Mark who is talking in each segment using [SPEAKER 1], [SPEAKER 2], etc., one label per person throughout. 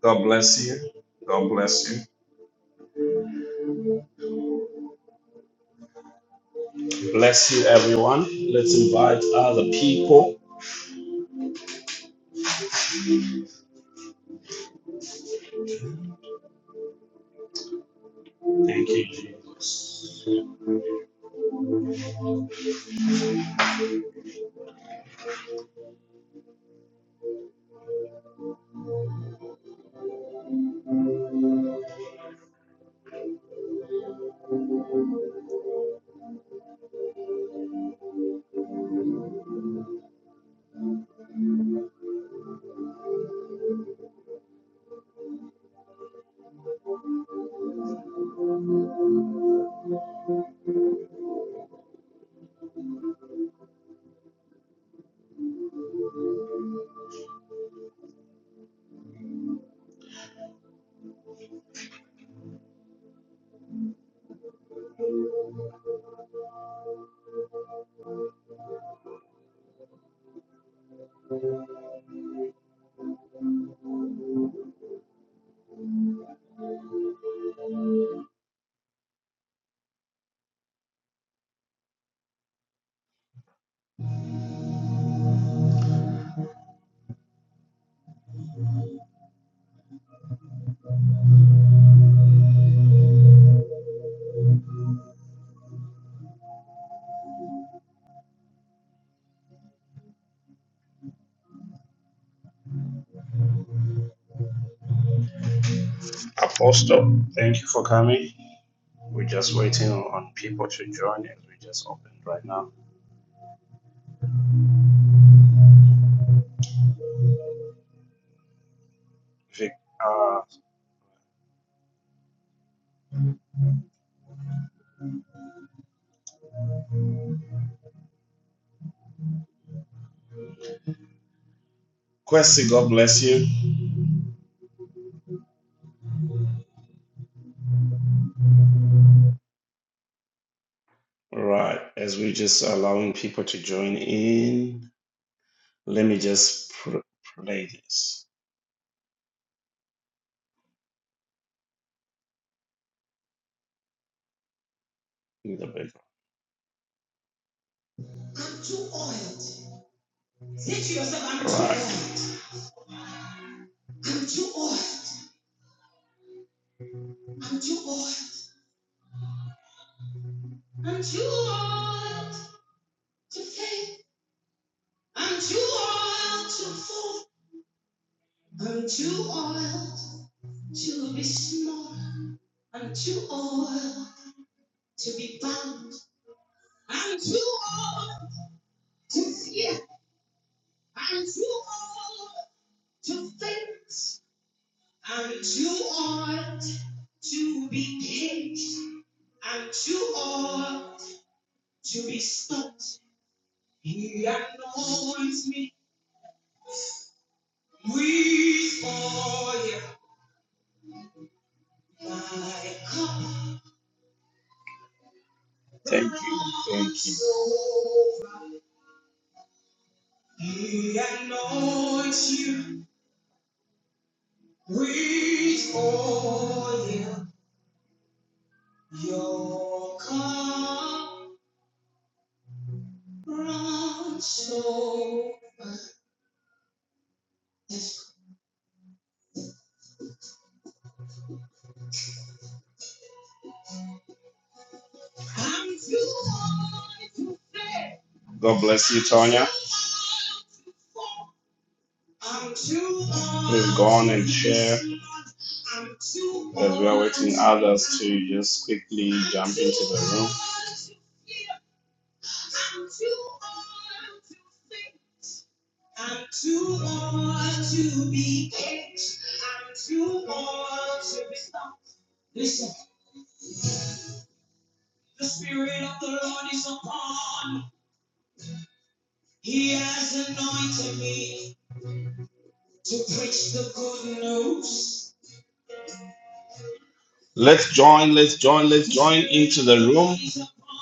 [SPEAKER 1] God bless you. God bless you. Bless you, everyone. Let's invite other people. Thank you, Jesus. Apostle, thank you for coming. We're just waiting on people to join as we just opened right now. Vic, uh, Kwesi, God bless you. All right, as we are just allowing people to join in, let me just pr- play this in the background. Thank you. Thank you. God bless you, Tonya. Please go on and share as we are waiting others to just quickly jump into the room. Let's join, let's join, let's join into the room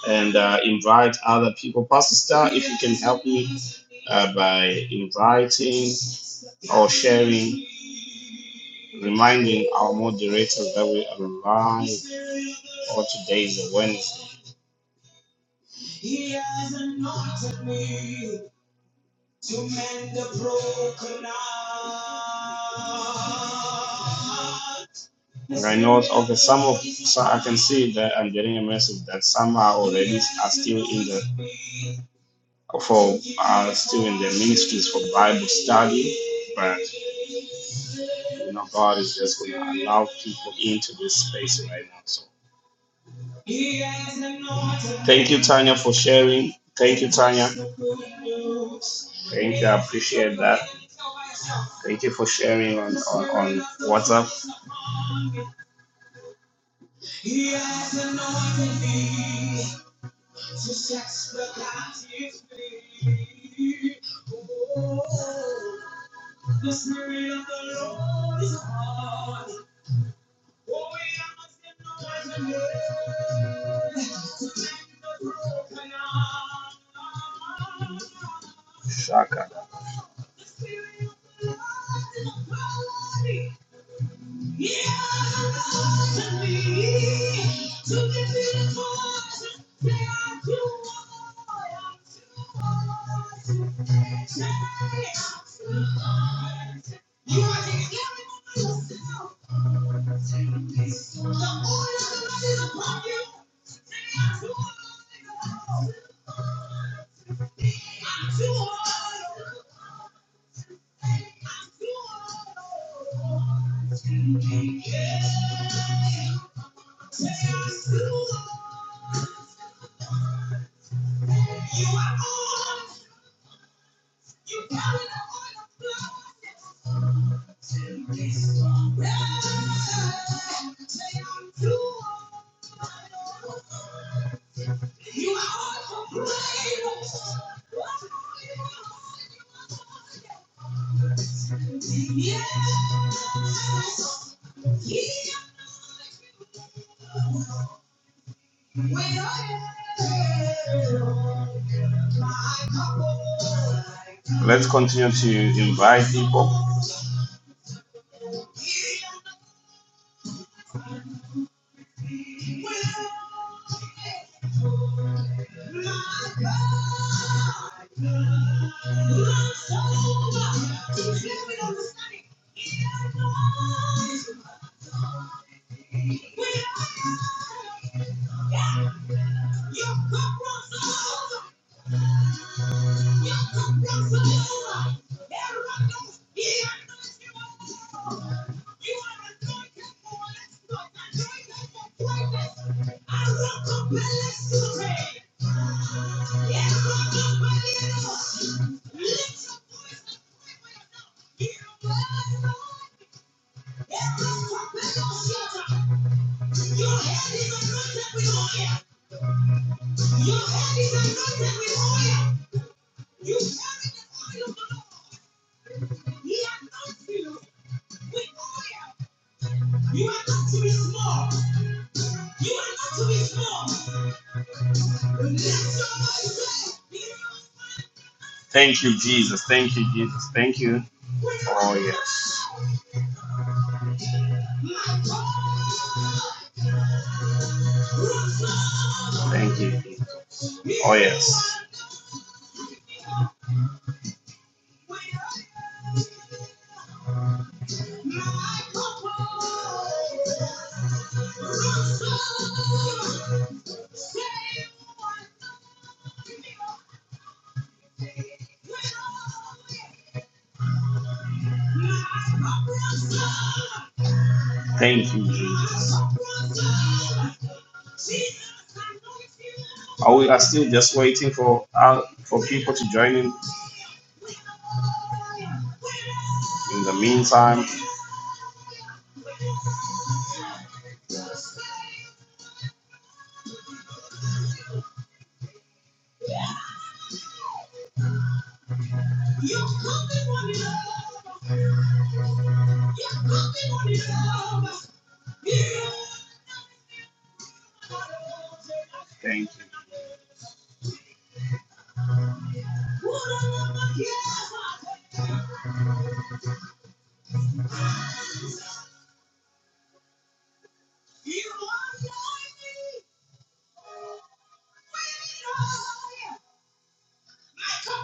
[SPEAKER 1] and uh, invite other people. Pastor Star, if you can help me uh, by inviting or sharing, reminding our moderators that we are live for today's Wednesday. And I know okay, some of so I can see that I'm getting a message that some are already are still in the for are still in the ministries for Bible study, but you know God is just gonna allow people into this space right now. So thank you, Tanya, for sharing. Thank you, Tanya. Thank you, I appreciate that. Thank you for sharing on, on, on WhatsApp. Shaka. Let's continue to invite people. Thank you, Jesus. Thank you, Jesus. Thank you. Oh, yes. Thank you. Oh, yes. Thank you, Jesus. Are we are still just waiting for uh, for people to join in? In the meantime, Yeah, thank you.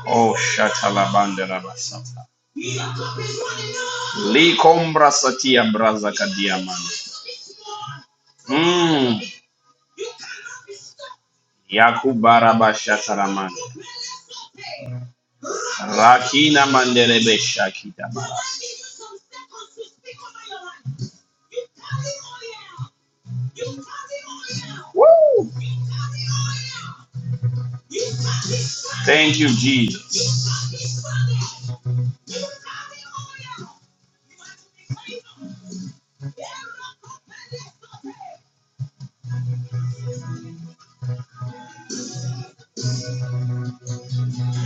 [SPEAKER 1] Oh, shatalabandera basata. Likombra satia braza kadiaman. Mm. Yakubara Bashataraman. Rakina Mandelebe Shakita Bara. Woo! Thank you, Jesus.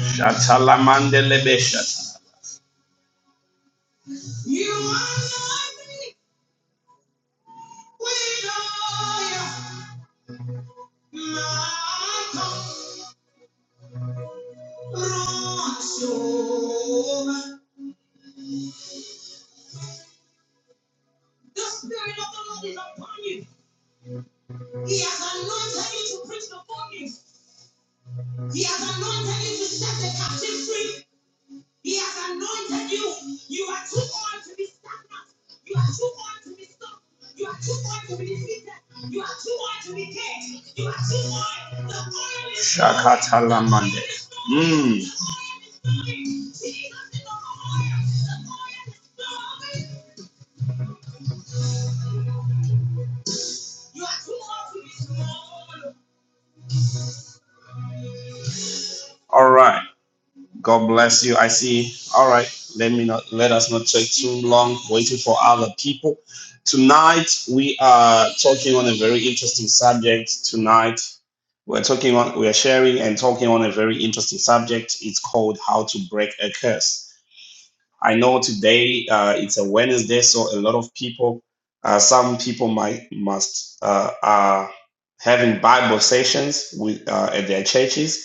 [SPEAKER 1] Shatalamandelebe Shata. Shakatalamande. Mm. All right. God bless you. I see. All right. Let me not let us not take too long waiting for other people. Tonight we are talking on a very interesting subject. Tonight we're talking on we're sharing and talking on a very interesting subject. It's called how to break a curse. I know today uh, it's a Wednesday, so a lot of people, uh, some people might must uh, are having Bible sessions with uh, at their churches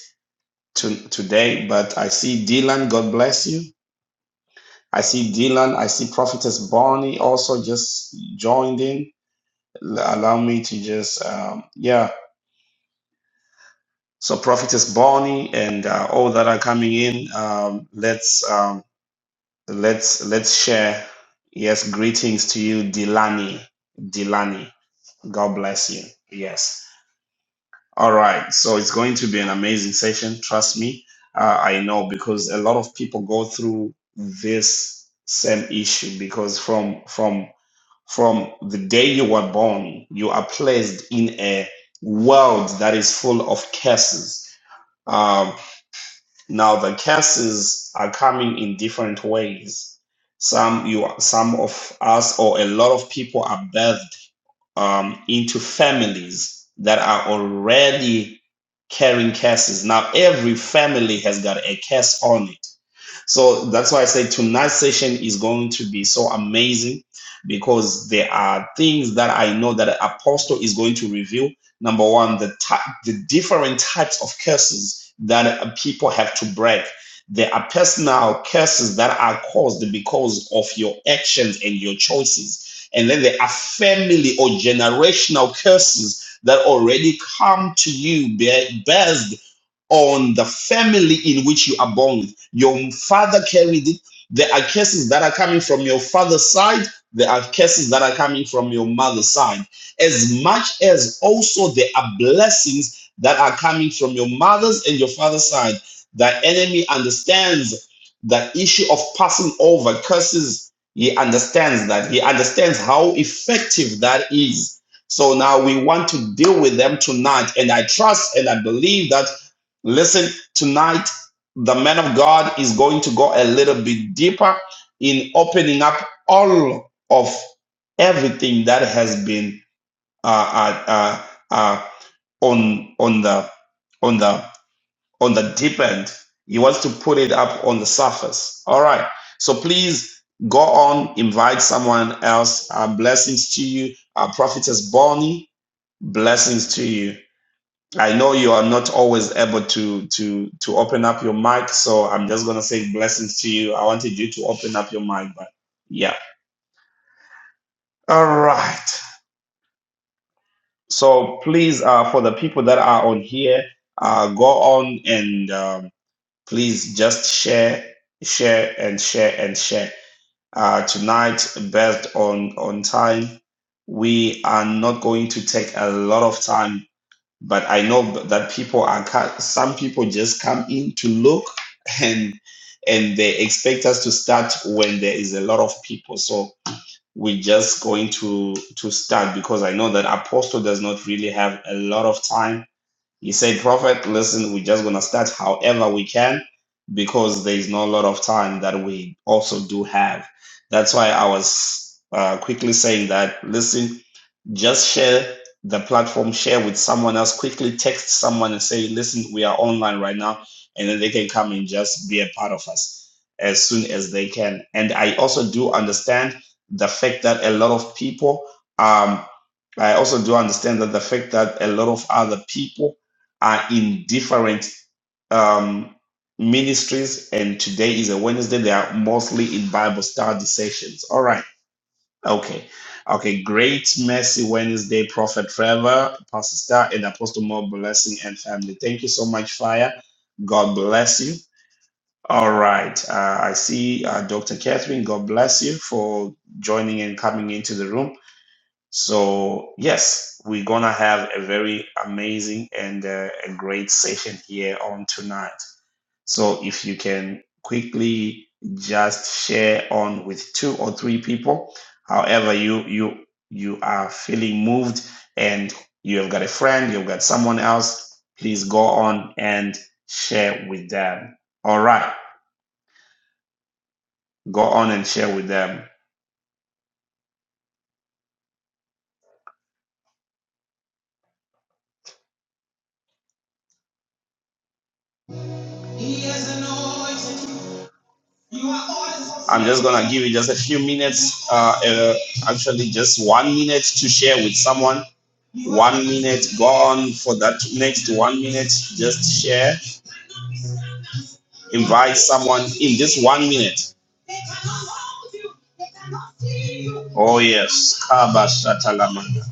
[SPEAKER 1] to, today, but I see Dylan. God bless you. I see Dylan. I see Prophetess Bonnie also just joined in. Allow me to just, um, yeah. So Prophetess Bonnie and uh, all that are coming in. Um, let's um, let's let's share. Yes, greetings to you, Delani. Delani, God bless you. Yes. All right. So it's going to be an amazing session. Trust me. Uh, I know because a lot of people go through this same issue because from from from the day you were born, you are placed in a world that is full of curses. Um, now the curses are coming in different ways. Some you some of us or a lot of people are birthed um, into families that are already carrying cases. Now, every family has got a case on it so that's why I say tonight's session is going to be so amazing because there are things that I know that Apostle is going to reveal. Number one, the ty- the different types of curses that uh, people have to break. There are personal curses that are caused because of your actions and your choices. And then there are family or generational curses that already come to you based on the family in which you are born with. Your father carried it. There are curses that are coming from your father's side. There are curses that are coming from your mother's side. As much as also there are blessings that are coming from your mother's and your father's side. The enemy understands the issue of passing over curses. He understands that. He understands how effective that is. So now we want to deal with them tonight. And I trust and I believe that Listen, tonight, the man of God is going to go a little bit deeper in opening up all of everything that has been uh, uh, uh, uh, on on the on the on the deep end. He wants to put it up on the surface. All right. So please go on, invite someone else. Uh, blessings to you, uh, prophetess Bonnie. Blessings to you. I know you are not always able to to to open up your mic, so I'm just gonna say blessings to you. I wanted you to open up your mic, but yeah. All right. So please, uh, for the people that are on here, uh, go on and um, please just share, share, and share and share. Uh, tonight, based on on time, we are not going to take a lot of time but I know that people are ca- some people just come in to look and and they expect us to start when there is a lot of people. So we're just going to to start because I know that Apostle does not really have a lot of time. He said, "Prophet, listen, we're just gonna start however we can because there is not a lot of time that we also do have." That's why I was uh, quickly saying that. Listen, just share the platform, share with someone else, quickly text someone and say, listen, we are online right now. And then they can come and just be a part of us as soon as they can. And I also do understand the fact that a lot of people, um, I also do understand that the fact that a lot of other people are in different um, ministries. And today is a Wednesday. They are mostly in Bible study sessions. All right. Okay. Okay. Great Mercy Wednesday, Prophet Trevor, Pastor Star, and Apostle More Blessing and family. Thank you so much, Fire. God bless you. All right. Uh, I see uh, Dr. Catherine. God bless you for joining and coming into the room. So, yes, we're going to have a very amazing and uh, a great session here on tonight. So if you can quickly just share on with two or three people, however you you you are feeling moved and you have got a friend, you've got someone else, please go on and share with them. All right, go on and share with them. I'm just gonna give you just a few minutes, uh, uh, actually just one minute to share with someone. One minute, go on for that next one minute, just share. Invite someone in this one minute. Oh, yes. Kaba Shatalamanda.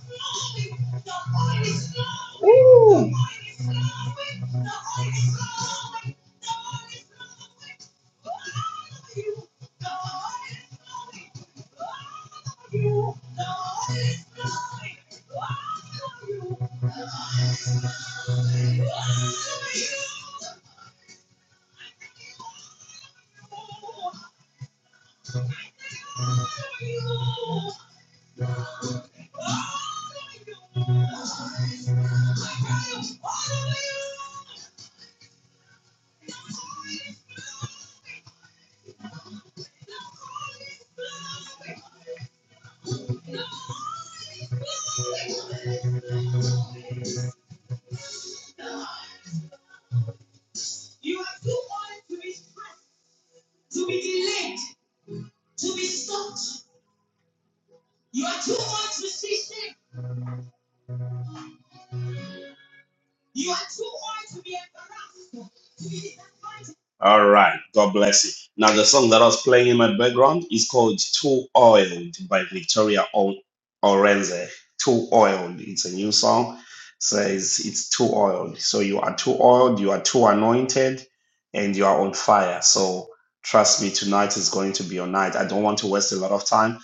[SPEAKER 1] All right. God bless you. Now, the song that I was playing in my background is called Too Oiled by Victoria o- Orenze. Too Oiled. It's a new song. Says it's too oiled. So you are too oiled, you are too anointed, and you are on fire. So trust me, tonight is going to be your night. I don't want to waste a lot of time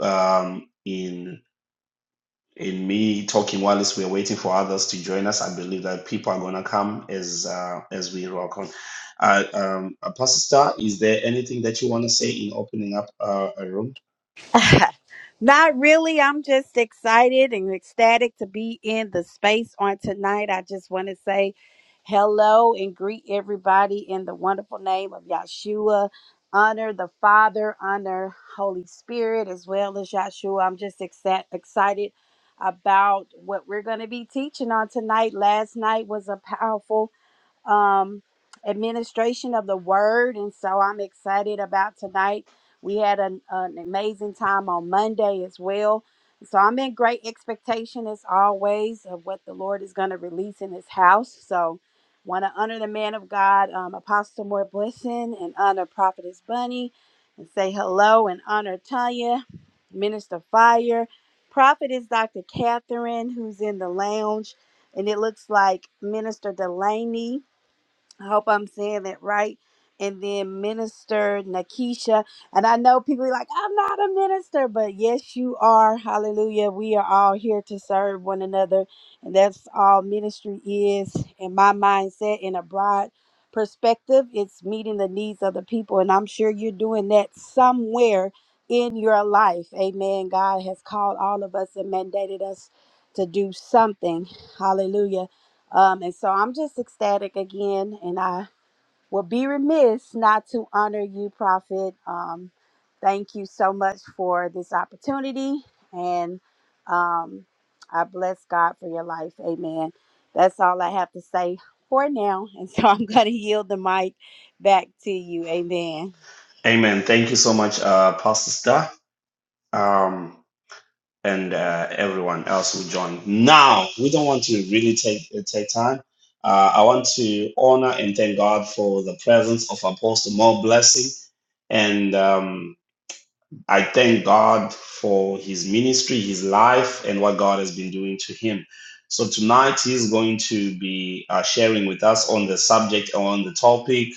[SPEAKER 1] um, in in me talking while we're waiting for others to join us. I believe that people are going to come as uh, as we rock on. Uh, um, Apostle Star, is there anything that you want to say in opening up uh, a room?
[SPEAKER 2] Not really. I'm just excited and ecstatic to be in the space on tonight. I just want to say hello and greet everybody in the wonderful name of Yahshua. Honor the Father, honor Holy Spirit as well as Yahshua. I'm just exa- excited about what we're going to be teaching on tonight. Last night was a powerful um, administration of the word. And so I'm excited about tonight. We had an, an amazing time on Monday as well. So I'm in great expectation as always of what the Lord is going to release in his house. So want to honor the man of God, um, Apostle Moore Blessing, and honor Prophetess Bunny, and say hello and honor Tanya, Minister Fire. Prophetess Dr. Catherine, who's in the lounge, and it looks like Minister Delaney I hope I'm saying that right. And then Minister Nakisha. And I know people be like, I'm not a minister, but yes, you are. Hallelujah. We are all here to serve one another. And that's all ministry is in my mindset, in a broad perspective. It's meeting the needs of the people. And I'm sure you're doing that somewhere in your life. Amen. God has called all of us and mandated us to do something. Hallelujah um, and so I'm just ecstatic again, and I will be remiss not to honor you, Prophet. Um, thank you so much for this opportunity, and um, I bless God for your life. Amen. That's all I have to say for now, and so I'm going to yield the mic back to you. Amen.
[SPEAKER 1] Amen. Thank you so much, uh, Pastor Star, um, and uh, everyone else who joined. Now, we don't want to really take uh, take time. Uh, I want to honor and thank God for the presence of Apostle More Blessing and. Um, I thank God for his ministry, his life, and what God has been doing to him. So tonight he's going to be uh, sharing with us on the subject, on the topic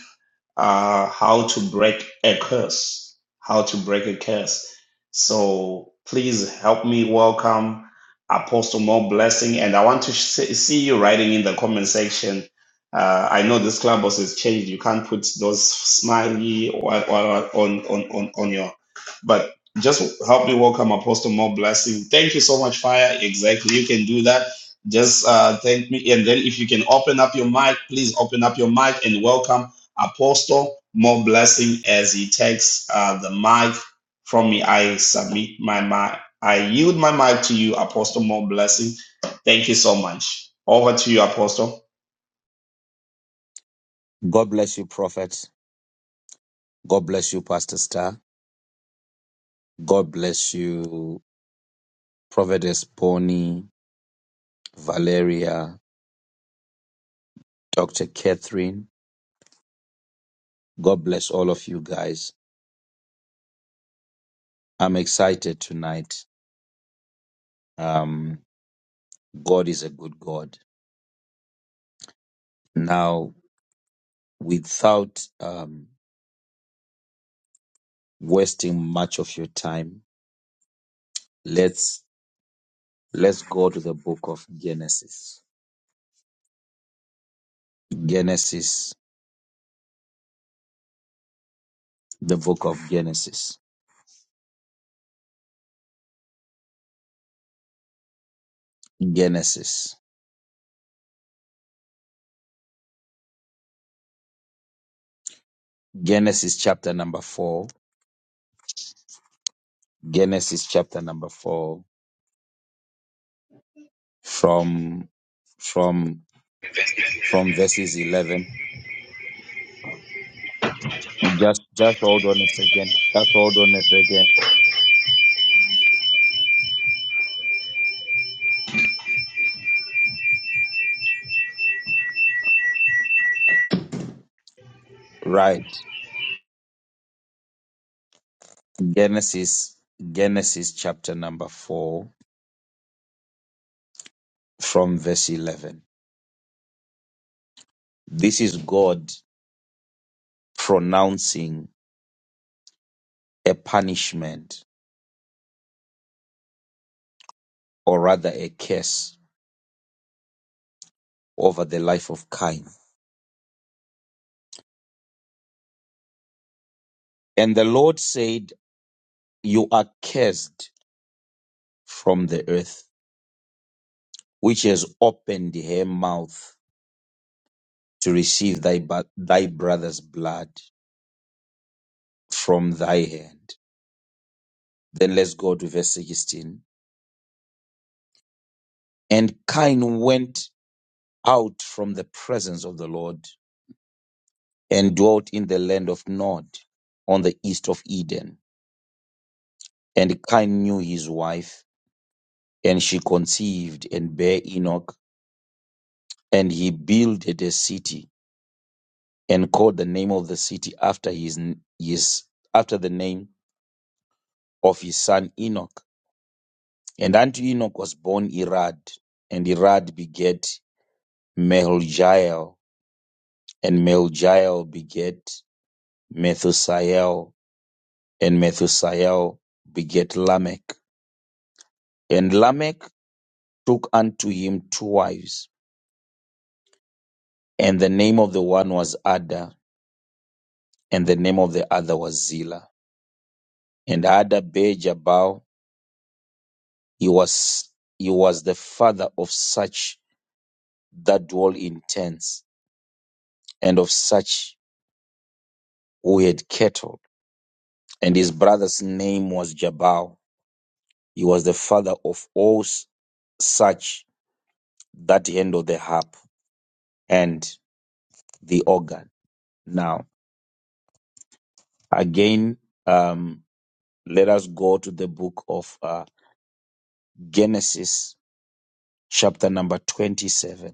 [SPEAKER 1] uh, how to break a curse, how to break a curse. So please help me welcome Apostle More Blessing. And I want to sh- see you writing in the comment section. Uh, I know this clubhouse has changed. You can't put those smiley or, or on, on, on, on your, but just help me welcome Apostle More Blessing. Thank you so much, Fire. Exactly. You can do that. Just uh, thank me. And then if you can open up your mic, please open up your mic and welcome. Apostle, more blessing as he takes uh, the mic from me. I submit my mic. I yield my mic to you, Apostle. More blessing. Thank you so much. Over to you, Apostle.
[SPEAKER 3] God bless you, Prophet. God bless you, Pastor Star. God bless you, Prophetess Bonnie, Valeria, Dr. Catherine. God bless all of you guys. I'm excited tonight. Um, God is a good God. Now, without um, wasting much of your time, let's let's go to the book of Genesis. Genesis, the book of Genesis. Genesis. Genesis chapter number four Genesis chapter number four from from from verses eleven. Just just hold on a second. Just hold on a second. Right. Genesis Genesis chapter number four from verse eleven. This is God pronouncing a punishment or rather a curse over the life of Cain. And the Lord said, You are cursed from the earth, which has opened her mouth to receive thy, bu- thy brother's blood from thy hand. Then let's go to verse 16. And Cain went out from the presence of the Lord and dwelt in the land of Nod on the east of Eden. And Cain knew his wife, and she conceived and bare Enoch, and he builded a city and called the name of the city after his, his after the name of his son Enoch. And unto Enoch was born Irad, and Irad begat Mahljael, and Mahljael begat Methusael, and Methusael begat Lamech. And Lamech took unto him two wives, and the name of the one was Ada, and the name of the other was Zillah. And Ada bare Jabal, he was he was the father of such that dwell in tents, and of such who had cattle and his brother's name was Jabal. He was the father of all s- such that handle the harp and the organ. Now, again, um, let us go to the book of uh, Genesis, chapter number 27.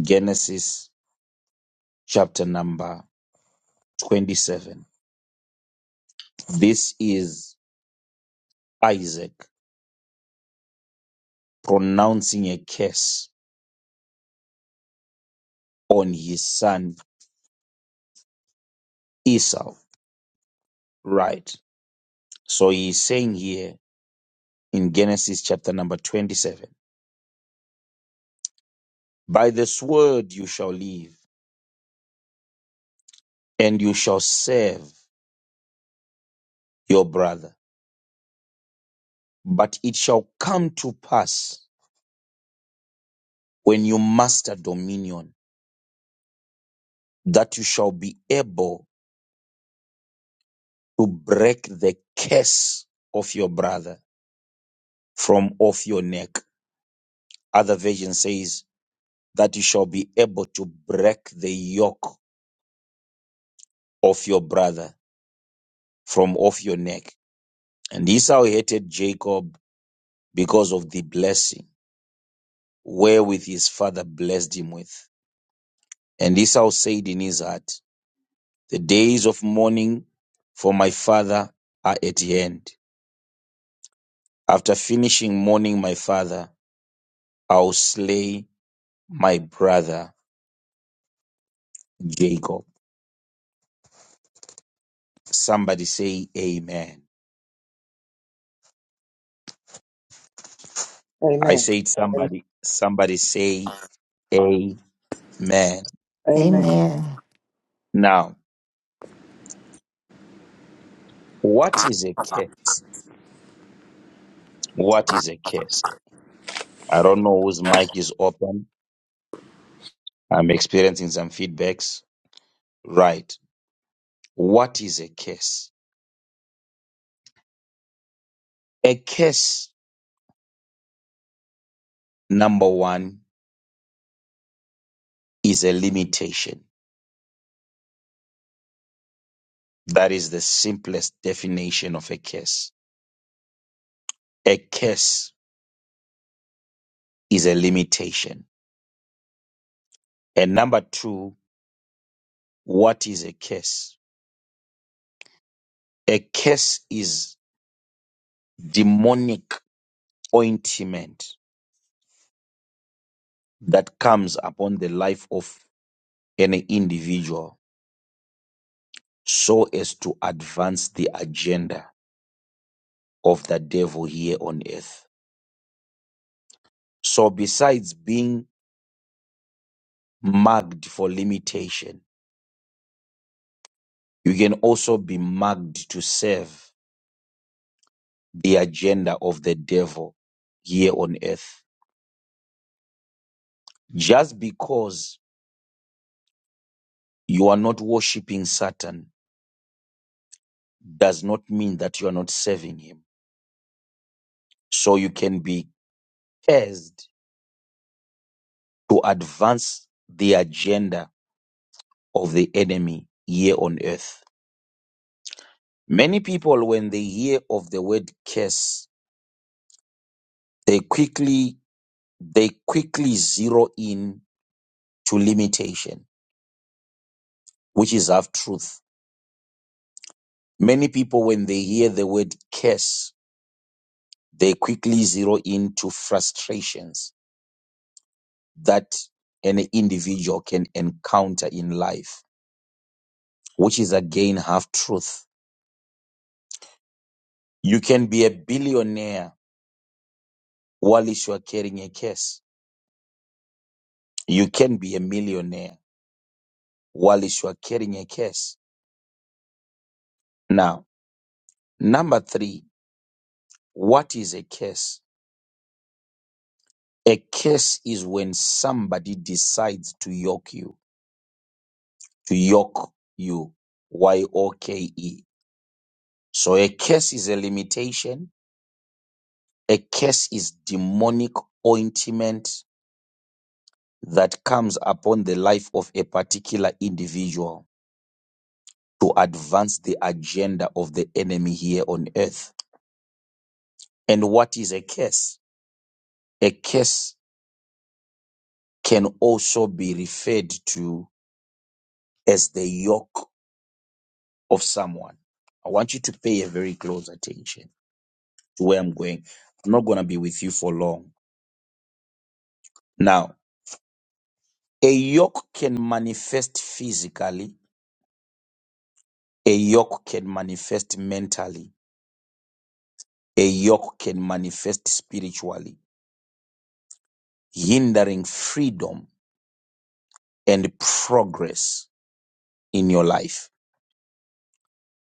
[SPEAKER 3] Genesis, chapter number 27. This is Isaac pronouncing a curse on his son Esau. Right. So he's saying here in Genesis chapter number 27. By this word you shall live and you shall serve your brother. But it shall come to pass when you master dominion that you shall be able to break the curse of your brother from off your neck. Other version says that you shall be able to break the yoke of your brother from off your neck. And Esau hated Jacob because of the blessing wherewith his father blessed him with. And Esau said in his heart, The days of mourning for my father are at hand. After finishing mourning my father, I'll slay my brother Jacob. Somebody say amen. I
[SPEAKER 4] Amen.
[SPEAKER 3] said
[SPEAKER 4] Amen.
[SPEAKER 3] somebody, somebody say amen.
[SPEAKER 4] Amen.
[SPEAKER 5] Amen.
[SPEAKER 3] Now, what is a curse? What is a curse? I don't know whose mic is open. I'm experiencing some feedbacks. Right. What is a curse? A curse, number one, is a limitation. That is the simplest definition of a curse. A curse is a limitation. And number two, what is a curse? A curse is demonic ointment that comes upon the life of an individual so as to advance the agenda of the devil here on earth. So besides being marked for limitation. You can also be marked to serve the agenda of the devil here on earth. Just because you are not worshiping Satan does not mean that you are not serving him. So you can be cursed to advance the agenda of the enemy here on earth. Many people, when they hear of the word curse, they quickly, they quickly zero in to limitation which is half truth. Many people, when they hear the word curse, they quickly zero in to frustrations that an individual can encounter in life, which is again half truth. You can be a billionaire whilst you are carrying a curse. You can be a millionaire whilst you are carrying a curse. Now, number three, what is a curse? A curse is when somebody decides to yoke you to yoke you. Y O K E. So a curse is a limitation. A curse is demonic ointment that comes upon the life of a particular individual to advance the agenda of the enemy here on earth. And what is a curse? A curse can also be referred to as the yoke of someone. I want you to pay a very close attention to where I'm going. I'm not going to be with you for long. Now, A yoke can manifest physically, a yoke can manifest mentally, a yoke can manifest spiritually, hindering freedom and progress in your life.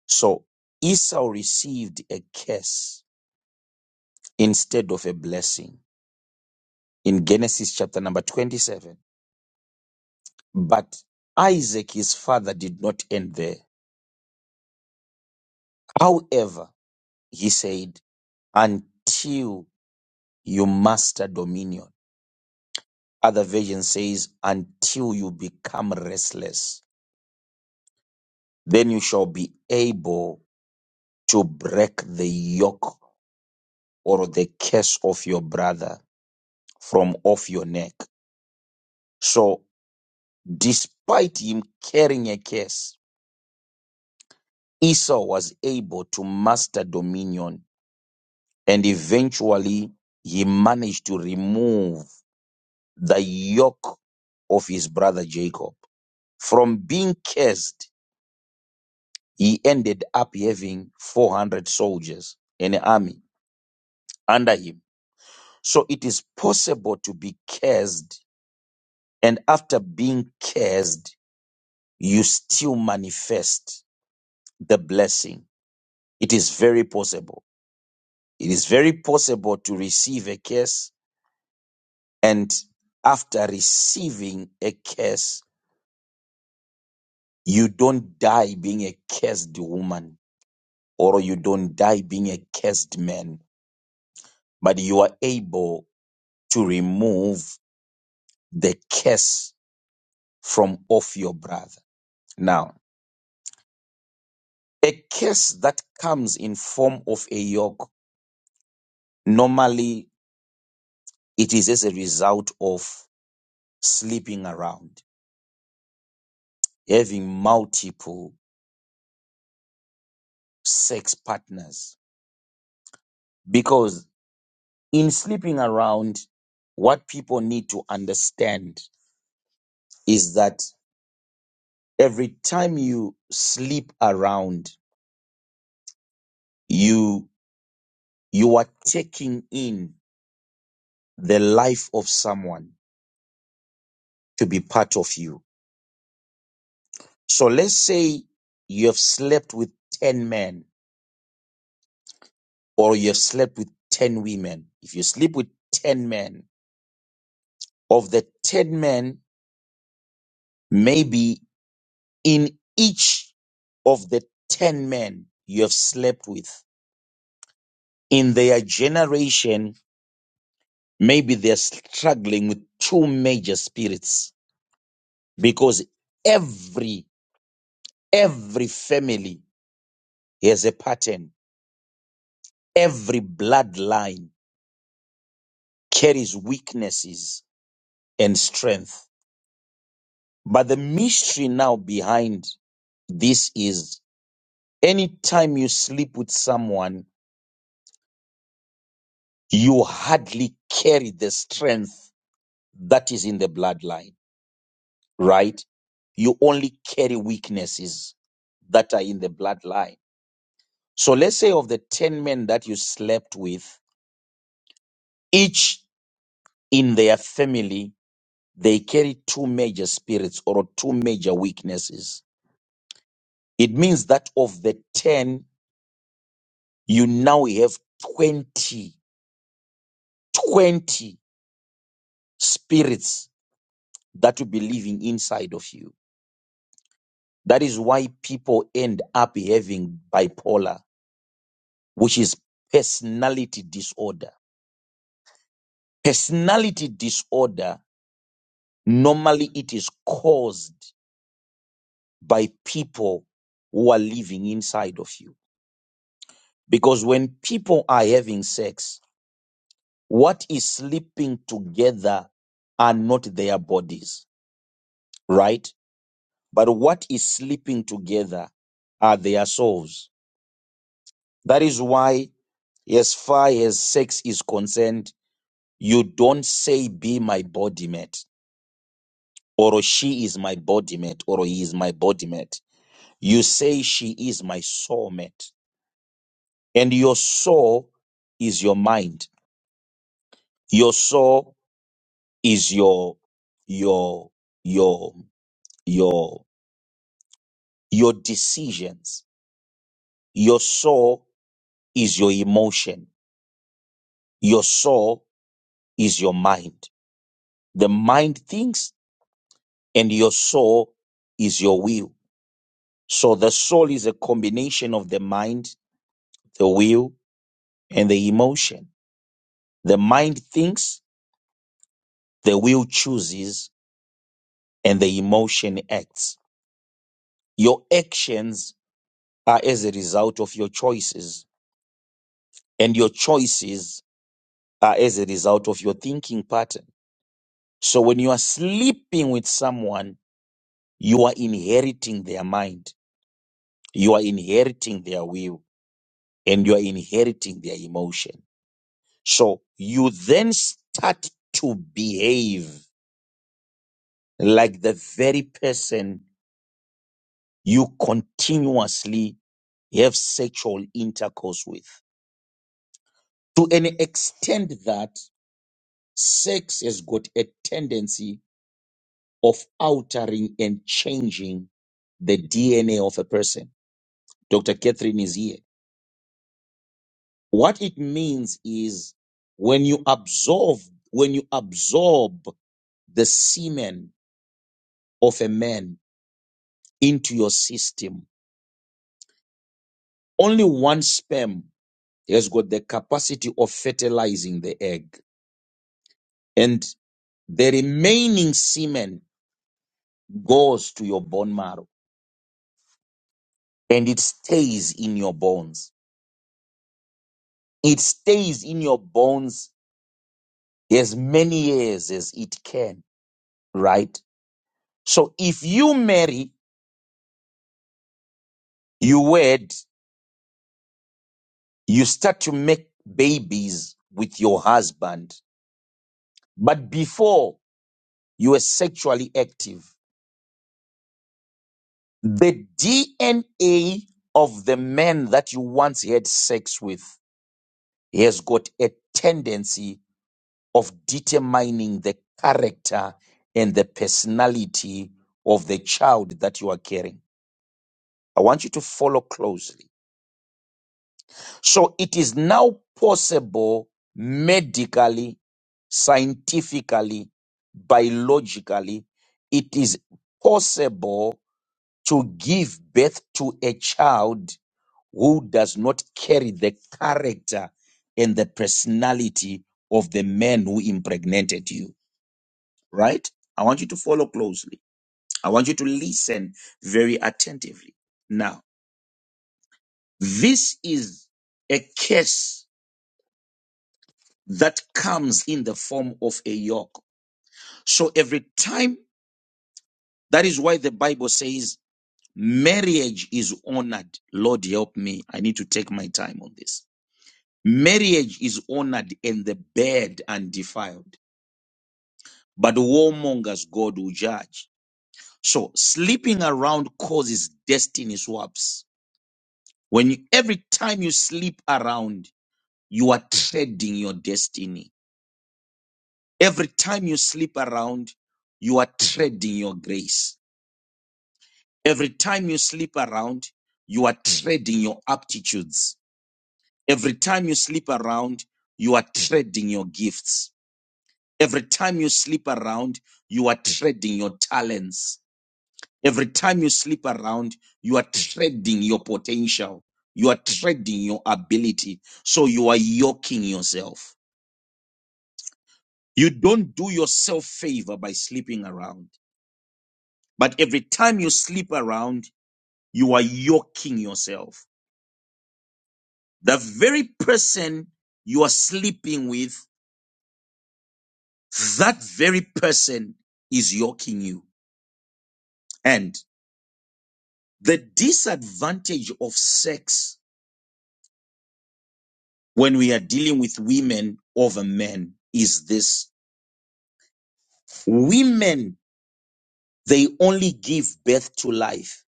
[SPEAKER 3] So Esau received a curse instead of a blessing in Genesis chapter number 27. But Isaac, his father, did not end there. However, he said, until you master dominion. Other version says, until you become restless, then you shall be able to break the yoke or the curse of your brother from off your neck. So, despite him carrying a curse, Esau was able to master dominion and eventually he managed to remove the yoke of his brother Jacob from being cursed he ended up having 400 soldiers in an army under him. So it is possible to be cursed, and after being cursed, you still manifest the blessing. It is very possible. It is very possible to receive a curse, and after receiving a curse, you don't die being a cursed woman or you don't die being a cursed man, but you are able to remove the curse from off your brother. Now, a curse that comes in form of a yoke, normally it is as a result of sleeping around, having multiple sex partners. Because in sleeping around, what people need to understand is that every time you sleep around, you you are taking in the life of someone to be part of you So let's say you have slept with 10 men or you have slept with 10 women. If you sleep with 10 men, of the 10 men, maybe in each of the 10 men you have slept with, in their generation, maybe they're struggling with two major spirits because every, every family has a pattern. Every bloodline carries weaknesses and strength But the mystery now behind this is anytime you sleep with someone, you hardly carry the strength that is in the bloodline, right? You only carry weaknesses that are in the bloodline. So let's say of the 10 men that you slept with, each in their family, they carry two major spirits or two major weaknesses. It means that of the 10, you now have 20 20 spirits that will be living inside of you. That is why people end up having bipolar, which is personality disorder. Personality disorder, normally it is caused by people who are living inside of you. Because when people are having sex, what is sleeping together are not their bodies, right? But what is sleeping together are their souls That is why, as far as sex is concerned, you don't say, be my body mate, or she is my body mate, or he is my body mate. You say, she is my soul mate. And your soul is your mind. Your soul is your, your, your, your, your decisions. Your soul is your emotion. Your soul is your mind. The mind thinks and your soul is your will. So the soul is a combination of the mind, the will, and the emotion. The mind thinks, the will chooses, and the emotion acts. Your actions are as a result of your choices, and your choices are as a result of your thinking pattern. So when you are sleeping with someone, you are inheriting their mind, you are inheriting their will, and you are inheriting their emotion. So you then start to behave like the very person you continuously have sexual intercourse with. To an extent that sex has got a tendency of altering and changing the DNA of a person. Dr. Catherine is here. What it means is when you absorb, when you absorb the semen of a man, into your system. Only one sperm has got the capacity of fertilizing the egg. And the remaining semen goes to your bone marrow and it stays in your bones. It stays in your bones as many years as it can, right? So if you marry, you wed, you start to make babies with your husband, but before you were sexually active The DNA of the man that you once had sex with has got a tendency of determining the character and the personality of the child that you are carrying. I want you to follow closely. So it is now possible medically, scientifically, biologically, it is possible to give birth to a child who does not carry the character and the personality of the man who impregnated you, right? I want you to follow closely. I want you to listen very attentively. Now, this is a curse that comes in the form of a yoke. So every time, that is why the Bible says marriage is honored. Lord, help me. I need to take my time on this. Marriage is honored and the bed undefiled. but the warmongers God will judge. So sleeping around causes destiny swaps. When you, every time you sleep around, you are treading your destiny. Every time you sleep around, you are treading your grace. Every time you sleep around, you are treading your aptitudes. Every time you sleep around, you are treading your gifts. Every time you sleep around, you are treading your talents Every time you sleep around, you are trading your potential. You are trading your ability. So you are yoking yourself. You don't do yourself favor by sleeping around. But every time you sleep around, you are yoking yourself. The very person you are sleeping with, that very person is yoking you. And the disadvantage of sex when we are dealing with women over men is this Women, they only give birth to life.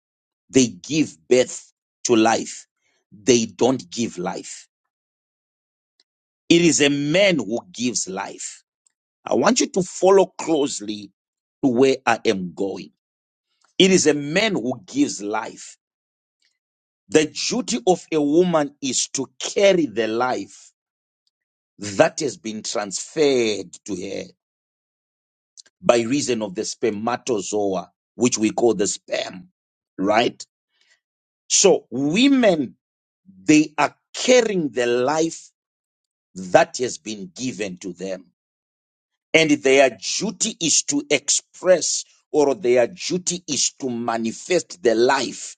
[SPEAKER 3] They give birth to life. They don't give life. It is a man who gives life. I want you to follow closely to where I am going. It is a man who gives life. The duty of a woman is to carry the life that has been transferred to her by reason of the spermatozoa, which we call the sperm, right? So women They are carrying the life that has been given to them. And their duty is to express or their duty is to manifest the life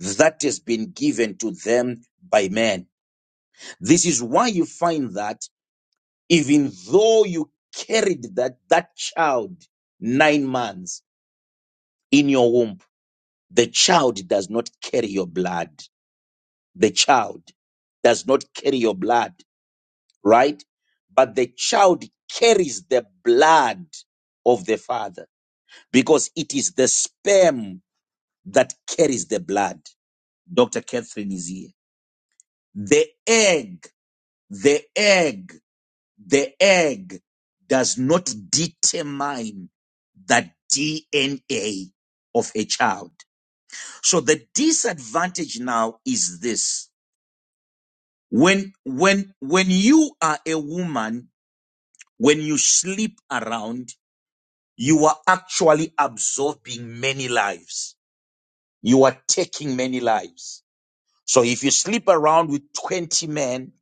[SPEAKER 3] that has been given to them by man. This is why you find that even though you carried that, that child nine months in your womb, the child does not carry your blood. The child does not carry your blood. right? But the child carries the blood of the father because it is the sperm that carries the blood. Dr. Catherine is here. The egg, the egg, the egg does not determine the DNA of a child. So the disadvantage now is this. When, when, when you are a woman, when you sleep around, you are actually absorbing many lives. You are taking many lives. So if you sleep around with 20 men,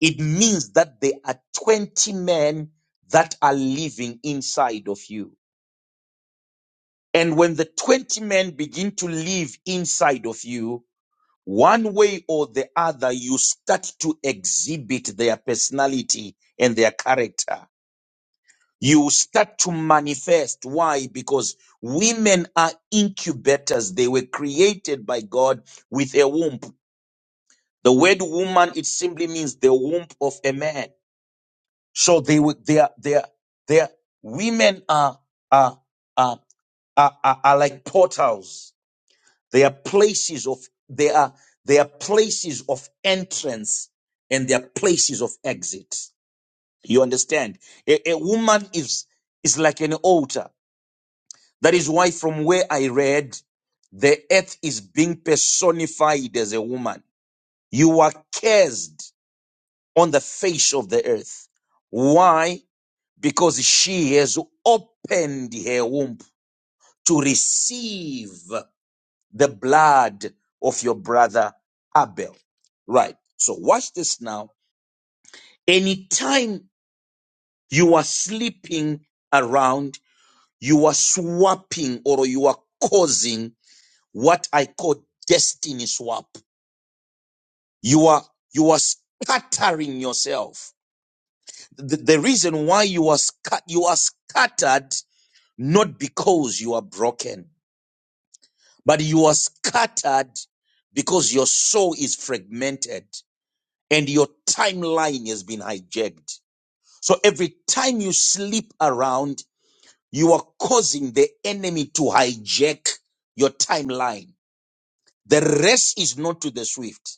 [SPEAKER 3] it means that there are 20 men that are living inside of you. And when the 20 men begin to live inside of you, one way or the other, you start to exhibit their personality and their character. you start to manifest. Why? Because women are incubators. They were created by God with a womb. The word woman, it simply means the womb of a man. So they were, they are, they are, they are, women are, are, are, are, are, are like portals. They are places of, they are, they are places of entrance and they are places of exit. You understand? A, a woman is, is like an altar That is why from where I read, the earth is being personified as a woman. You are cursed on the face of the earth. Why? Because she has opened her womb to receive the blood of your brother Abel. Right. So watch this now. Anytime you are sleeping around, you are swapping or you are causing what I call destiny swap. You are you are scattering yourself. The, the reason why you are scat you are scattered not because you are broken, but you are scattered because your soul is fragmented and your timeline has been hijacked. So every time you sleep around, you are causing the enemy to hijack your timeline. The rest is not to the swift.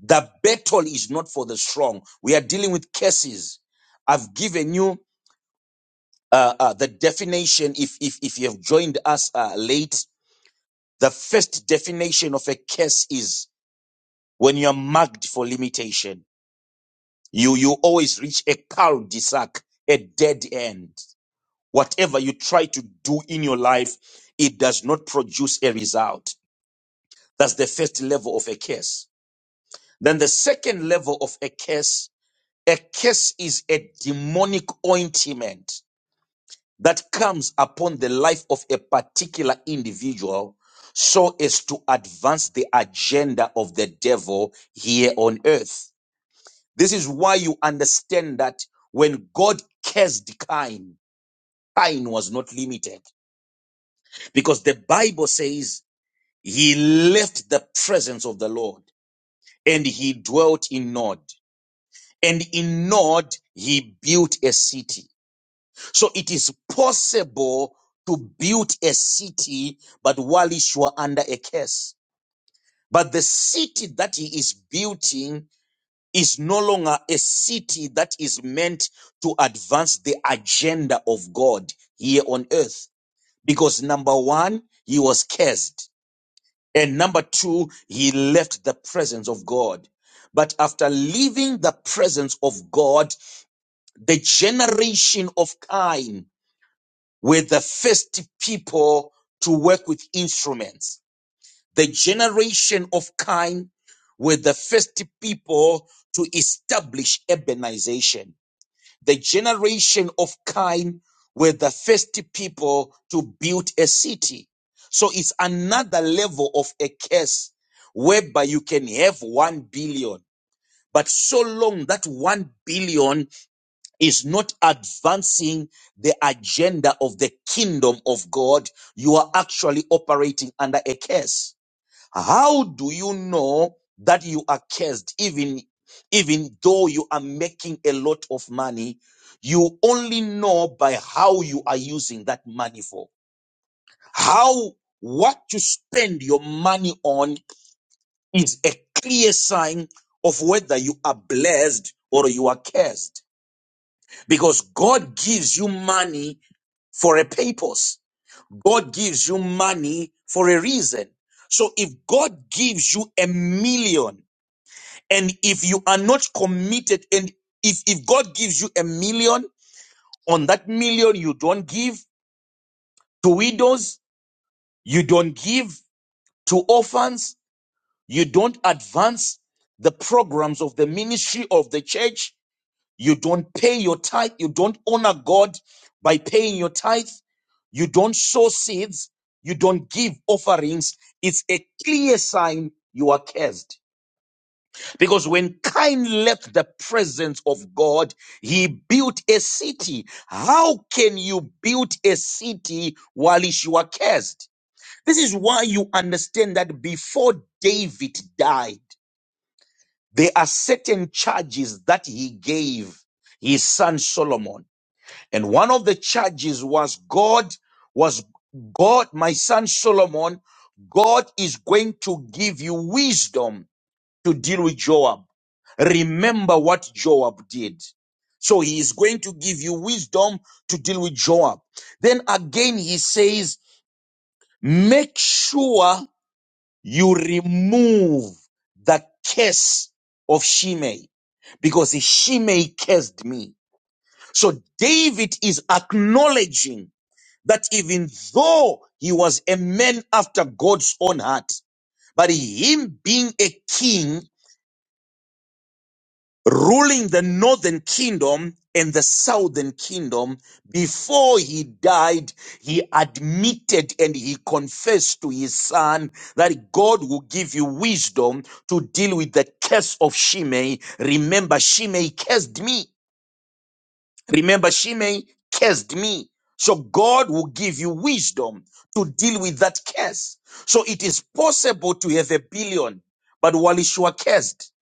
[SPEAKER 3] The battle is not for the strong. We are dealing with cases. I've given you uh, uh, the definition. If if if you have joined us uh, late, the first definition of a case is when you are marked for limitation. You you always reach a cul-de-sac, a dead end. Whatever you try to do in your life, it does not produce a result. That's the first level of a case. Then the second level of a case A curse is a demonic ointment that comes upon the life of a particular individual so as to advance the agenda of the devil here on earth. This is why you understand that when God cursed Cain, Cain was not limited because the Bible says he left the presence of the Lord and he dwelt in Nod. And in Nod, he built a city. So it is possible to build a city, but while you are under a curse. But the city that he is building is no longer a city that is meant to advance the agenda of God here on earth. Because number one, he was cursed. And number two, he left the presence of God. But after leaving the presence of God, the generation of Cain were the first people to work with instruments. The generation of Cain were the first people to establish urbanization. The generation of Cain were the first people to build a city. So it's another level of a curse whereby you can have one billion, but so long that one billion is not advancing the agenda of the kingdom of God, you are actually operating under a curse. How do you know that you are cursed even even though you are making a lot of money? You only know by how you are using that money for. How what you spend your money on is a clear sign of whether you are blessed or you are cursed because God gives you money for a purpose. God gives you money for a reason. So if God gives you a million and if you are not committed and if, if God gives you a million, on that million you don't give to widows, you don't give to orphans, you don't advance the programs of the ministry of the church, You don't pay your tithe. You don't honor God by paying your tithe. You don't sow seeds. You don't give offerings. It's a clear sign you are cursed. Because when Cain left the presence of God, he built a city. How can you build a city while you are cursed? This is why you understand that before David died, there are certain charges that he gave his son Solomon. And one of the charges was God was God, my son Solomon, God is going to give you wisdom to deal with Joab. Remember what Joab did. So he is going to give you wisdom to deal with Joab. Then again, he says, make sure you remove the curse of Shimei because Shimei cursed me. So David is acknowledging that even though he was a man after God's own heart, but him being a king, ruling the northern kingdom and the southern kingdom, before he died, he admitted and he confessed to his son that God will give you wisdom to deal with the curse of Shimei. Remember, Shimei cursed me. Remember, Shimei cursed me. So God will give you wisdom to deal with that curse. So it is possible to have a billion, but Walishua cursed.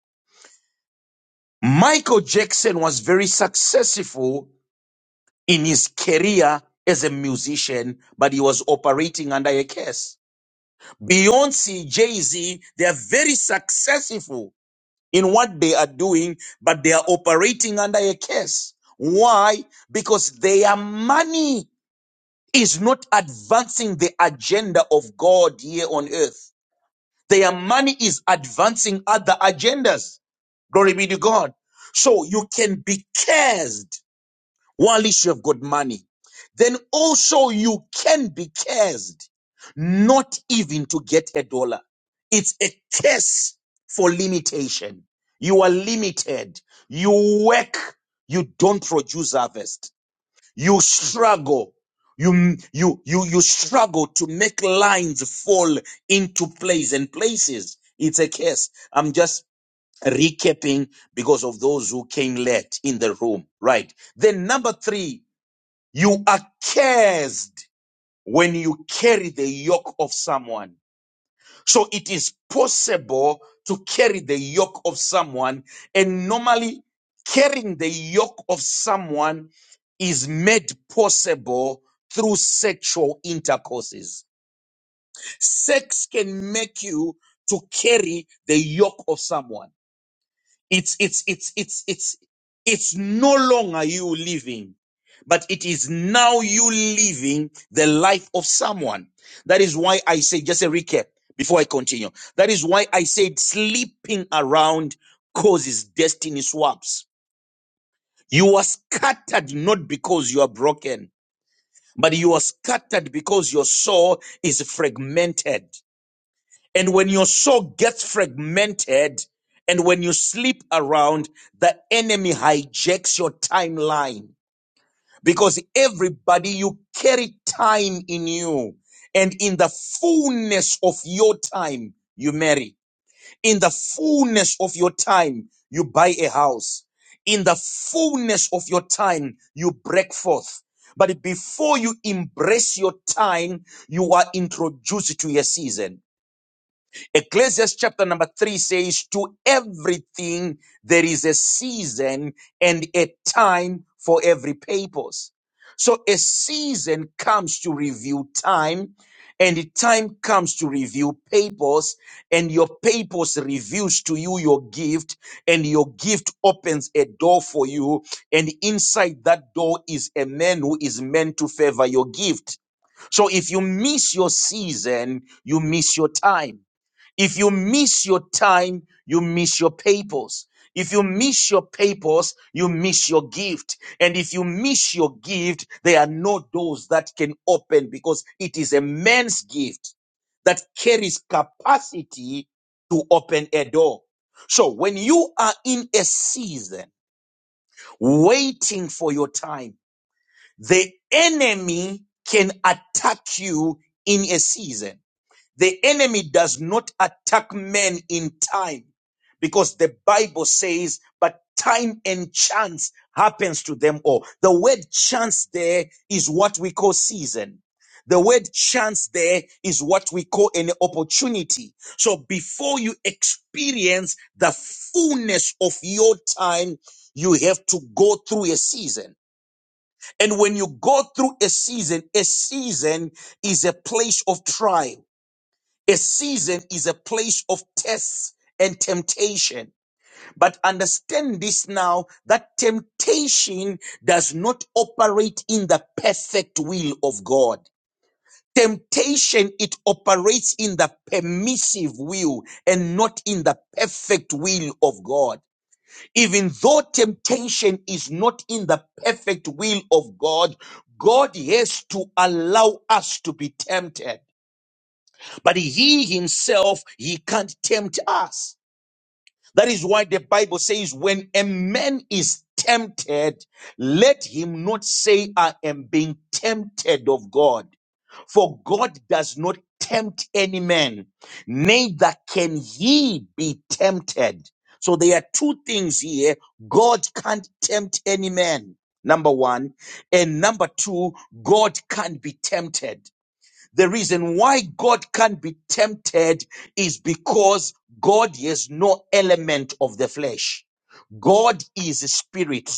[SPEAKER 3] Michael Jackson was very successful in his career as a musician, but he was operating under a curse. Beyonce, Jay-Z, they are very successful in what they are doing, but they are operating under a curse. Why? Because they are money is not advancing the agenda of God here on earth. Their money is advancing other agendas. Glory be to God. So you can be cursed while you have got money. Then also you can be cursed, not even to get a dollar. It's a curse for limitation. You are limited. You work, you don't produce harvest you struggle you you you you struggle to make lines fall into place and places it's a case i'm just recapping because of those who came late in the room right then number 3 you are cursed when you carry the yoke of someone so it is possible to carry the yoke of someone. And normally, carrying the yoke of someone is made possible through sexual intercourses. Sex can make you to carry the yoke of someone. It's, it's, it's, it's, it's, it's no longer you living, but it is now you living the life of someone. That is why I say, just a recap before I continue. That is why I said sleeping around causes destiny swaps. You are scattered not because you are broken, but you are scattered because your soul is fragmented. And when your soul gets fragmented and when you sleep around, the enemy hijacks your timeline because everybody you carry time in you. And in the fullness of your time, you marry. In the fullness of your time, you buy a house. In the fullness of your time, you break forth. But before you embrace your time, you are introduced to your season. Ecclesiastes chapter number three says, To everything there is a season and a time for every purpose. So a season comes to review time, and the time comes to review purpose, and your purpose reveals to you your gift, and your gift opens a door for you. And inside that door is a man who is meant to favor your gift. So if you miss your season, you miss your time. If you miss your time, you miss your papers. If you miss your papers, you miss your gift. And if you miss your gift, there are no doors that can open because it is a man's gift that carries capacity to open a door. So when you are in a season waiting for your time, the enemy can attack you in a season the enemy does not attack men in time because the Bible says, but time and chance happens to them all. The word chance there is what we call season. The word chance there is what we call an opportunity. So before you experience the fullness of your time, you have to go through a season. And when you go through a season, a season is a place of trial. A season is a place of tests and temptation. But understand this now that temptation does not operate in the perfect will of God. Temptation, it operates in the permissive will and not in the perfect will of God. Even though temptation is not in the perfect will of God, God has to allow us to be tempted. But he himself, he can't tempt us. That is why the Bible says, when a man is tempted, let him not say, I am being tempted of God. For God does not tempt any man, neither can he be tempted. So there are two things here. God can't tempt any man. Number one. And number two, God can't be tempted. The reason why God can't be tempted is because God is no element of the flesh. God is spirit.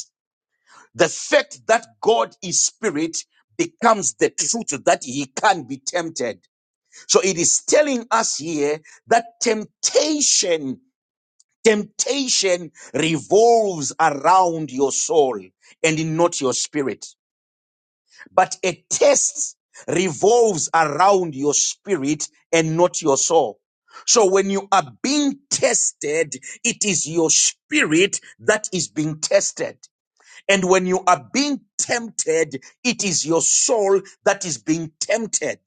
[SPEAKER 3] The fact that God is spirit becomes the truth that he can be tempted. So it is telling us here that temptation, temptation revolves around your soul and not your spirit. But a test revolves around your spirit and not your soul. So when you are being tested, it is your spirit that is being tested. And when you are being tempted, it is your soul that is being tempted.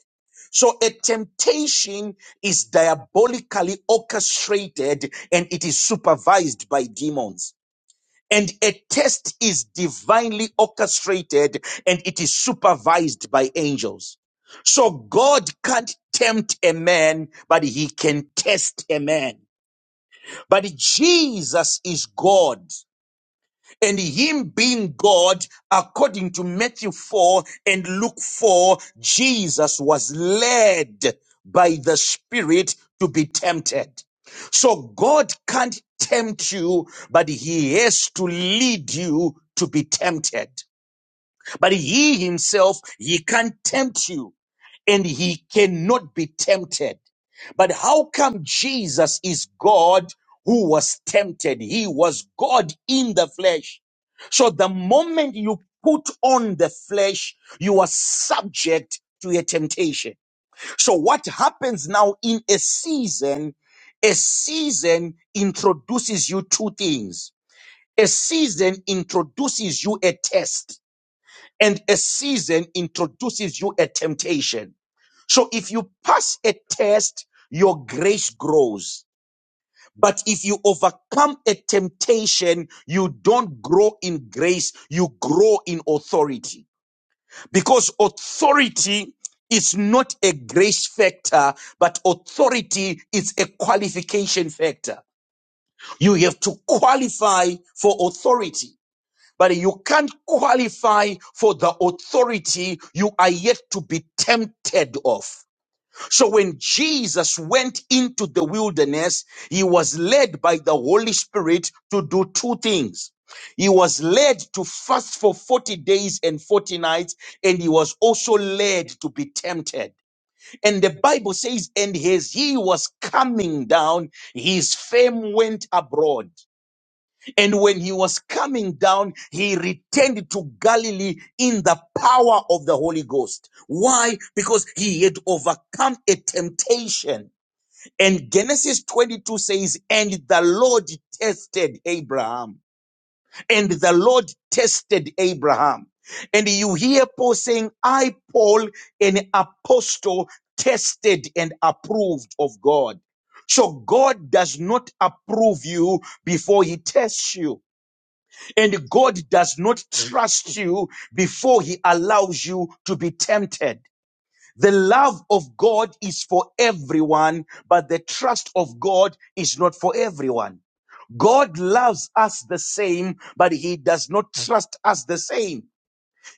[SPEAKER 3] So a temptation is diabolically orchestrated and it is supervised by demons. And a test is divinely orchestrated and it is supervised by angels. So God can't tempt a man, but he can test a man. But Jesus is God and him being God, according to Matthew 4 and Luke 4, Jesus was led by the Spirit to be tempted. So God can't tempt you, but he has to lead you to be tempted. But he himself, he can't tempt you and he cannot be tempted. But how come Jesus is God who was tempted? He was God in the flesh. So the moment you put on the flesh, you are subject to a temptation. So what happens now in a season? A season introduces you two things. A season introduces you a test and a season introduces you a temptation. So if you pass a test, your grace grows. But if you overcome a temptation, you don't grow in grace, you grow in authority. Because authority is not a grace factor, but authority is a qualification factor. You have to qualify for authority, but you can't qualify for the authority you are yet to be tempted of. So when Jesus went into the wilderness, he was led by the Holy Spirit to do two things. He was led to fast for 40 days and 40 nights, and he was also led to be tempted. And the Bible says, and as he was coming down, his fame went abroad. And when he was coming down, he returned to Galilee in the power of the Holy Ghost. Why? Because he had overcome a temptation. And Genesis 22 says, and the Lord tested Abraham. And the Lord tested Abraham. And you hear Paul saying, I, Paul, an apostle, tested and approved of God. So God does not approve you before he tests you. And God does not trust you before he allows you to be tempted. The love of God is for everyone, but the trust of God is not for everyone. God loves us the same, but he does not trust us the same.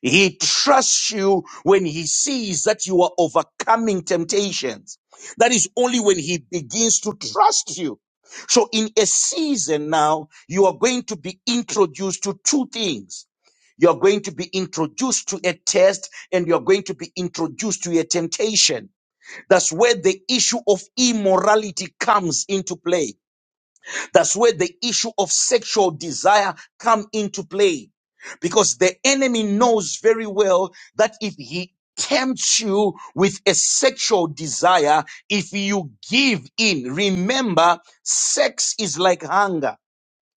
[SPEAKER 3] He trusts you when he sees that you are overcoming temptations. That is only when he begins to trust you. So in a season now, you are going to be introduced to two things. You're going to be introduced to a test and you're going to be introduced to a temptation. That's where the issue of immorality comes into play that's where the issue of sexual desire come into play because the enemy knows very well that if he tempts you with a sexual desire, if you give in, remember sex is like hunger.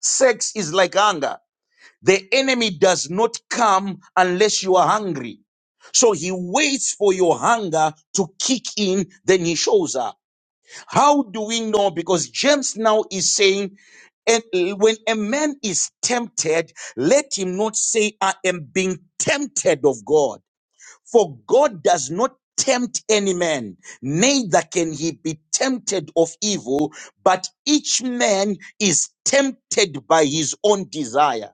[SPEAKER 3] Sex is like hunger. The enemy does not come unless you are hungry. So he waits for your hunger to kick in, then he shows up. How do we know? Because James now is saying, and when a man is tempted, let him not say, I am being tempted of God. For God does not tempt any man, neither can he be tempted of evil, but each man is tempted by his own desire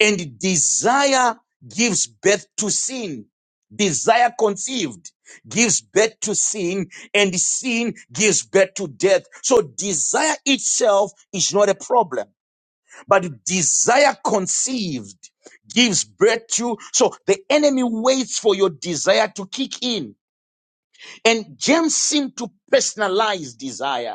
[SPEAKER 3] and desire gives birth to sin. Desire conceived gives birth to sin, and sin gives birth to death. So desire itself is not a problem, but desire conceived gives birth to. So the enemy waits for your desire to kick in, and James seemed to personalize desire.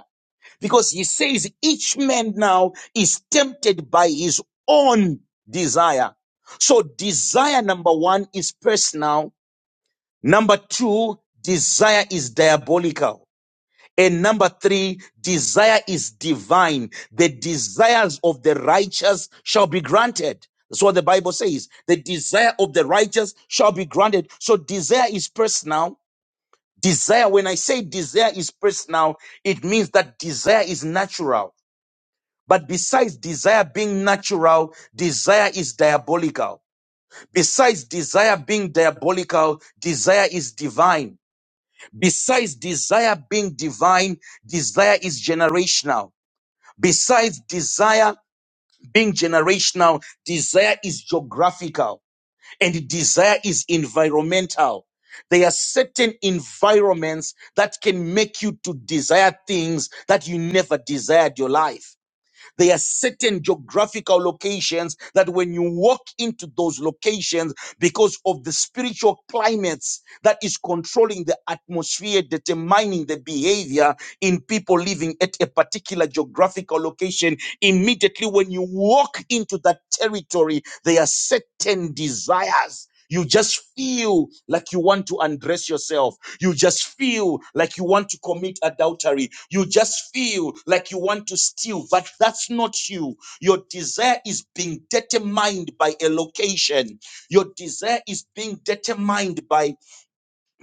[SPEAKER 3] Because he says each man now is tempted by his own desire. So desire number one is personal. Number two, desire is diabolical. And number three, desire is divine. The desires of the righteous shall be granted. That's what the Bible says. The desire of the righteous shall be granted. So desire is personal. Desire, when I say desire is personal, it means that desire is natural. But besides desire being natural, desire is diabolical. Besides desire being diabolical, desire is divine. Besides desire being divine, desire is generational. Besides desire being generational, desire is geographical and desire is environmental. There are certain environments that can make you to desire things that you never desired your life. There are certain geographical locations that when you walk into those locations, because of the spiritual climates that is controlling the atmosphere, determining the behavior in people living at a particular geographical location, immediately when you walk into that territory, there are certain desires. You just feel like you want to undress yourself. You just feel like you want to commit adultery. You just feel like you want to steal, but that's not you. Your desire is being determined by a location. Your desire is being determined by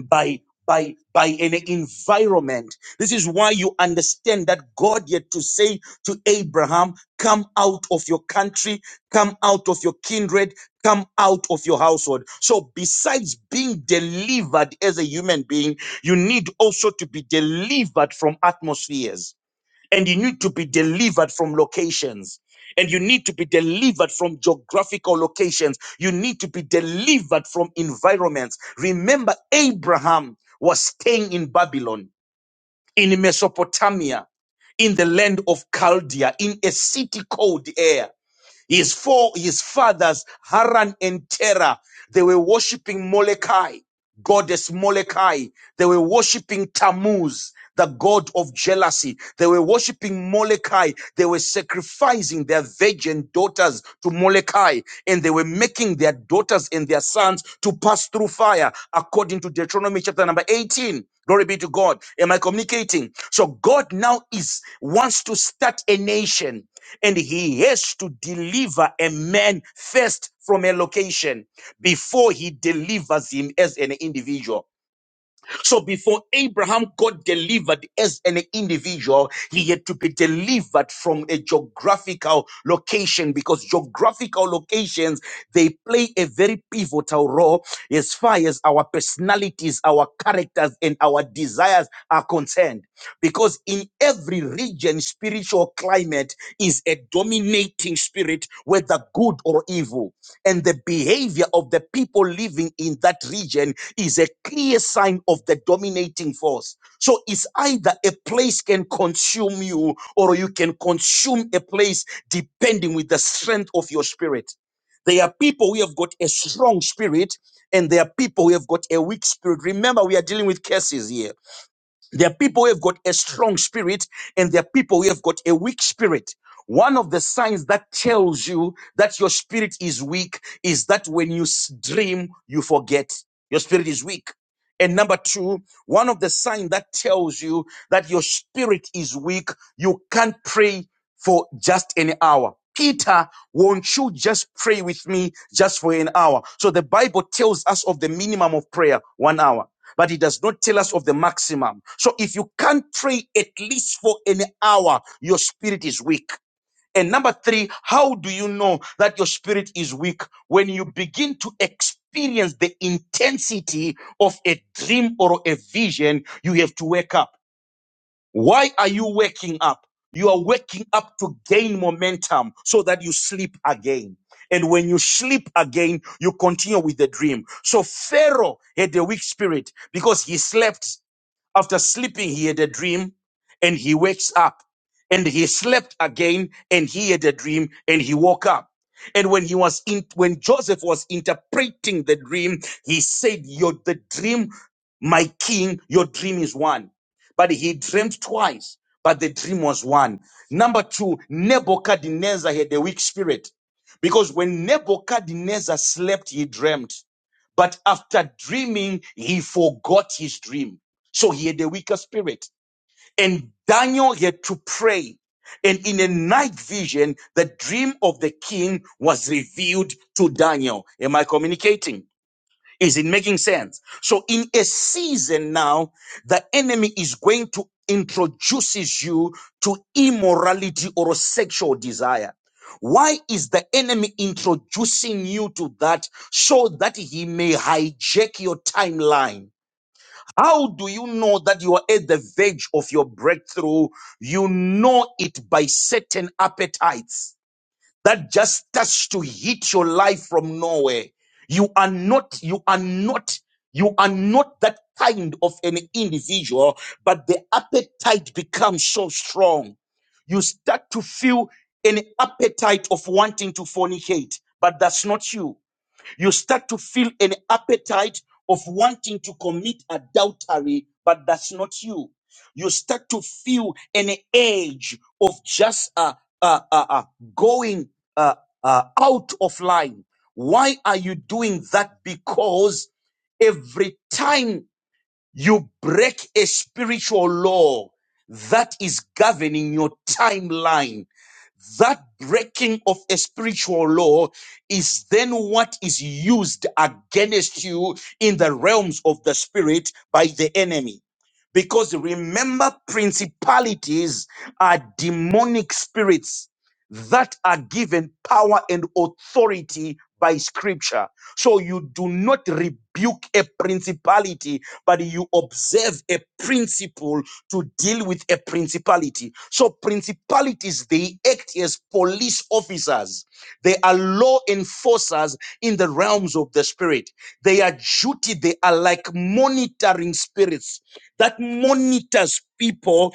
[SPEAKER 3] by by by an environment this is why you understand that god yet to say to abraham come out of your country come out of your kindred come out of your household so besides being delivered as a human being you need also to be delivered from atmospheres and you need to be delivered from locations and you need to be delivered from geographical locations you need to be delivered from environments remember abraham was staying in babylon in mesopotamia in the land of chaldea in a city called air his four his fathers haran and terah they were worshiping molokai goddess Molokai. They were worshipping Tammuz, the god of jealousy. They were worshipping Molokai. They were sacrificing their virgin daughters to Molokai, and they were making their daughters and their sons to pass through fire, according to Deuteronomy chapter number 18. Glory be to God. Am I communicating? So God now is wants to start a nation and he has to deliver a man first from a location before he delivers him as an individual. So before Abraham got delivered as an individual, he had to be delivered from a geographical location because geographical locations, they play a very pivotal role as far as our personalities, our characters, and our desires are concerned. Because in every region, spiritual climate is a dominating spirit, whether good or evil and the behavior of the people living in that region is a clear sign of the dominating force. So it's either a place can consume you or you can consume a place depending with the strength of your spirit. There are people who have got a strong spirit and there are people who have got a weak spirit. Remember, we are dealing with curses here. There are people who have got a strong spirit and there are people who have got a weak spirit. One of the signs that tells you that your spirit is weak is that when you s- dream, you forget your spirit is weak. And number two, one of the signs that tells you that your spirit is weak, you can't pray for just an hour. Peter, won't you just pray with me just for an hour? So the Bible tells us of the minimum of prayer, one hour but it does not tell us of the maximum. So if you can't pray at least for an hour, your spirit is weak. And number three, how do you know that your spirit is weak? When you begin to experience the intensity of a dream or a vision, you have to wake up. Why are you waking up? You are waking up to gain momentum so that you sleep again. And when you sleep again, you continue with the dream. So Pharaoh had a weak spirit because he slept after sleeping, he had a dream and he wakes up and he slept again and he had a dream and he woke up. And when he was in, when Joseph was interpreting the dream, he said, Your the dream, my king, your dream is one. But he dreamed twice, but the dream was one. Number two, Nebuchadnezzar had a weak spirit because when Nebuchadnezzar slept, he dreamed. But after dreaming, he forgot his dream. So he had a weaker spirit. And Daniel had to pray. And in a night vision, the dream of the king was revealed to Daniel. Am I communicating? Is it making sense? So in a season now, the enemy is going to introduces you to immorality or sexual desire. Why is the enemy introducing you to that so that he may hijack your timeline? How do you know that you are at the verge of your breakthrough? You know it by certain appetites that just starts to hit your life from nowhere. You are not, you are not, you are not that kind of an individual, but the appetite becomes so strong. You start to feel an appetite of wanting to fornicate, but that's not you you start to feel an appetite of wanting to commit adultery, but that's not you. You start to feel an edge of just uh, uh, uh, uh, going uh, uh, out of line. Why are you doing that? Because every time you break a spiritual law that is governing your timeline, that breaking of a spiritual law is then what is used against you in the realms of the spirit by the enemy. Because remember, principalities are demonic spirits that are given power and authority by scripture. So you do not rebuke a principality, but you observe a principle to deal with a principality. So principalities, they act as police officers. They are law enforcers in the realms of the spirit. They are duty. They are like monitoring spirits that monitors people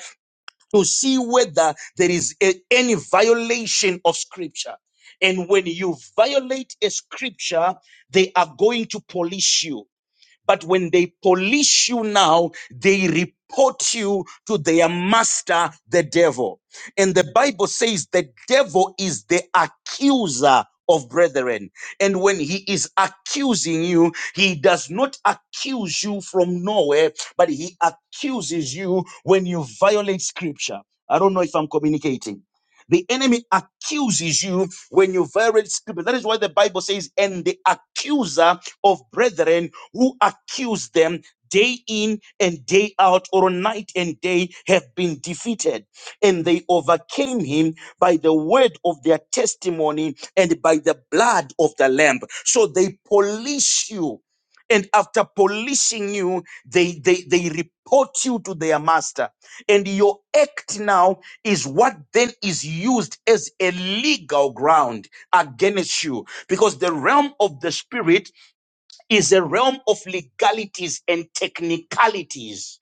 [SPEAKER 3] to see whether there is a- any violation of scripture. And when you violate a scripture, they are going to police you but when they police you now, they report you to their master, the devil. And the Bible says the devil is the accuser of brethren. And when he is accusing you, he does not accuse you from nowhere, but he accuses you when you violate scripture. I don't know if I'm communicating. The enemy accuses you when you violate scripture. That is why the Bible says, and the accuser of brethren who accuse them day in and day out or night and day have been defeated and they overcame him by the word of their testimony and by the blood of the lamb so they police you and after policing you they they they report you to their master and your act now is what then is used as a legal ground against you because the realm of the spirit is a realm of legalities and technicalities.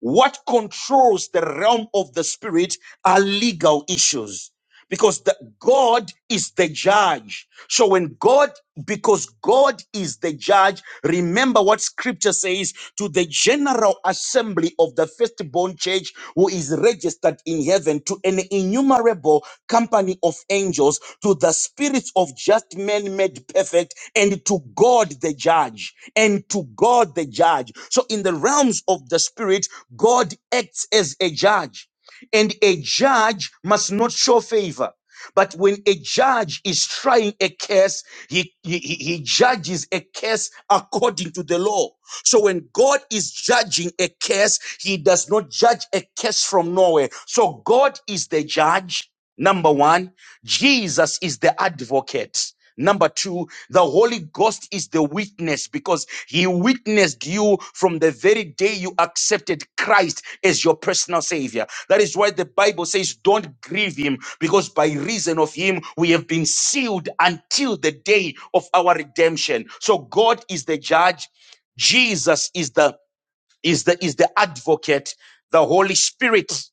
[SPEAKER 3] What controls the realm of the spirit are legal issues because the, God is the judge. So when God, because God is the judge, remember what scripture says to the general assembly of the firstborn church who is registered in heaven, to an innumerable company of angels, to the spirits of just men made perfect, and to God the judge, and to God the judge. So in the realms of the spirit, God acts as a judge. And a judge must not show favor. But when a judge is trying a case, he, he, he he judges a case according to the law. So when God is judging a case, he does not judge a case from nowhere. So God is the judge, number one. Jesus is the advocate. Number two, the Holy Ghost is the witness because he witnessed you from the very day you accepted Christ as your personal savior. That is why the Bible says, Don't grieve him, because by reason of him we have been sealed until the day of our redemption. So God is the judge, Jesus is the is the is the advocate, the Holy Spirit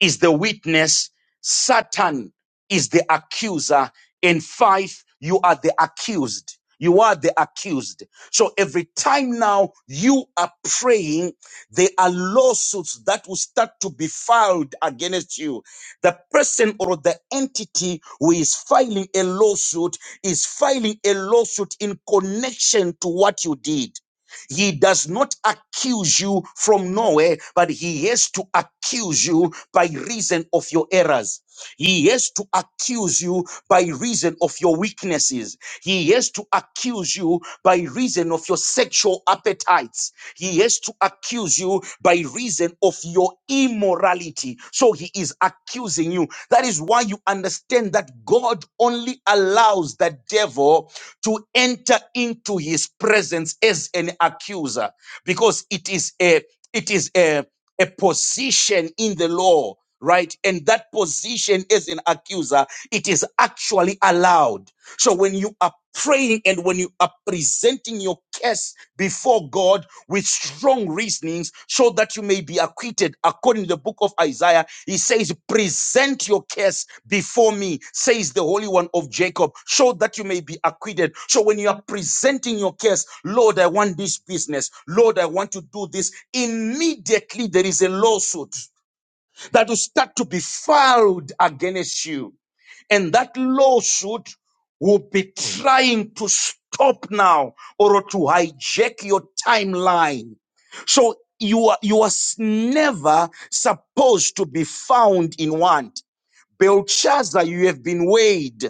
[SPEAKER 3] is the witness, Satan is the accuser, and five, you are the accused. You are the accused. So every time now you are praying, there are lawsuits that will start to be filed against you. The person or the entity who is filing a lawsuit is filing a lawsuit in connection to what you did. He does not accuse you from nowhere, but he has to accuse you by reason of your errors. He has to accuse you by reason of your weaknesses. He has to accuse you by reason of your sexual appetites. He has to accuse you by reason of your immorality. So he is accusing you. That is why you understand that God only allows the devil to enter into his presence as an accuser because it is a it is a, a position in the law right and that position as an accuser it is actually allowed so when you are praying and when you are presenting your case before God with strong reasonings so that you may be acquitted, according to the book of Isaiah, he says, present your case before me, says the Holy One of Jacob, so that you may be acquitted. So when you are presenting your case, Lord, I want this business. Lord, I want to do this. Immediately there is a lawsuit that will start to be filed against you. And that lawsuit will be trying to stop now or to hijack your timeline. So you are, you are s- never supposed to be found in want. Belshazzar, you have been weighed.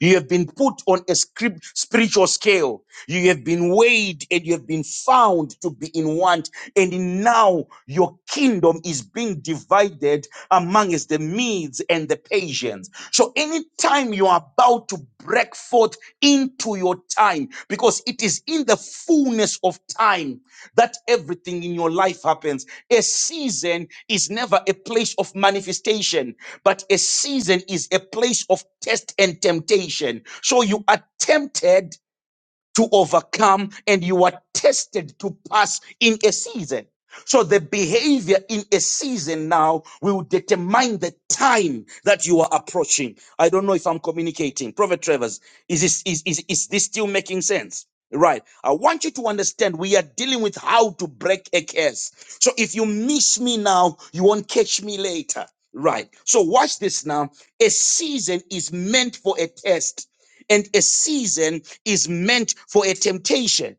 [SPEAKER 3] You have been put on a scrip- spiritual scale. You have been weighed and you have been found to be in want. And now your kingdom is being divided amongst the Medes and the Persians. So anytime you are about to break forth into your time because it is in the fullness of time that everything in your life happens. A season is never a place of manifestation, but a season is a place of test and temptation. So you are tempted to overcome and you are tested to pass in a season. So the behavior in a season now will determine the time that you are approaching. I don't know if I'm communicating. Prophet Travers, is this, is, is, is this still making sense? Right. I want you to understand we are dealing with how to break a curse. So if you miss me now, you won't catch me later. Right. So watch this now. A season is meant for a test and a season is meant for a temptation,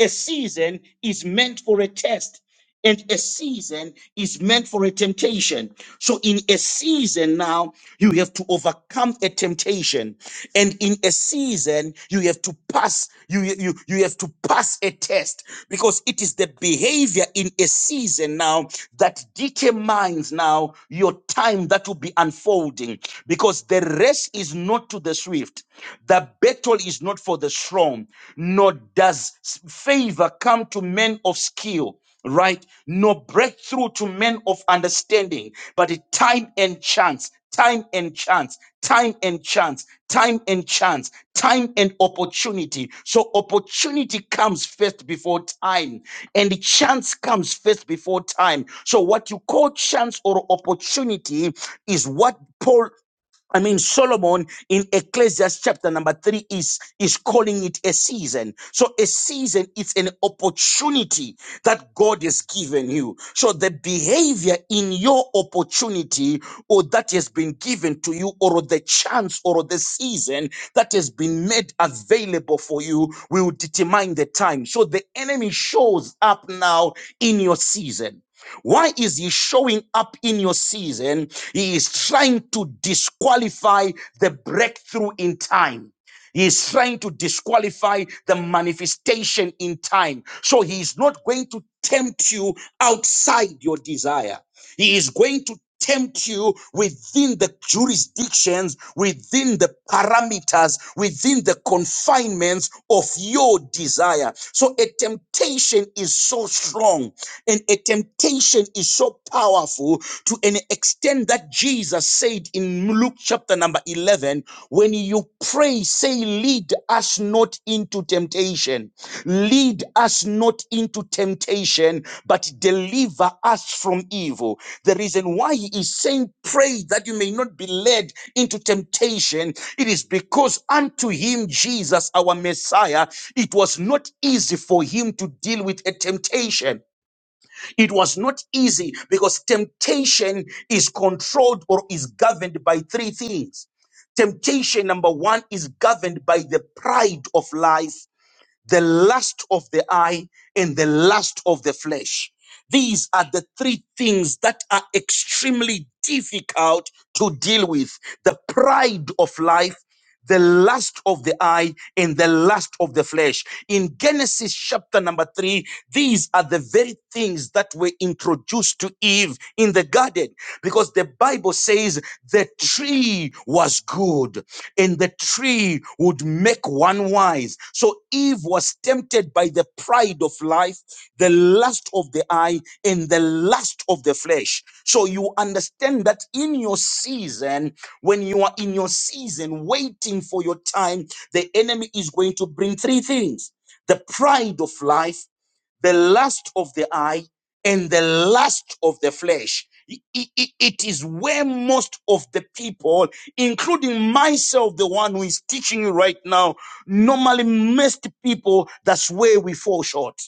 [SPEAKER 3] a season is meant for a test, and a season is meant for a temptation. So in a season now, you have to overcome a temptation. And in a season, you have to pass, you, you, you have to pass a test because it is the behavior in a season now that determines now your time that will be unfolding because the race is not to the swift. The battle is not for the strong, nor does favor come to men of skill right? No breakthrough to men of understanding, but a time and chance, time and chance, time and chance, time and chance, time and opportunity. So opportunity comes first before time, and the chance comes first before time. So what you call chance or opportunity is what Paul I mean, Solomon in Ecclesiastes chapter number three is, is calling it a season. So a season is an opportunity that God has given you. So the behavior in your opportunity or that has been given to you or the chance or the season that has been made available for you will determine the time. So the enemy shows up now in your season. Why is he showing up in your season? He is trying to disqualify the breakthrough in time. He is trying to disqualify the manifestation in time. So he is not going to tempt you outside your desire. He is going to tempt you within the jurisdictions, within the parameters, within the confinements of your desire. So a temptation is so strong and a temptation is so powerful to an extent that Jesus said in Luke chapter number 11, when you pray pray, say, lead us not into temptation. Lead us not into temptation, but deliver us from evil. The reason why he is saying, pray that you may not be led into temptation, it is because unto him, Jesus, our Messiah, it was not easy for him to deal with a temptation. It was not easy because temptation is controlled or is governed by three things. Temptation, number one, is governed by the pride of life, the lust of the eye, and the lust of the flesh. These are the three things that are extremely difficult to deal with the pride of life, the lust of the eye and the lust of the flesh. In Genesis chapter number three, these are the very things that were introduced to Eve in the garden because the Bible says the tree was good and the tree would make one wise. So Eve was tempted by the pride of life, the lust of the eye, and the lust of the flesh. So you understand that in your season, when you are in your season waiting for your time, the enemy is going to bring three things the pride of life, the lust of the eye, and the lust of the flesh. I- I- I- It is where most of the people, including myself, the one who is teaching you right now, normally, most people, that's where we fall short.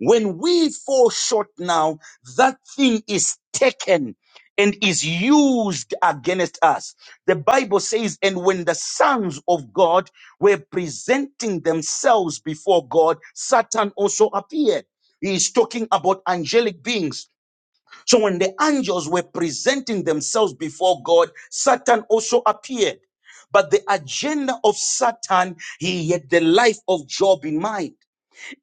[SPEAKER 3] When we fall short now, that thing is taken and is used against us. The Bible says, and when the sons of God were presenting themselves before God, Satan also appeared. He is talking about angelic beings. So when the angels were presenting themselves before God, Satan also appeared. But the agenda of Satan, he had the life of Job in mind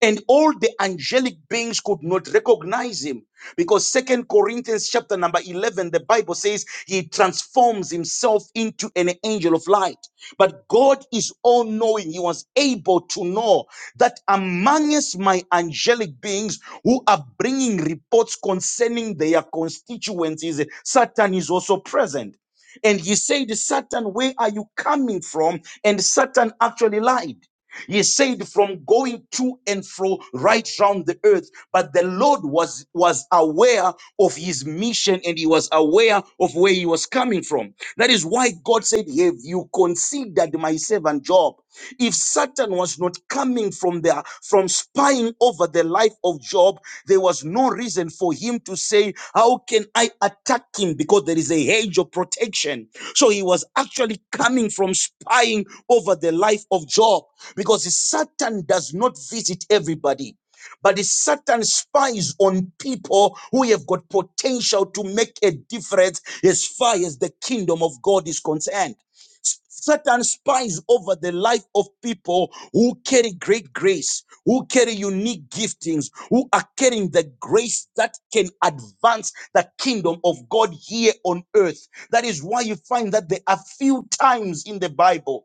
[SPEAKER 3] and all the angelic beings could not recognize him because second corinthians chapter number 11 the bible says he transforms himself into an angel of light but god is all knowing he was able to know that amongst my angelic beings who are bringing reports concerning their constituencies satan is also present and he said satan where are you coming from and satan actually lied he said, from going to and fro right round the earth. But the Lord was, was aware of his mission and he was aware of where he was coming from. That is why God said, Have you considered my servant Job? If Satan was not coming from there, from spying over the life of Job, there was no reason for him to say, How can I attack him? Because there is a hedge of protection. So he was actually coming from spying over the life of Job because Satan does not visit everybody. But the Satan spies on people who have got potential to make a difference as far as the kingdom of God is concerned. Satan spies over the life of people who carry great grace, who carry unique giftings, who are carrying the grace that can advance the kingdom of God here on earth. That is why you find that there are few times in the Bible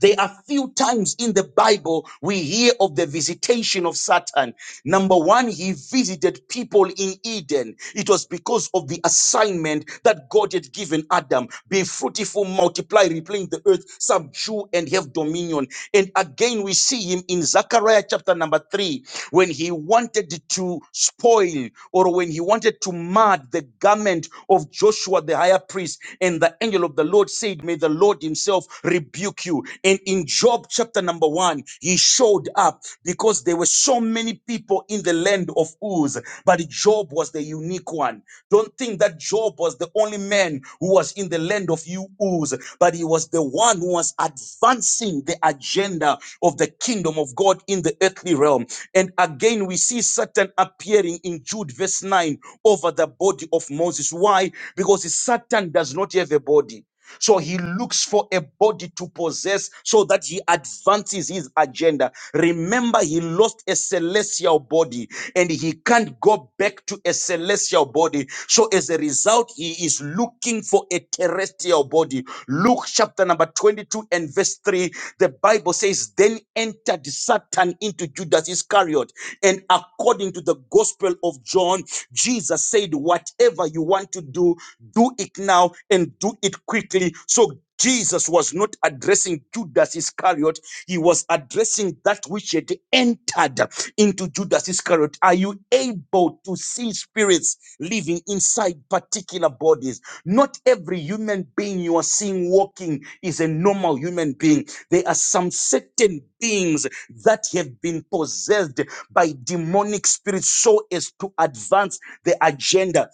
[SPEAKER 3] there are few times in the Bible we hear of the visitation of Satan. Number one, he visited people in Eden. It was because of the assignment that God had given Adam. Be fruitful, multiply, replenish the earth, subdue and have dominion. And again, we see him in Zechariah chapter number three, when he wanted to spoil or when he wanted to mar the garment of Joshua the high priest. And the angel of the Lord said, May the Lord himself himself rebuke you. And in Job chapter number one, he showed up because there were so many people in the land of Uz, but Job was the unique one. Don't think that Job was the only man who was in the land of you Uz, but he was the one who was advancing the agenda of the kingdom of God in the earthly realm. And again, we see Satan appearing in Jude verse 9 over the body of Moses. Why? Because Satan does not have a body. So he looks for a body to possess so that he advances his agenda. Remember, he lost a celestial body and he can't go back to a celestial body. So as a result, he is looking for a terrestrial body. Luke chapter number 22 and verse 3, the Bible says, Then entered Satan into Judas Iscariot. And according to the gospel of John, Jesus said, Whatever you want to do, do do it now and do it quickly. So Jesus was not addressing Judas Iscariot. He was addressing that which had entered into Judas Iscariot. Are you able to see spirits living inside particular bodies? Not every human being you are seeing walking is a normal human being. There are some certain beings that have been possessed by demonic spirits so as to advance the agenda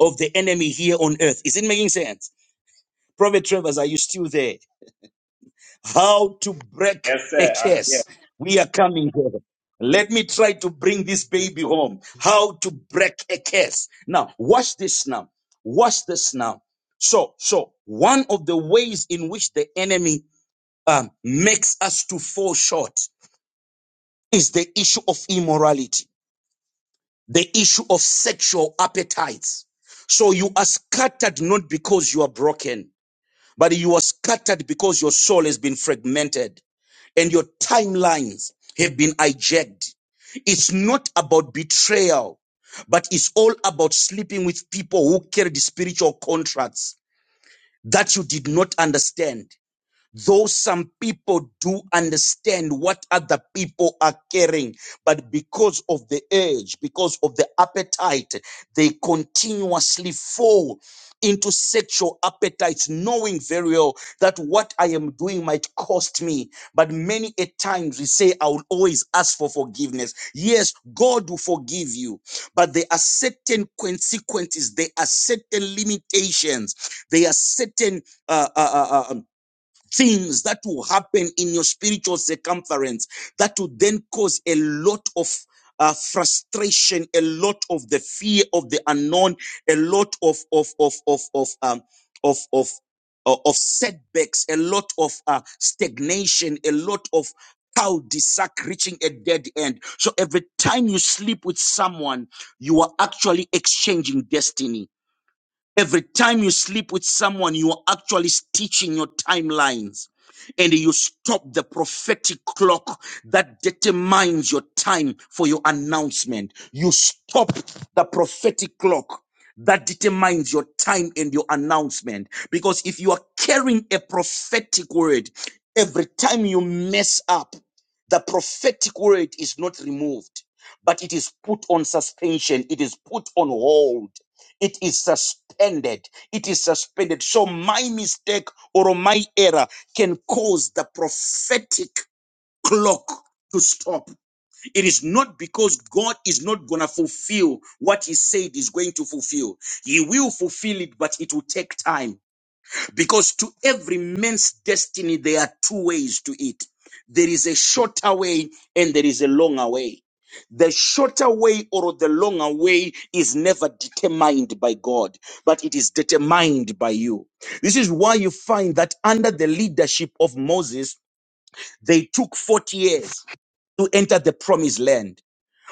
[SPEAKER 3] of the enemy here on earth. Is it making sense? Prophet Travers, are you still there? How to break a curse. We are coming here. Let me try to bring this baby home. How to break a curse. Now, watch this now. Watch this now. So, so one of the ways in which the enemy um, makes us to fall short is the issue of immorality, the issue of sexual appetites. So you are scattered not because you are broken. but you are scattered because your soul has been fragmented and your timelines have been hijacked. It's not about betrayal, but it's all about sleeping with people who carry the spiritual contracts that you did not understand. Though some people do understand what other people are carrying, but because of the urge, because of the appetite, they continuously fall into sexual appetites, knowing very well that what I am doing might cost me. But many a times we say, I will always ask for forgiveness. Yes, God will forgive you, but there are certain consequences, there are certain limitations, there are certain uh, uh, uh, uh, things that will happen in your spiritual circumference that will then cause a lot of uh, frustration, a lot of the fear of the unknown, a lot of of of of of um, of of of of setbacks, a lot of uh, stagnation, a lot of cul-de-sac reaching a dead end. So every time you sleep with someone, you are actually exchanging destiny. Every time you sleep with someone, you are actually stitching your timelines and you stop the prophetic clock that determines your time for your announcement. You stop the prophetic clock that determines your time and your announcement. Because if you are carrying a prophetic word, every time you mess up, the prophetic word is not removed, but it is put on suspension, it is put on hold it is suspended. It is suspended. So my mistake or my error can cause the prophetic clock to stop. It is not because God is not going to fulfill what He said He's going to fulfill. He will fulfill it, but it will take time. Because to every man's destiny, there are two ways to it. There is a shorter way and there is a longer way. The shorter way or the longer way is never determined by God, but it is determined by you. This is why you find that under the leadership of Moses, they took 40 years to enter the promised land.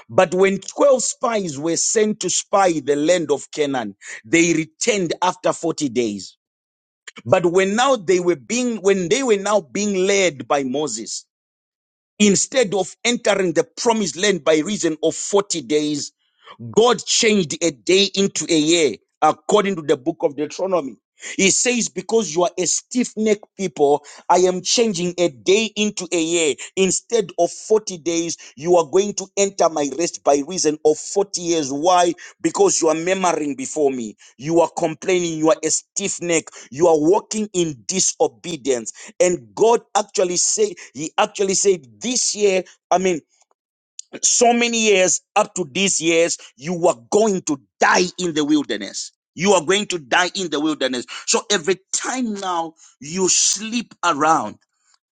[SPEAKER 3] But when 12 spies were sent to spy the land of Canaan, they returned after 40 days. But when now they were being, when they were now being led by Moses, instead of entering the promised land by reason of 40 days God changed a day into a year according to the book of Deuteronomy. He says, Because you are a stiff necked people, I am changing a day into a year. Instead of 40 days, you are going to enter my rest by reason of 40 years. Why? Because you are murmuring before me. You are complaining. You are a stiff neck. You are walking in disobedience. And God actually said, He actually said, This year, I mean, so many years up to these years you were going to die in the wilderness you are going to die in the wilderness so every time now you sleep around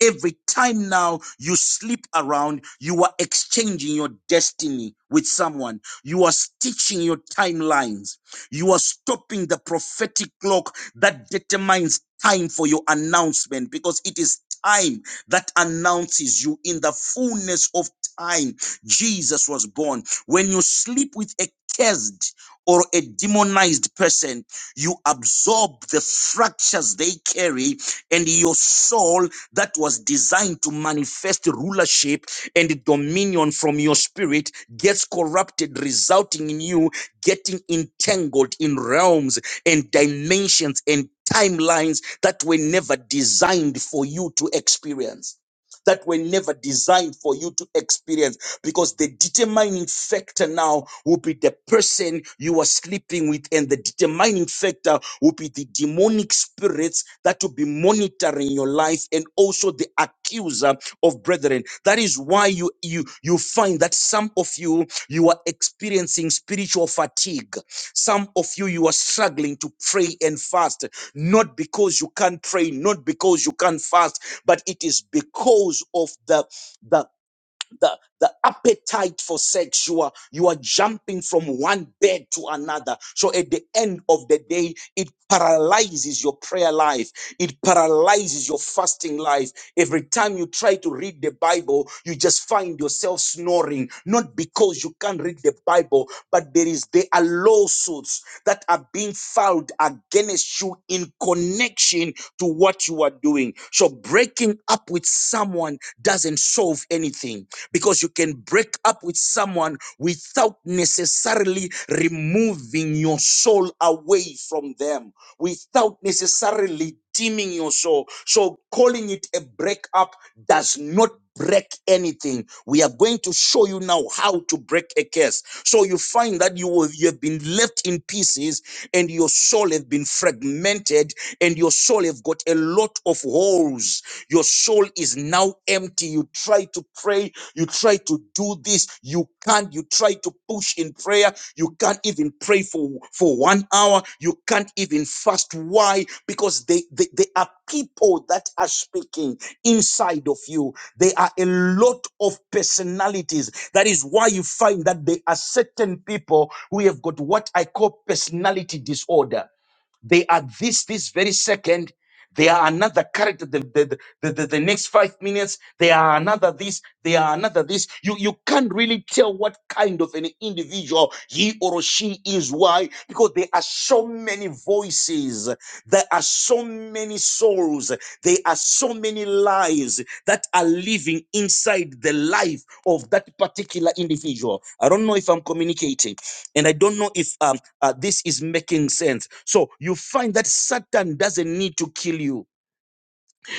[SPEAKER 3] Every time now you sleep around, you are exchanging your destiny with someone. You are stitching your timelines. You are stopping the prophetic clock that determines time for your announcement because it is time that announces you in the fullness of time. Jesus was born. When you sleep with a cursed or a demonized person, you absorb the fractures they carry and your soul that was designed to manifest rulership and dominion from your spirit gets corrupted, resulting in you getting entangled in realms and dimensions and timelines that were never designed for you to experience. That were never designed for you to experience because the determining factor now will be the person you are sleeping with, and the determining factor will be the demonic spirits that will be monitoring your life and also the accuser of brethren. That is why you you you find that some of you you are experiencing spiritual fatigue. Some of you you are struggling to pray and fast, not because you can't pray, not because you can't fast, but it is because of the the the, the appetite for sex. you are jumping from one bed to another. So at the end of the day, it paralyzes your prayer life. It paralyzes your fasting life. Every time you try to read the Bible, you just find yourself snoring, not because you can't read the Bible, but there is, there are lawsuits that are being filed against you in connection to what you are doing. So breaking up with with someone doesn't solve anything because you can break up with someone without necessarily removing your soul away from them, without necessarily dimming your soul. So calling it a breakup does not break anything. We are going to show you now how to break a curse. So you find that you will, you have been left in pieces and your soul have been fragmented and your soul have you've got a lot of holes. Your soul is now empty. You try to pray. You try to do this. You can't. You try to push in prayer. You can't even pray for, for one hour. You can't even fast. Why? Because they, they, they are people that are speaking inside of you. They are a lot of personalities. That is why you find that there are certain people who have got what I call personality disorder. They are this, this very second. They are another character. The, the, the, the, the next five minutes, they are another this, they are another this. You, you can't really tell what kind of an individual he or she is. Why? Because there are so many voices. There are so many souls. There are so many lives that are living inside the life of that particular individual. I don't know if I'm communicating. And I don't know if um uh, this is making sense. So you find that Satan doesn't need to kill you.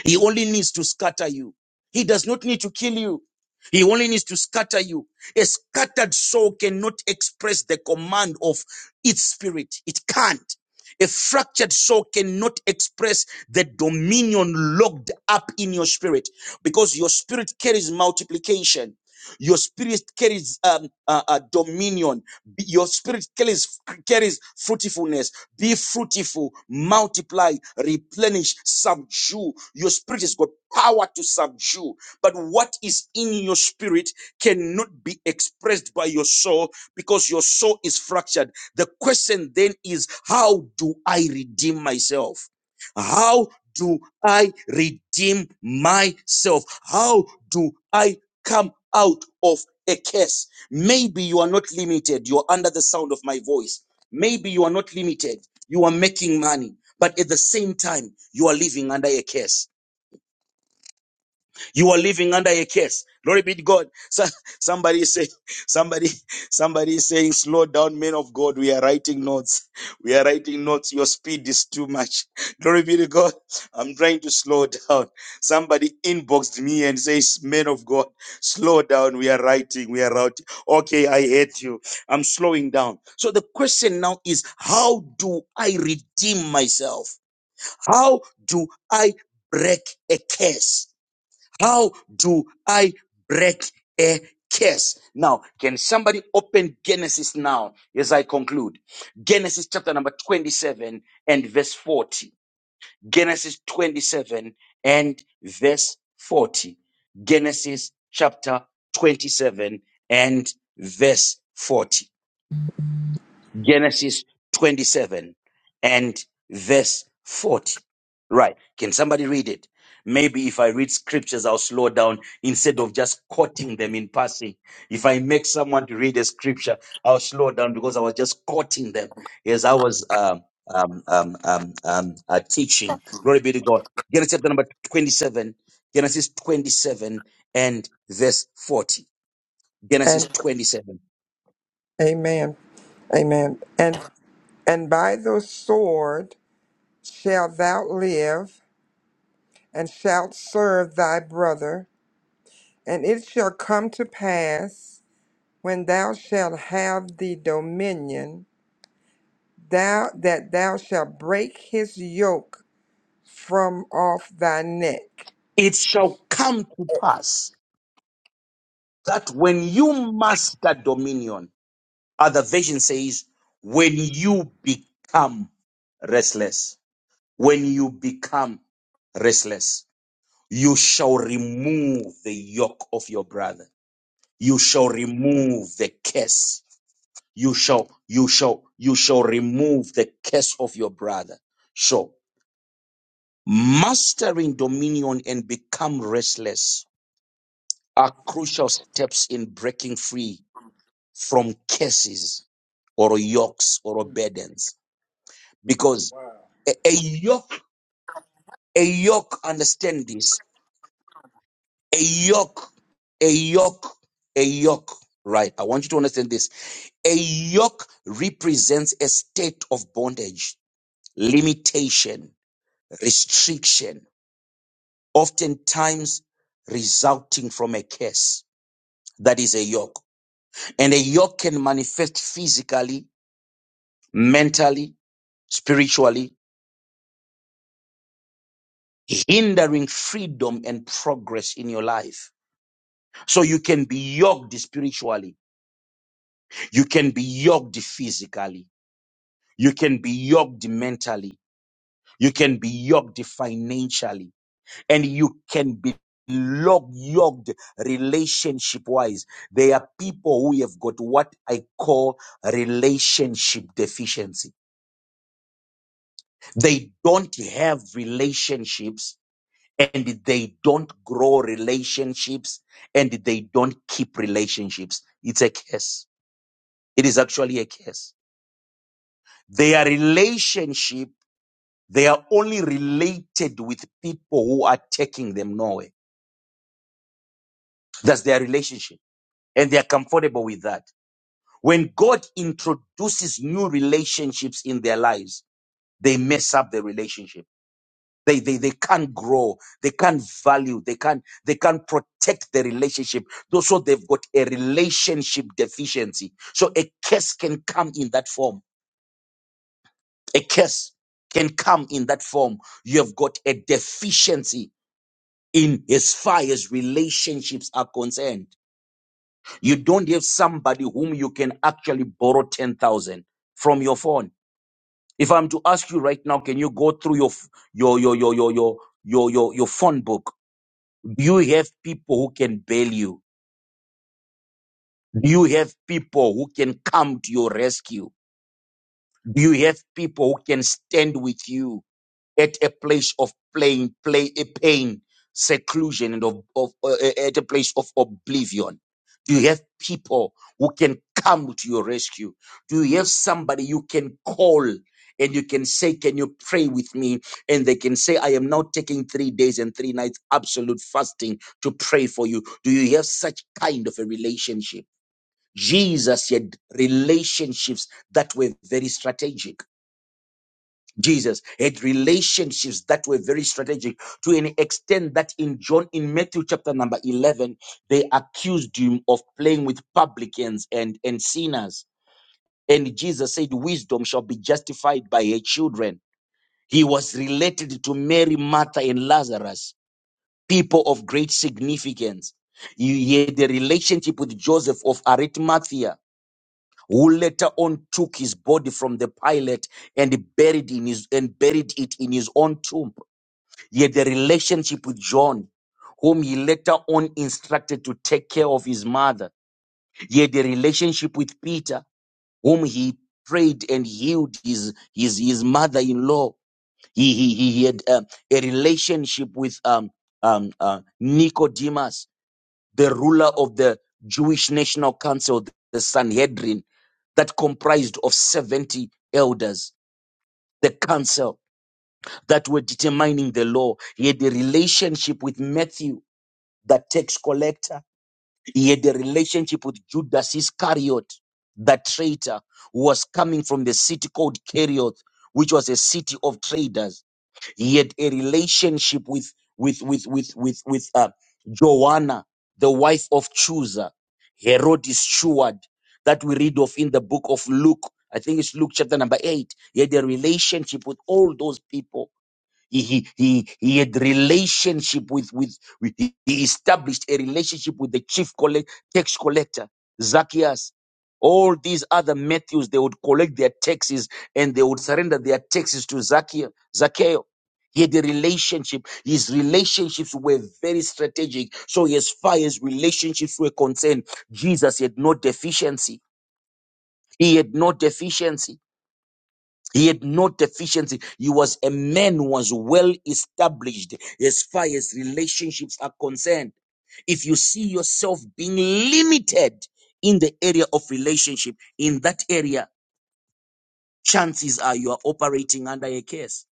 [SPEAKER 3] He only needs to scatter you. He does not need to kill you. He only needs to scatter you. A scattered soul cannot express the command of its spirit. It can't. A fractured soul cannot express the dominion locked up in your spirit because your spirit carries multiplication. Your spirit carries um, uh, uh, dominion. Be- Your spirit carries, carries fruitfulness. Be fruitful, multiply, replenish, subdue. Your spirit has got power to subdue. But what is in your spirit cannot be expressed by your soul because your soul is fractured. The question then is, how do I redeem myself? How do I redeem myself? How do I come out of a curse. Maybe you are not limited. You're under the sound of my voice. Maybe you are not limited. You are making money, but at the same time, you are living under a curse. You are living under a curse. Glory be to God. So, somebody say, somebody, somebody is saying, slow down, men of God. We are writing notes. We are writing notes. Your speed is too much. Glory be to God. I'm trying to slow down. Somebody inboxed me and says, men of God, slow down. We are writing. We are writing. Okay, I hate you. I'm slowing down. So the question now is, how do I redeem myself? How do I break a curse? How do I break a curse? Now, can somebody open Genesis now as I conclude? Genesis chapter number 27 and verse 40. Genesis 27 and verse 40. Genesis chapter 27 and verse 40. Genesis 27 and verse 40. Right. Can somebody read it? Maybe if I read scriptures, I'll slow down instead of just quoting them in passing. If I make someone to read a scripture, I'll slow down because I was just quoting them as I was um, um, um, um, um, uh, teaching. Glory be to God. Genesis chapter number 27, Genesis 27 and verse 40. Genesis
[SPEAKER 4] And
[SPEAKER 3] 27.
[SPEAKER 4] amen. Amen. And and by the sword shalt thou live, and shalt serve thy brother. And it shall come to pass when thou shalt have the dominion, thou that thou shalt break his yoke from off thy neck.
[SPEAKER 3] It shall come to pass that when you master dominion, other version says, when you become restless, when you become restless, you shall remove the yoke of your brother. You shall remove the curse. You shall, you shall, you shall remove the curse of your brother. So mastering dominion and become restless are crucial steps in breaking free from curses or yokes or burdens. Because a, a yoke, a yoke, understand this. A yoke, a yoke, a yoke. Right. I want you to understand this. A yoke represents a state of bondage, limitation, restriction, oftentimes resulting from a curse. That is a yoke. And a yoke can manifest physically, mentally, spiritually, hindering freedom and progress in your life. So you can be yoked spiritually. You can be yoked physically. You can be yoked mentally. You can be yoked financially. And you can be lo- yoked relationship wise. There are people who have got what I call relationship deficiency. They don't have relationships and they don't grow relationships and they don't keep relationships. It's a curse. It is actually a curse. Their relationship, they are only related with people who are taking them nowhere. That's their relationship. And they are comfortable with that. When God introduces new relationships in their lives, they mess up the relationship They, they, they can't grow. They can't value. They can't, they can't protect the relationship. Though So they've got a relationship deficiency. So a curse can come in that form. A curse can come in that form. You have got a deficiency in as far as relationships are concerned. You don't have somebody whom you can actually borrow 10,000 from your phone. If I'm to ask you right now, can you go through your, f- your, your, your, your, your, your, your, your phone book? Do you have people who can bail you? Do you have people who can come to your rescue? Do you have people who can stand with you? at a place of plain, play, a pain, seclusion, and of, of uh, uh, at a place of oblivion? Do you have people who can come to your rescue? Do you have somebody you can call and you can say, Can you pray with me? And they can say, I am now taking three days and three nights absolute fasting to pray for you. Do you have such kind of a relationship? Jesus had relationships that were very strategic. Jesus had relationships that were very strategic to an extent that in John, in Matthew chapter number 11, they accused him of playing with publicans and, and sinners. And Jesus said, Wisdom shall be justified by her children. He was related to Mary, Martha, and Lazarus, people of great significance. He he had a relationship with Joseph of Arimathea who later on took his body from the pilot and buried in his and buried it in his own tomb. Yet the relationship with John, whom he later on instructed to take care of his mother, yet the relationship with Peter, whom he prayed and healed his his his mother-in-law. He he he, he had um, a relationship with um um uh, Nicodemus the ruler of the Jewish National Council, the Sanhedrin, that comprised of 70 elders, the council that were determining the law. He had a relationship with Matthew, the tax collector. He had a relationship with Judas Iscariot, the traitor, who was coming from the city called Kerioth, which was a city of traders. Yet a relationship with with with with with with uh, Joanna, the wife of Chusa, Herod's steward, that we read of in the book of Luke. I think it's Luke chapter number eight. He had a relationship with all those people he, he, he, he had relationship with, with, with he he established a relationship with the chief collect, tax collector, Zacchaeus. All these other Matthews, they would collect their taxes and they would surrender their taxes to Zacchaeus. Zacchaeus. He had a relationship. His relationships were very strategic. So as far as relationships were concerned, Jesus had no deficiency. He had no deficiency. He had no deficiency. He was a man who was well established as far as relationships are concerned. If you see yourself being limited in the area of relationship, in that area, chances are you are operating under a curse.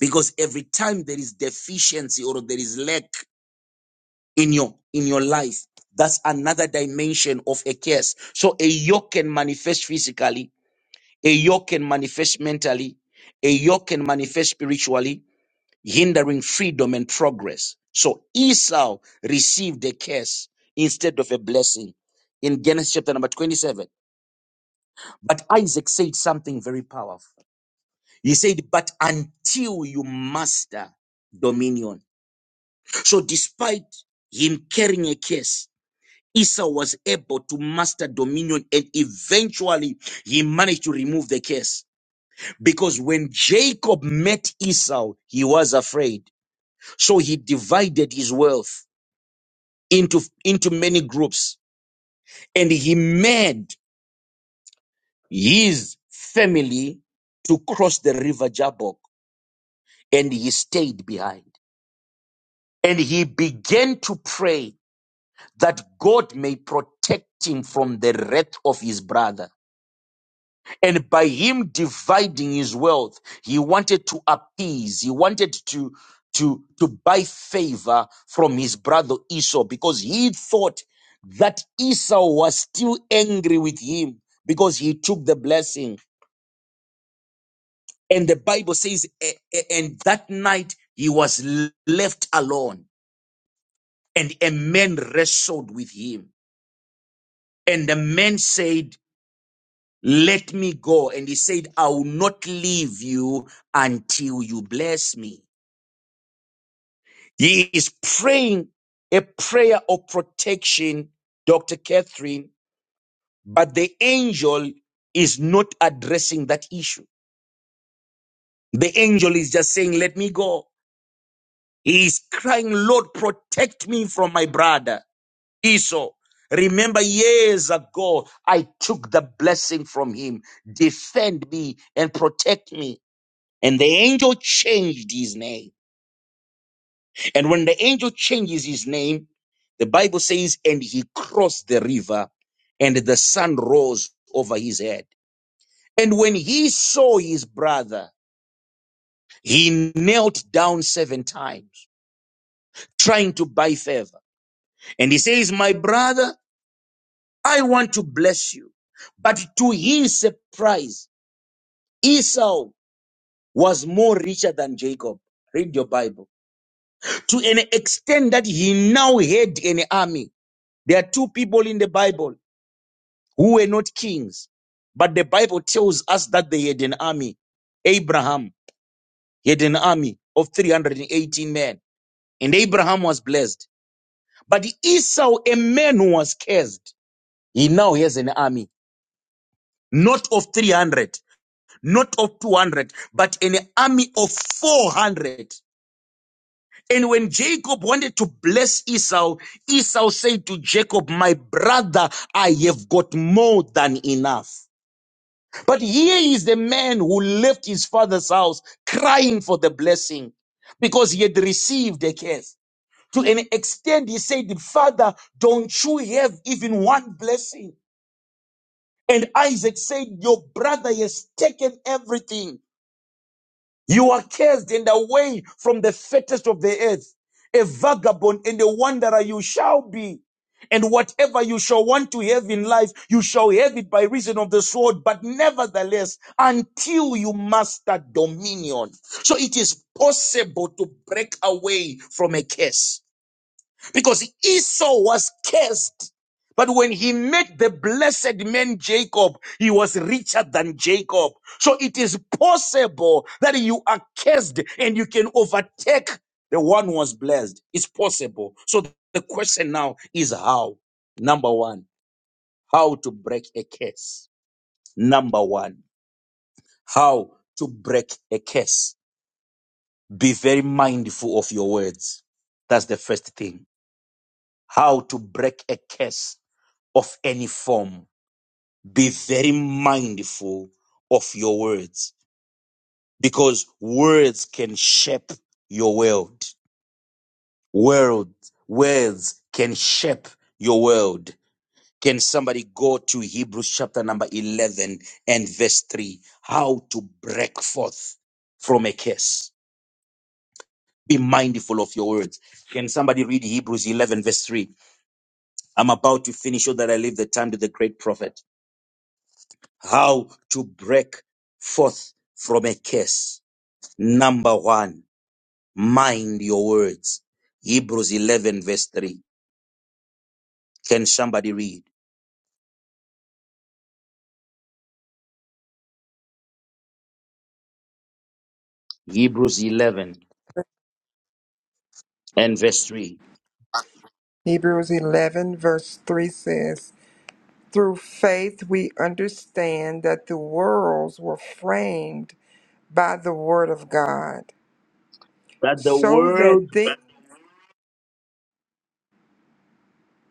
[SPEAKER 3] Because every time there is deficiency or there is lack in your in your life, that's another dimension of a curse. So a yoke can manifest physically, a yoke can manifest mentally, a yoke can manifest spiritually, hindering freedom and progress. So Esau received a curse instead of a blessing in Genesis chapter number 27. But Isaac said something very powerful. He said, But until you master dominion. So despite him carrying a curse, Esau was able to master dominion and eventually he managed to remove the curse. Because when Jacob met Esau, he was afraid. So he divided his wealth into, into many groups. And he made his family to cross the river Jabbok and he stayed behind. And he began to pray that God may protect him from the wrath of his brother. And by him dividing his wealth, he wanted to appease, he wanted to, to, to buy favor from his brother Esau because he thought that Esau was still angry with him because he took the blessing. And the Bible says, "A- a- and that night he was l- left alone and a man wrestled with him. And the man said, Let me go. And he said, I will not leave you until you bless me. He is praying a prayer of protection, Dr. Catherine, but the angel is not addressing that issue. The angel is just saying, Let me go. He is crying, Lord, protect me from my brother Esau. Remember years ago, I took the blessing from him. Defend me and protect me And the angel changed his name. And when the angel changes his name, the Bible says, and he crossed the river, and the sun rose over his head. And when he saw his brother, he knelt down seven times, trying to buy favor. And he says, My brother, I want to bless you. But to his surprise, Esau was more richer than Jacob. Read your Bible. To an extent that he now had an army There are two people in the Bible who were not kings, but the Bible tells us that they had an army. Abraham had an army of 318 men, and Abraham was blessed. But Esau, a man who was cursed, he now has an army, not of 300, not of 200, but an army of 400. And when Jacob wanted to bless Esau, Esau said to Jacob, My brother, I have got more than enough. But here is the man who left his father's house crying for the blessing because he had received a curse. To an extent, he said, Father, don't you have even one blessing? And Isaac said, Your brother has taken everything. You are cast and away from the fattest of the earth. A vagabond and a wanderer you shall be. And whatever you shall want to have in life, you shall have it by reason of the sword, but nevertheless, until you master dominion. So it is possible to break away from a curse. Because Esau was cursed. But when he met the blessed man Jacob, he was richer than Jacob. So it is possible that you are cursed and you can overtake the one who was blessed. It's possible. So the question now is how? Number one, how to break a curse. Number one, how to break a curse. Be very mindful of your words. That's the first thing. How to break a curse of any form, be very mindful of your words because words can shape your world. World, words can shape your world. Can somebody go to Hebrews chapter number 11 and verse 3? How to break forth from a curse. Be mindful of your words. Can somebody read Hebrews 11 verse 3? I'm about to finish so that I leave the time to the great prophet. how to break forth from a curse. Number one, mind your words. Hebrews 11 verse 3. Can somebody read? Hebrews 11 and verse 3.
[SPEAKER 4] Hebrews eleven verse three says, Through faith we understand that the worlds were framed by the word of God,
[SPEAKER 3] That the
[SPEAKER 4] so
[SPEAKER 3] world,
[SPEAKER 4] that thing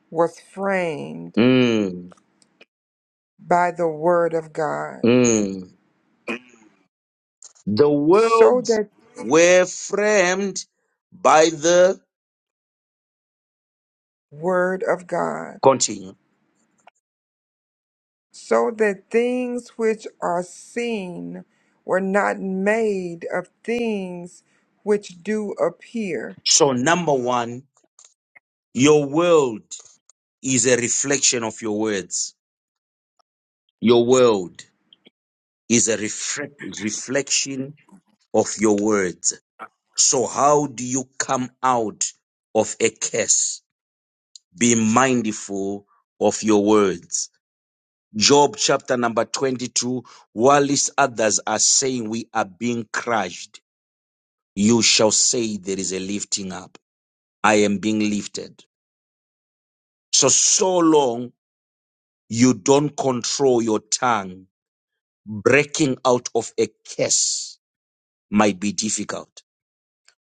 [SPEAKER 4] was framed
[SPEAKER 3] mm,
[SPEAKER 4] by the word of God,
[SPEAKER 3] mm, the
[SPEAKER 4] so
[SPEAKER 3] worlds
[SPEAKER 4] that
[SPEAKER 3] were framed by the,
[SPEAKER 4] word of God,
[SPEAKER 3] continue.
[SPEAKER 4] so that things which are seen were not made of things which do appear.
[SPEAKER 3] So number one, your world is a reflection of your words. Your world is a refre- reflection of your words. So how do you come out of a curse? Be mindful of your words. Job chapter number 22, whilst others are saying we are being crushed, you shall say there is a lifting up. I am being lifted. So, so long you don't control your tongue, breaking out of a curse might be difficult.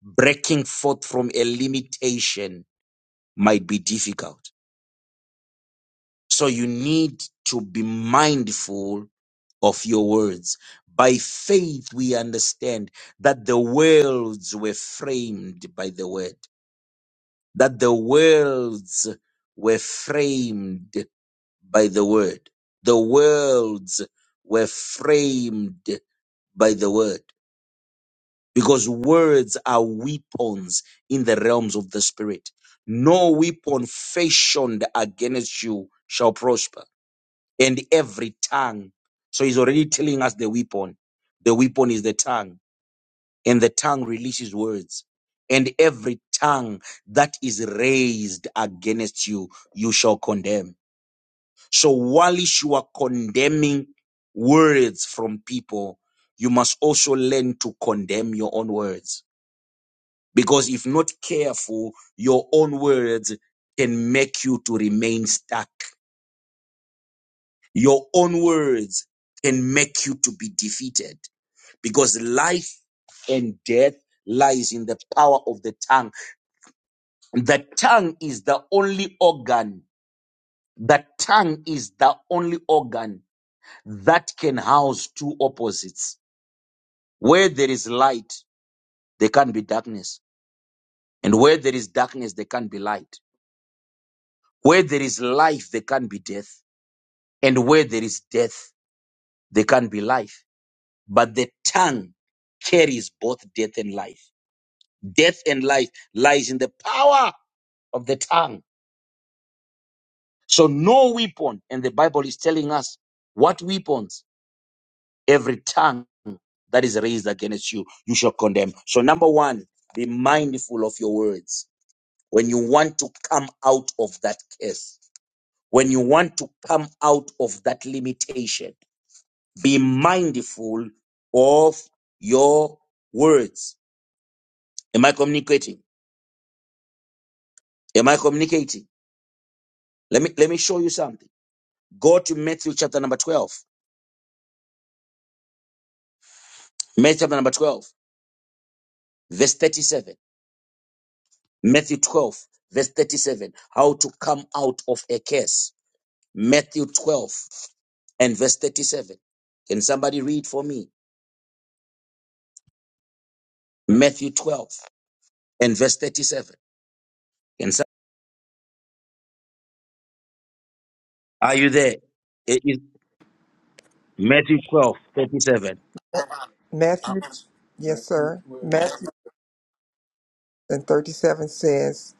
[SPEAKER 3] Breaking forth from a limitation might be difficult. So you need to be mindful of your words. By faith, we understand that the worlds were framed by the word, that the worlds were framed by the word. The worlds were framed by the word because words are weapons in the realms of the spirit. No weapon fashioned against you shall prosper and every tongue. So he's already telling us the weapon. The weapon is the tongue, and the tongue releases words. And every tongue that is raised against you, you shall condemn. So while you are condemning words from people, you must also learn to condemn your own words. Because if not careful, your own words can make you to remain stuck Your own words can make you to be defeated because life and death lies in the power of the tongue. The tongue is the only organ. The tongue is the only organ that can house two opposites. Where there is light, there can be darkness. And where there is darkness, there can be light. Where there is life, there can be death. And where there is death, there can be life. But the tongue carries both death and life. Death and life lies in the power of the tongue. So no weapon, and the Bible is telling us what weapons, every tongue that is raised against you, you shall condemn. So number one, be mindful of your words. When you want to come out of that curse, when you want to come out of that limitation, be mindful of your words. Am I communicating? Am I communicating? Let me let me show you something. Go to Matthew chapter number 12. Matthew chapter number 12, verse 37. Matthew 12, verse 37. How to come out of a curse. Matthew 12 and verse 37. Can somebody read for me? Matthew 12 and verse 37. Can some- Are you there? It is Matthew 12 37.
[SPEAKER 4] Matthew, yes, sir. Matthew and 37 says,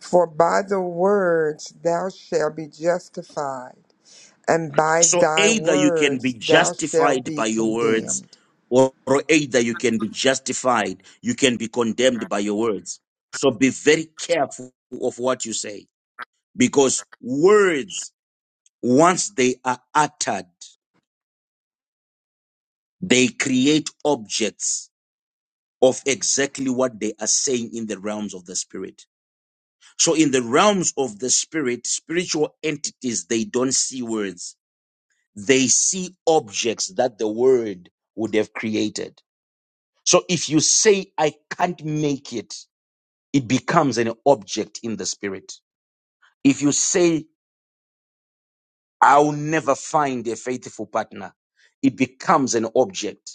[SPEAKER 4] For by the words thou shalt be justified and by
[SPEAKER 3] So
[SPEAKER 4] thy
[SPEAKER 3] either you can be
[SPEAKER 4] words thou shalt
[SPEAKER 3] justified
[SPEAKER 4] be
[SPEAKER 3] by your words,
[SPEAKER 4] condemned.
[SPEAKER 3] or, or either you can be justified, you can be condemned by your words. So be very careful of what you say, because words, once they are uttered, they create objects of exactly what they are saying in the realms of the spirit. So in the realms of the spirit, spiritual entities, they don't see words. They see objects that the word would have created. So if you say, I can't make it, it becomes an object in the spirit. If you say, I'll never find a faithful partner, it becomes an object.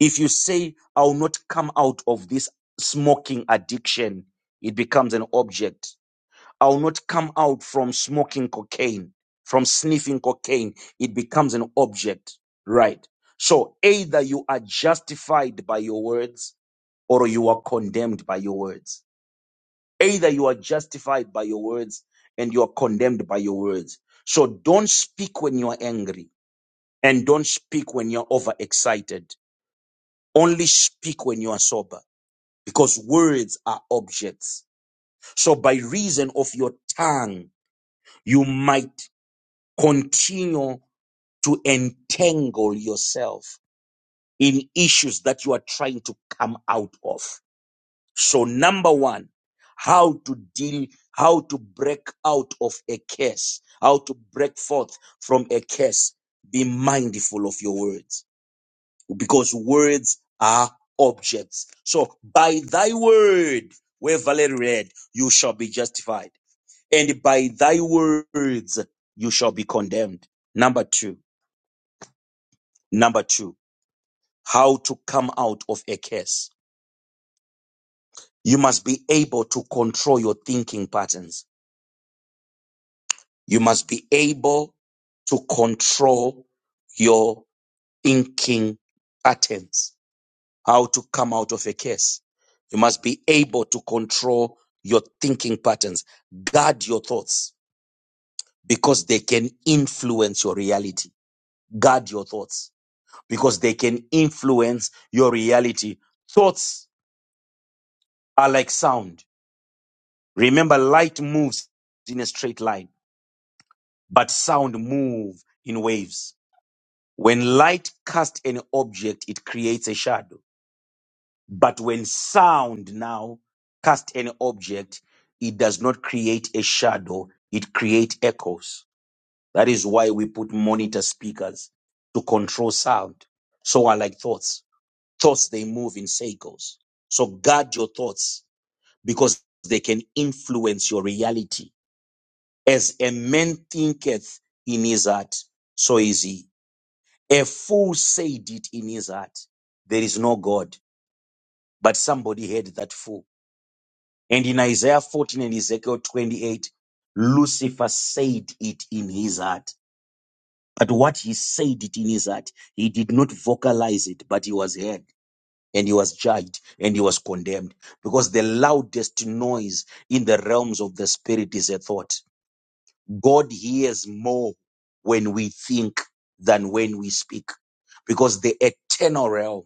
[SPEAKER 3] If you say, I'll not come out of this smoking addiction, it becomes an object. I'll not come out from smoking cocaine, from sniffing cocaine, it becomes an object, right? So either you are justified by your words or you are condemned by your words. Either you are justified by your words and you are condemned by your words. So don't speak when you are angry and don't speak when you're overexcited. Only speak when you are sober because words are objects. So by reason of your tongue, you might continue to entangle yourself in issues that you are trying to come out of. So number one, how to deal, how to break out of a curse, how to break forth from a curse. Be mindful of your words because words are objects. So by thy word, where Valerie read, you shall be justified. And by thy words, you shall be condemned. Number two, number two, how to come out of a curse. You must be able to control your thinking patterns You must be able to control your thinking patterns, how to come out of a case. You must be able to control your thinking patterns. Guard your thoughts because they can influence your reality. Guard your thoughts because they can influence your reality. Thoughts are like sound. Remember, light moves in a straight line, but sound moves in waves. When light casts an object, it creates a shadow. But when sound now casts an object, it does not create a shadow, it creates echoes. That is why we put monitor speakers to control sound. So are like thoughts. Thoughts, they move in cycles. So guard your thoughts because they can influence your reality. As a man thinketh in his heart, so is he. A fool said it in his heart. There is no God. But somebody heard that fool. And in Isaiah 14 and Ezekiel 28, Lucifer said it in his heart. But what he said it in his heart, he did not vocalize it, but he was heard and he was judged and he was condemned. Because the loudest noise in the realms of the spirit is a thought. God hears more when we think than when we speak. Because the eternal realm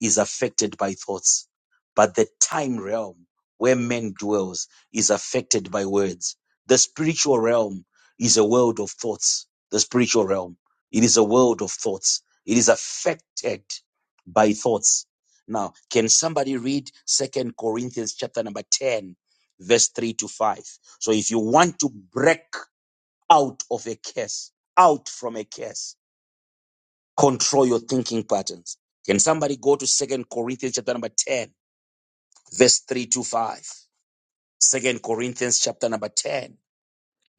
[SPEAKER 3] is affected by thoughts, but the time realm where man dwells is affected by words. The spiritual realm is a world of thoughts. The spiritual realm, it is a world of thoughts. It is affected by thoughts. Now, can somebody read Second Corinthians chapter number 10, verse 3 to 5? So if you want to break out of a curse, out from a curse, Control your thinking patterns. Can somebody go to Second Corinthians chapter number 10, verse 3 to 5? Second Corinthians chapter number 10,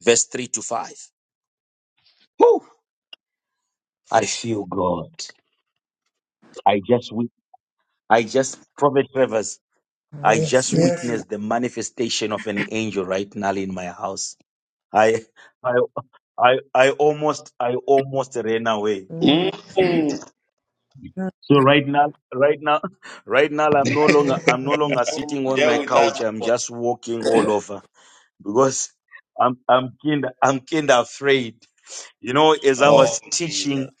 [SPEAKER 3] verse 3 to 5. Whew! I feel God. I just wit- I just Prophet Travers, I
[SPEAKER 4] Yes,
[SPEAKER 3] just
[SPEAKER 4] yes.
[SPEAKER 3] witnessed the manifestation of an angel right now in my house. I I I I almost I almost ran away.
[SPEAKER 4] Mm.
[SPEAKER 1] Mm.
[SPEAKER 4] God.
[SPEAKER 3] So right now, right now, right now, I'm no longer, I'm no
[SPEAKER 4] Mhm.
[SPEAKER 3] longer
[SPEAKER 4] Oh
[SPEAKER 3] sitting
[SPEAKER 4] my
[SPEAKER 3] on
[SPEAKER 1] Share
[SPEAKER 3] my
[SPEAKER 4] God.
[SPEAKER 1] with us.
[SPEAKER 3] couch. I'm
[SPEAKER 1] Apostle.
[SPEAKER 3] just walking all over because I'm, I'm kind, I'm kind of afraid. You know, as I
[SPEAKER 4] Yeah.
[SPEAKER 1] Oh,
[SPEAKER 3] was
[SPEAKER 1] Jesus.
[SPEAKER 3] teaching,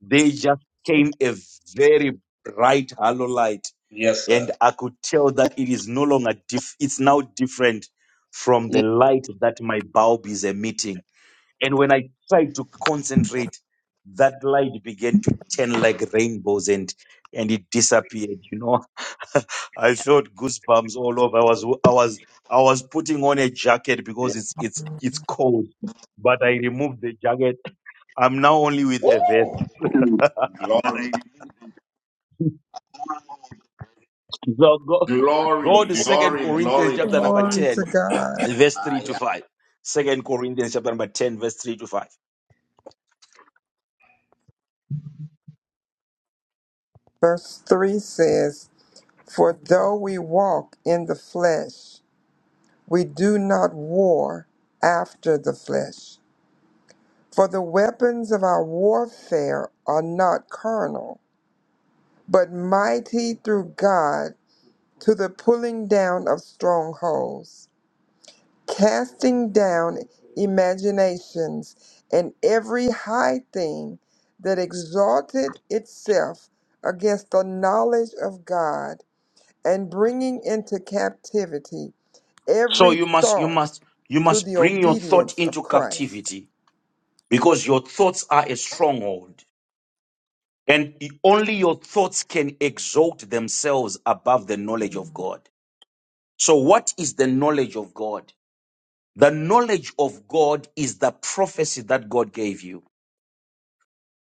[SPEAKER 3] they just came a very bright halo light,
[SPEAKER 1] Yes,
[SPEAKER 3] and
[SPEAKER 1] sir.
[SPEAKER 3] I could tell that it is no longer diff. It's now different from
[SPEAKER 1] Mm.
[SPEAKER 3] the light that my bulb is emitting. And when I tried to concentrate, that light began to turn like rainbows and and it disappeared. You know, I felt goosebumps all over. I was I was I was putting on a jacket because it's it's it's cold. But I removed the jacket. I'm now only with
[SPEAKER 1] Woo!
[SPEAKER 3] a vest.
[SPEAKER 1] Glory,
[SPEAKER 3] So go go
[SPEAKER 1] glory,
[SPEAKER 3] to Second
[SPEAKER 1] glory,
[SPEAKER 3] Corinthians
[SPEAKER 1] glory,
[SPEAKER 3] chapter number
[SPEAKER 1] glory.
[SPEAKER 4] Glory to
[SPEAKER 3] ten,
[SPEAKER 4] God.
[SPEAKER 3] verse three to five. Second Corinthians chapter number ten, verse three to five.
[SPEAKER 4] Verse 3 says, For though we walk in the flesh, we do not war after the flesh. For the weapons of our warfare are not carnal, but mighty through God to the pulling down of strongholds casting down imaginations and every high thing that exalted itself against the knowledge of God, and bringing into captivity
[SPEAKER 3] So
[SPEAKER 4] every
[SPEAKER 3] you must you
[SPEAKER 4] thought
[SPEAKER 3] must you
[SPEAKER 4] to
[SPEAKER 3] must
[SPEAKER 4] the
[SPEAKER 3] bring your thought
[SPEAKER 4] obedience of
[SPEAKER 3] into
[SPEAKER 4] Christ.
[SPEAKER 3] captivity because your thoughts are a stronghold and e- only your thoughts can exalt themselves above the knowledge of God. So what is the knowledge of God? The knowledge of God is the prophecy that God gave you.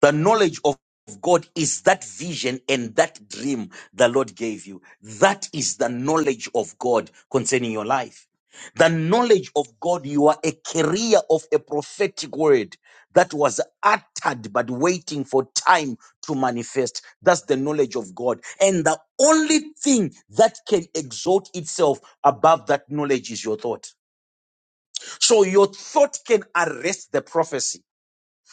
[SPEAKER 3] The knowledge of God is that vision and that dream the Lord gave you. That is the knowledge of God concerning your life. The knowledge of God, you are a carrier of a prophetic word that was uttered but waiting for time to manifest. That's the knowledge of God. And the only thing that can exalt itself above that knowledge is your thought. So your thought can arrest the prophecy.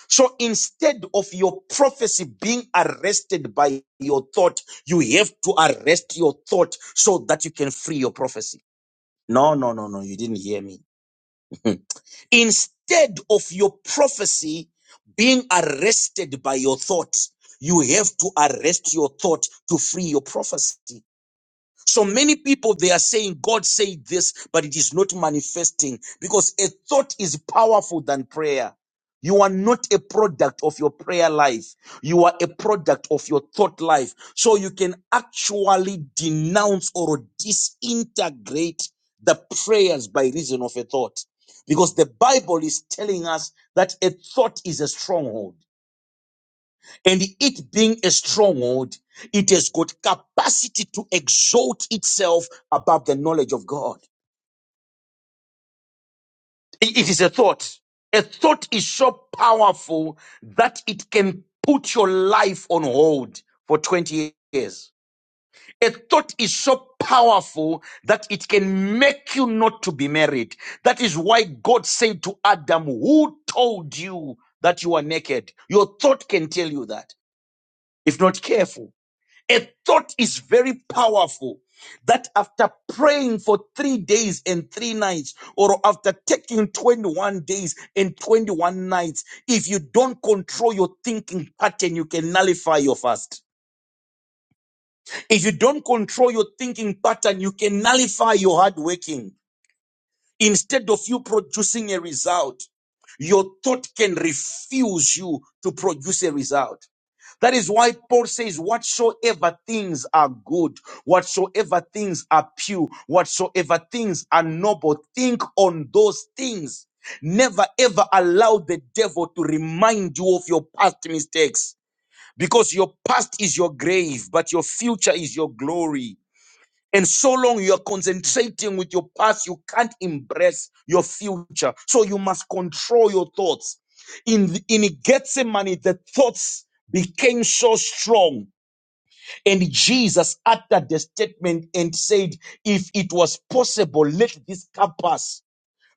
[SPEAKER 3] So instead of your prophecy being arrested by your thought, you have to arrest your thought so that you can free your prophecy. No, no, no, no, you didn't hear me. instead of your prophecy being arrested by your thought, you have to arrest your thought to free your prophecy. So many people they are saying God said this, but it is not manifesting because a thought is powerful than prayer. You are not a product of your prayer life. You are a product of your thought life. So you can actually denounce or disintegrate the prayers by reason of a thought. Because the Bible is telling us that a thought is a stronghold and it being a stronghold, it has got capacity to exalt itself above the knowledge of God. I- It is a thought. A thought is so powerful that it can put your life on hold for 20 years. A thought is so powerful that it can make you not to be married. That is why God said to Adam, Who told you that you are naked? Your thought can tell you that if not careful. A thought is very powerful that after praying for three days and three nights, or after taking 21 days and 21 nights, if you don't control your thinking pattern, you can nullify your fast. If you don't control your thinking pattern, you can nullify your hard working. Instead of you producing a result, your thought can refuse you to produce a result. That is why Paul says, whatsoever things are good, whatsoever things are pure, whatsoever things are noble, think on those things. Never ever allow the devil to remind you of your past mistakes because your past is your grave, but your future is your glory. And so long you are concentrating with your past, you can't embrace your future. So you must control your thoughts. In, in Gethsemane, the thoughts became so strong. And Jesus uttered the statement and said, If it was possible, let this cup pass.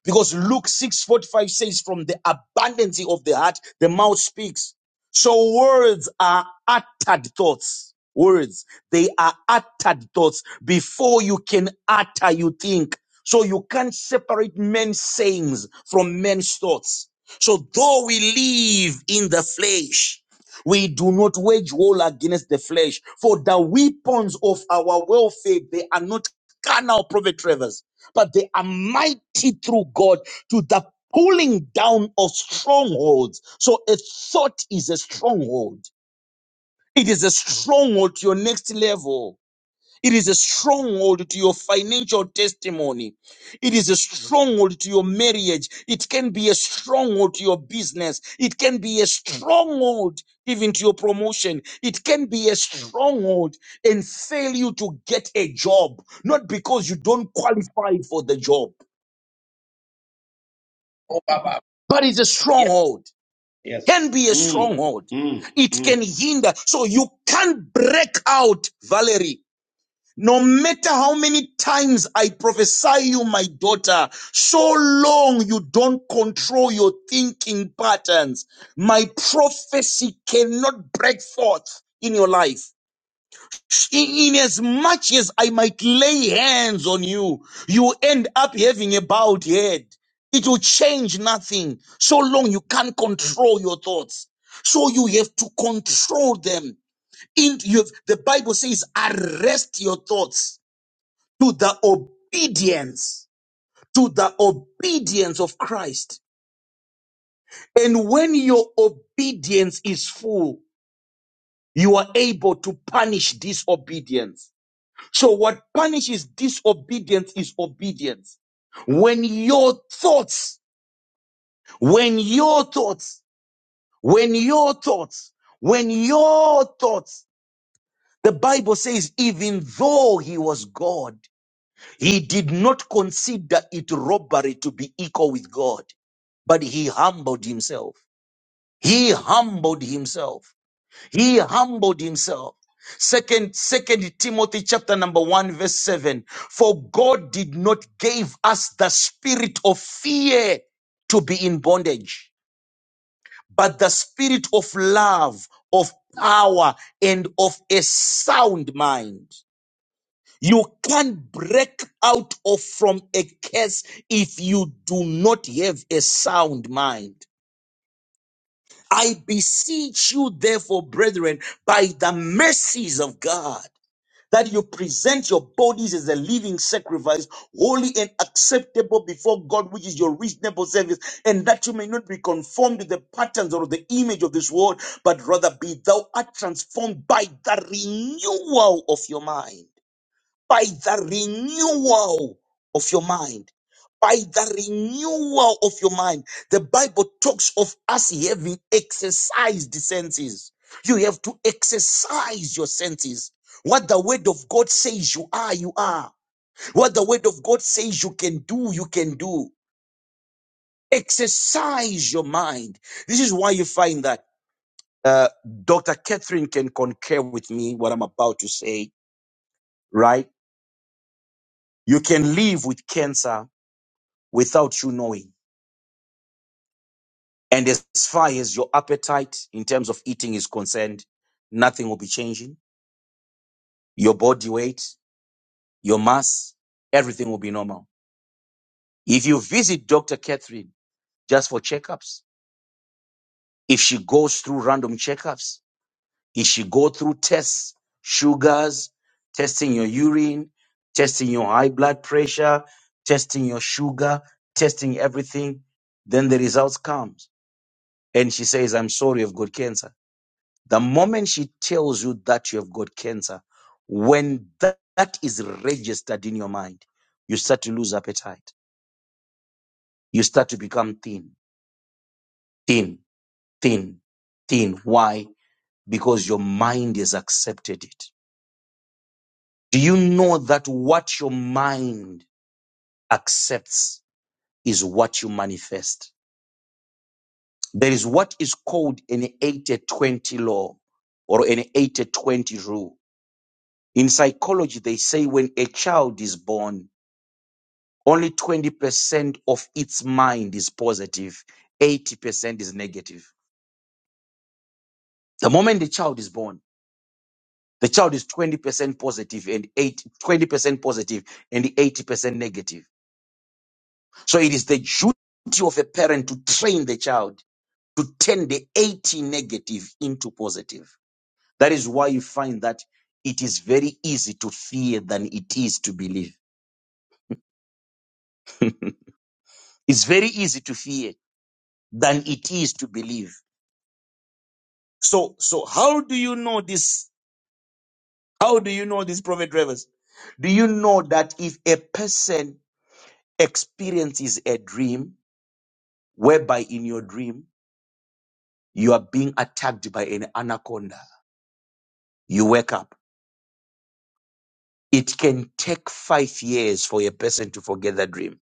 [SPEAKER 3] Because Luke 6:45 says, From the abundance of the heart, the mouth speaks. So words are uttered thoughts. Words, they are uttered thoughts. Before you can utter, you think. So you can't separate men's sayings from men's thoughts. So though we live in the flesh, we do not wage war against the flesh. For the weapons of our warfare they are not carnal, Prophet Travers but they are mighty through God to the pulling down of strongholds. So a thought is a stronghold. It is a stronghold to your next level. It is a stronghold to your financial testimony. It is a stronghold to your marriage. It can be a stronghold to your business. It can be a stronghold even to your promotion. It can be a stronghold and fail you to get a job, not because you don't qualify for the job.
[SPEAKER 1] Oh, Baba.
[SPEAKER 3] but it's a
[SPEAKER 1] Yes,
[SPEAKER 3] stronghold.
[SPEAKER 1] yes.
[SPEAKER 3] Can be a
[SPEAKER 1] Mm,
[SPEAKER 3] stronghold.
[SPEAKER 1] mm,
[SPEAKER 3] It
[SPEAKER 1] mm.
[SPEAKER 3] can hinder. So you can't break out, Valerie. No matter how many times I prophesy you, my daughter, so long you don't control your thinking patterns, my prophecy cannot break forth in your life. In, in as much as I might lay hands on you, you end up having a bowed head. It will change nothing so long you can't control your thoughts. So you have to control them. In, you have, the Bible says, arrest your thoughts to the obedience, to the obedience of Christ. And when your obedience is full, you are able to punish disobedience. So what punishes disobedience is obedience. When your thoughts, when your thoughts, when your thoughts, when your thoughts, the Bible says, even though he was God, he did not consider it robbery to be equal with God, but he humbled himself. He humbled himself. He humbled himself. Second, second Timothy chapter number one, verse seven. For God did not give us the spirit of fear to be in bondage, but the spirit of love, of power, and of a sound mind. You can't break out of from a curse if you do not have a sound mind. I beseech you, therefore, brethren, by the mercies of God that you present your bodies as a living sacrifice, holy and acceptable before God, which is your reasonable service, and that you may not be conformed to the patterns or the image of this world, but rather be thou art transformed by the renewal of your mind by the renewal of your mind. By the renewal of your mind. The Bible talks of us having exercised the senses. You have to exercise your senses. What the word of God says you are, you are. What the word of God says you can do, you can do. Exercise your mind. This is why you find that uh, Dr. Catherine can concur with me what I'm about to say, right? You can live with cancer without you knowing. And as far as your appetite in terms of eating is concerned, nothing will be changing. Your body weight, your mass, everything will be normal. If you visit Dr. Catherine just for checkups, if she goes through random checkups, if she go through tests, sugars, testing your urine, testing your high blood pressure, testing your sugar, testing everything, then the results comes. And she says, I'm sorry, I've got cancer The moment she tells you that you have got cancer, when that, that is registered in your mind, you start to lose appetite. You start to become thin, thin, thin, thin. Why? Because your mind has accepted it. Do you know that what your mind accepts is what you manifest? There is what is called an 80 20 law or an 80 20 rule. In psychology, they say when a child is born, Only 20% of its mind is 80% is negative. The moment the child is born, the child is 20% positive and 8, twenty percent positive and 80% negative. So it is the duty of a parent to train the child to turn the 80 negative into positive. That is why you find that it is very easy to fear than it is to believe. It's very easy to fear than it is to believe. So, so how do you know this How do you know this, Prophet Travers? Do you know that if a person experiences a dream whereby in your dream you are being attacked by an anaconda, you wake up. It can take five years for a person to forget that dream.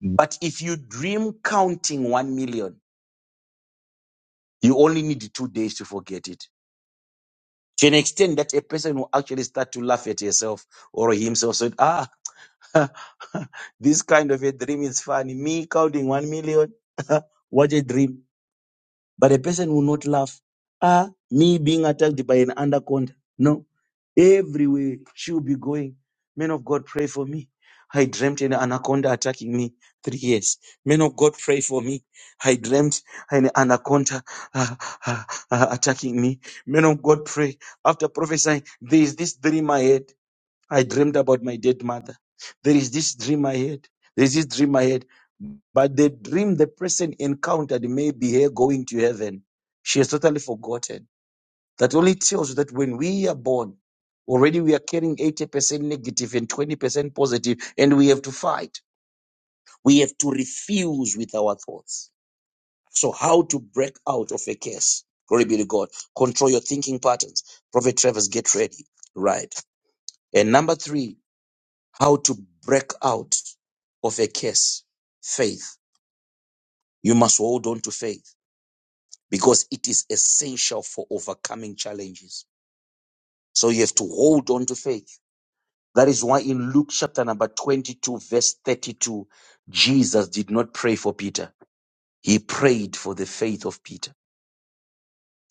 [SPEAKER 3] But if you dream counting one million, you only need two days to forget it. To an extent that a person will actually start to laugh at yourself or himself. this kind of a dream is funny. Me counting one million, what a dream. But a person will not laugh. Ah, me being attacked by an anaconda. No. Everywhere she will be going. Men of God, pray for me. I dreamt an anaconda attacking me three years. Men of God, pray for me. I dreamt an anaconda ah, ah, ah, attacking me. Men of God, pray. After prophesying, there is this dream I had. I dreamed about my dead mother. There is this dream I had. There's this dream I had. But the dream the person encountered may be her going to heaven. She has totally forgotten. That only tells you that when we are born, already we are carrying 80% negative and 20% positive, and we have to fight. We have to refuse with our thoughts. So, how to break out of a case? Glory be to God. Control your thinking patterns. Prophet Travers, get ready. Right. And number three how to break out of a curse. Faith. You must hold on to faith because it is essential for overcoming challenges. So you have to hold on to faith. That is why in Luke chapter number 22, verse 32, Jesus did not pray for Peter. He prayed for the faith of Peter.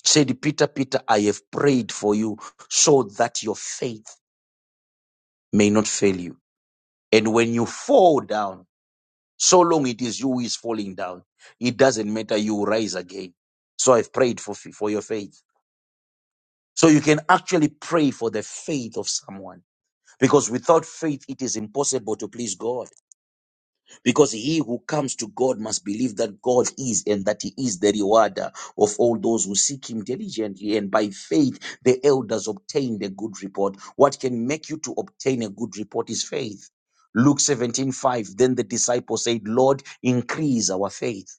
[SPEAKER 3] Said, Peter, Peter, I have prayed for you so that your faith may not fail you. And when you fall down, So long it is you who is falling down. It doesn't matter. You will rise again. So I've prayed for, for your faith. So you can actually pray for the faith of someone because without faith, it is impossible to please God because he who comes to God must believe that God is and that he is the rewarder of all those who seek him diligently. And by faith, the elders obtained a good report. What can make you to obtain a good report is faith. Luke 17 5. Then the disciples said, Lord, increase our faith.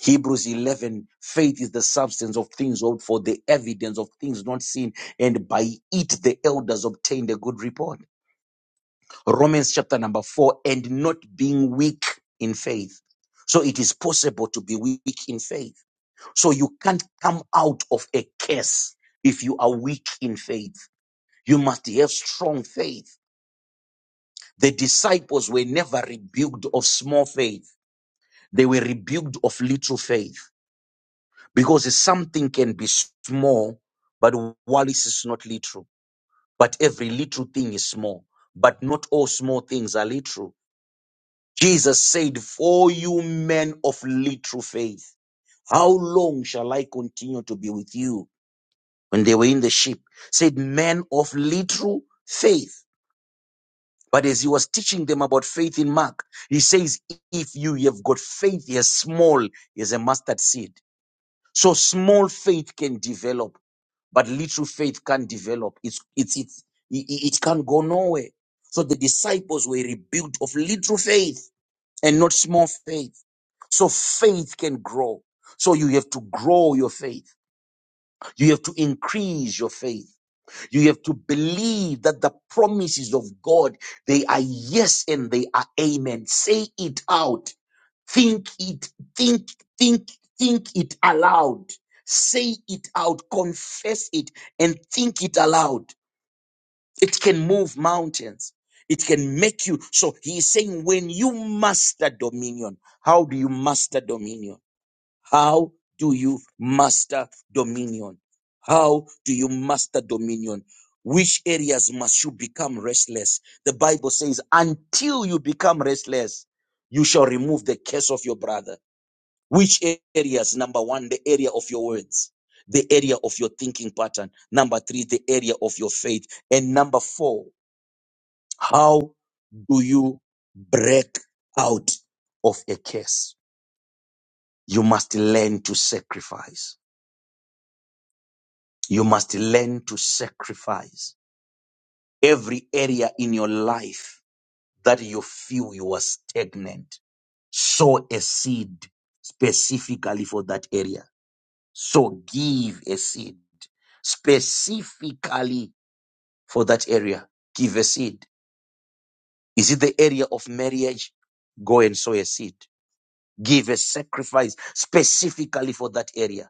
[SPEAKER 3] Hebrews 11, faith is the substance of things hoped for, the evidence of things not seen, and by it the elders obtained a good report. Romans chapter number 4, and not being weak in faith. So it is possible to be weak in faith. So you can't come out of a curse if you are weak in faith. You must have strong faith. The disciples were never rebuked of small faith. They were rebuked of little faith. because something can be small, but Wallis is not literal. But every little thing is small, but not all small things are literal. Jesus said, For you men of little faith, how long shall I continue to be with you? When they were in the ship, said, Men of little faith. But as he was teaching them about faith in Mark, he says, If you have got faith as small as a mustard seed, so small faith can develop but little faith can't develop. It's, it's, it's, it, it can go nowhere. So the disciples were rebuilt of little faith and not small faith. So faith can grow. So you have to grow your faith. You have to increase your faith. You have to believe that the promises of God, they are yes and they are amen. Say it out. Think it, think, think, think it aloud. Say it out, confess it, and think it aloud. It can move mountains. It can make you. So he is saying, when you master dominion, how do you master dominion? How do you master dominion? How do you master dominion? Which areas must you become restless? The Bible says, until you become restless, you shall remove the curse of your brother which areas? Number one, the area of your words. The area of your thinking pattern. Number three, the area of your faith. And number four, how do you break out of a curse? You must learn to sacrifice. You must learn to sacrifice every area in your life that you feel you are stagnant. Sow a seed specifically for that area So give a seed specifically for that area. Give a seed. Is it the area of marriage? Go and sow a seed. Give a sacrifice specifically for that area.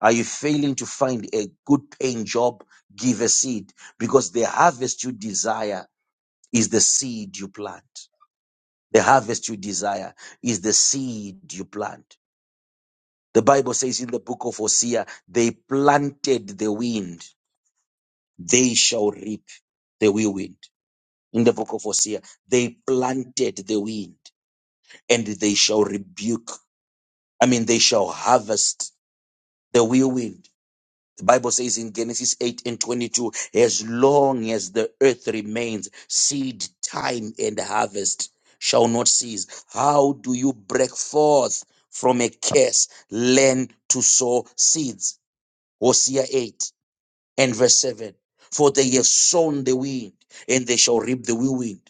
[SPEAKER 3] Are you failing to find a good paying job? Give a seed because the harvest you desire is the seed you plant. The harvest you desire is the seed you plant. The Bible says in the book of Hosea, they planted the wind They shall reap the whirlwind. In the book of Hosea, they planted the wind and they shall rebuke. I mean, they shall harvest the whirlwind. The Bible says in Genesis 8 and 22, as long as the earth remains, seed time and harvest shall not cease. How do you break forth from a curse? Learn to sow seeds. Hosea 8. and verse 7 for they have sown the wind and they shall reap the whirlwind.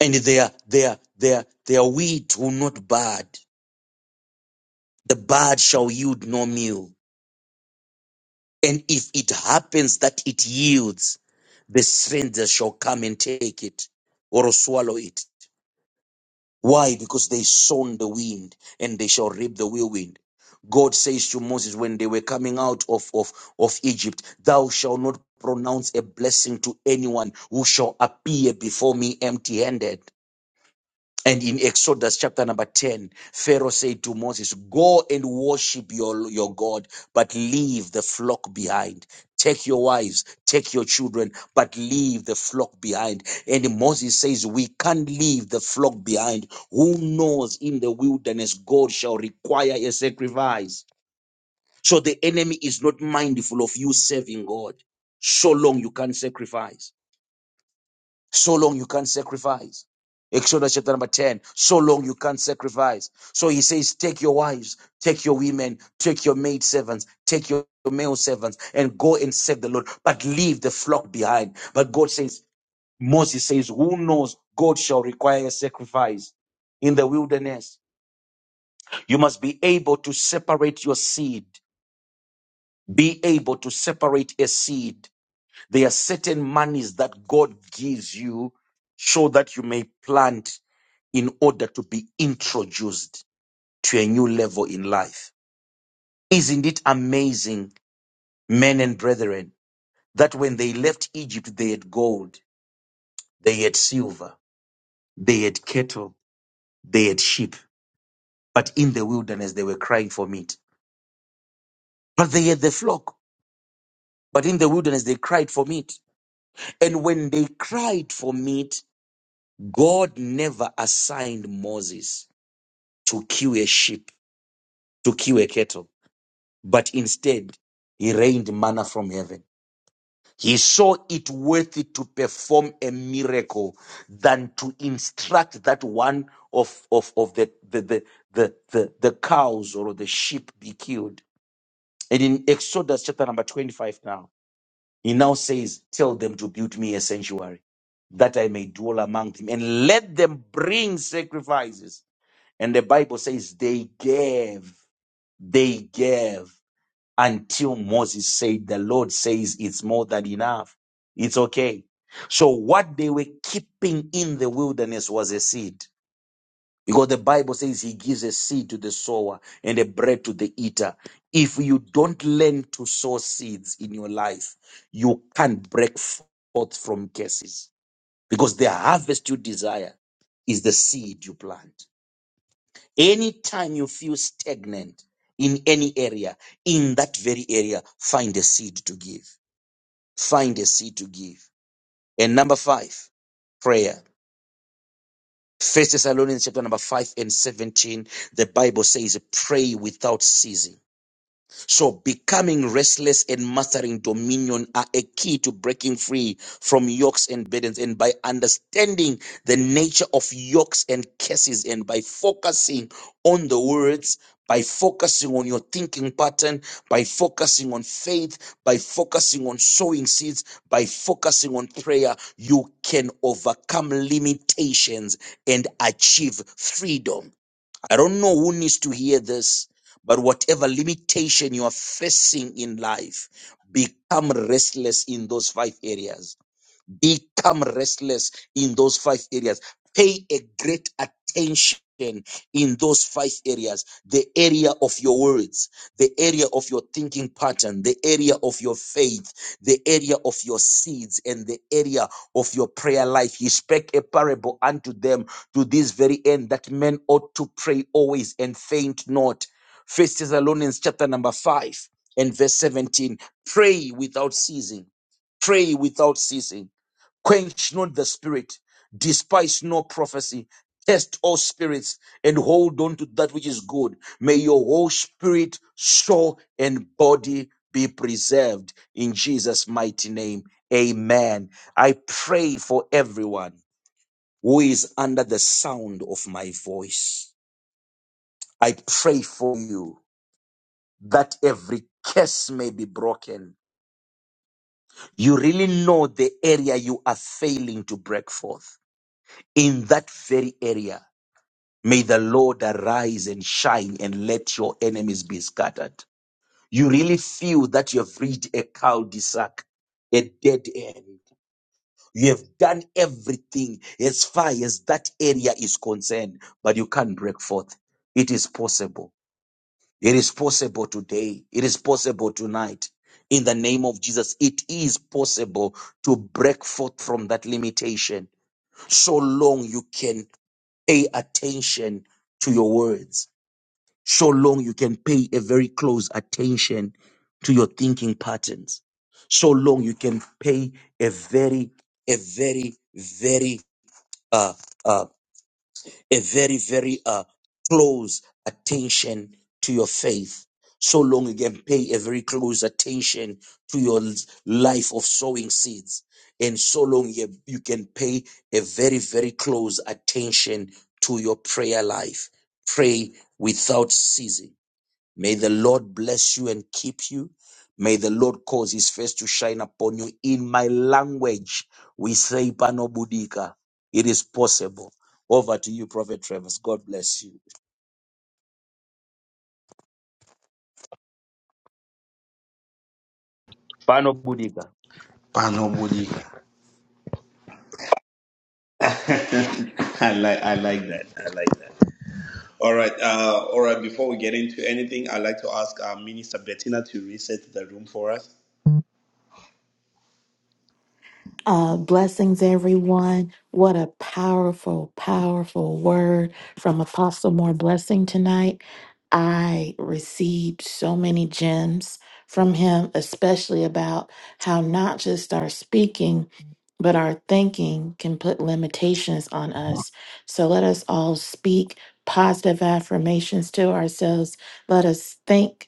[SPEAKER 3] and their their their their wheat will not bud the bud shall yield no meal and if it happens that it yields the stranger shall come and take it or swallow it Why? Because they sown the wind and they shall reap the whirlwind. God says to Moses when they were coming out of, of, of Egypt, Thou shalt not pronounce a blessing to anyone who shall appear before me empty handed. And in Exodus chapter number 10, Pharaoh said to Moses, Go and worship your, your God, but leave the flock behind. Take your wives, take your children, but leave the flock behind. And Moses says, We can't leave the flock behind. Who knows in the wilderness God shall require a sacrifice? So the enemy is not mindful of you serving God so long you can't sacrifice. So long you can't sacrifice. Exodus chapter number 10. So long you can't sacrifice. So he says, take your wives, take your women, take your maid servants, take your male servants and go and serve the Lord, but leave the flock behind. But God says, Moses says, who knows God shall require a sacrifice in the wilderness. You must be able to separate your seed. Be able to separate a seed there are certain monies that God gives you so that you may plant in order to be introduced to a new level in life. Isn't it amazing, men and brethren, that when they left Egypt, they had gold, they had silver, they had cattle, they had sheep, but in the wilderness, they were crying for meat. But they had the flock, but in the wilderness, they cried for meat. And when they cried for meat, God never assigned Moses. to kill a sheep, to kill a cattle, but instead he rained manna from heaven. He saw it worthy to perform a miracle than to instruct that one of, of, of the, the, the, the, the, the cows or the sheep be killed. And in Exodus chapter number 25 now, he now says, Tell them to build me a sanctuary that I may dwell among them and let them bring sacrifices. And the Bible says they gave. They gave until Moses said, The Lord says it's more than enough. It's okay. So, what they were keeping in the wilderness was a seed. Because the Bible says he gives a seed to the sower and a bread to the eater. If you don't learn to sow seeds in your life, you can't break forth from curses. Because the harvest you desire is the seed you plant. Anytime you feel stagnant in any area, in that very area, find a seed to give. Find a seed to give. And number five, prayer. First Thessalonians chapter number five and seventeen, the Bible says, pray without ceasing. So becoming restless and mastering dominion are a key to breaking free from yokes and burdens. And by understanding the nature of yokes and curses and by focusing on the words, by focusing on your thinking pattern, by focusing on faith, by focusing on sowing seeds, by focusing on prayer, you can overcome limitations and achieve freedom. I don't know who needs to hear this, but whatever limitation you are facing in life, become restless in those five areas become restless in those five areas. Pay a great attention in those five areas the area of your words, the area of your thinking pattern, the area of your faith, the area of your seeds, and the area of your prayer life. He spake a parable unto them to this very end that men ought to pray always and faint not. First Thessalonians chapter number five and verse 17. Pray without ceasing. Pray without ceasing quench not the spirit, despise no prophecy, test all spirits, and hold on to that which is good. May your whole spirit, soul, and body be preserved in Jesus' mighty name. Amen. I pray for everyone who is under the sound of my voice. I pray for you that every curse may be broken. You really know the area you are failing to break forth in that very area. May the Lord arise and shine and let your enemies be scattered. You really feel that you have reached a cul-de-sac, a dead end. You have done everything as far as that area is concerned, but you can't break forth. It is possible. It is possible today. It is possible tonight. In the name of Jesus, it is possible to break forth from that limitation so long you can pay attention to your words so long you can pay a very close attention to your thinking patterns so long you can pay a very a very very uh, uh a very very uh close attention to your faith so long you can pay a very close attention to your l- life of sowing seeds and so long you, you can pay a very very close attention to your prayer life pray without ceasing May the Lord bless you and keep you. May the Lord cause his face to shine upon you. In my language, we say Panobudika. It is possible. Over to you, Prophet Travis. God bless you. Panobudika.
[SPEAKER 1] Panobody. I like I like that. I like that. All right. Uh, all right. Before we get into anything, I'd like to ask uh, Minister Bettina to reset the room for us.
[SPEAKER 5] Uh, blessings, everyone. What a powerful, powerful word from Apostle More Blessing tonight. I received so many gems from him, especially about how not just our speaking, but our thinking can put limitations on us. So let us all speak positive affirmations to ourselves. Let us think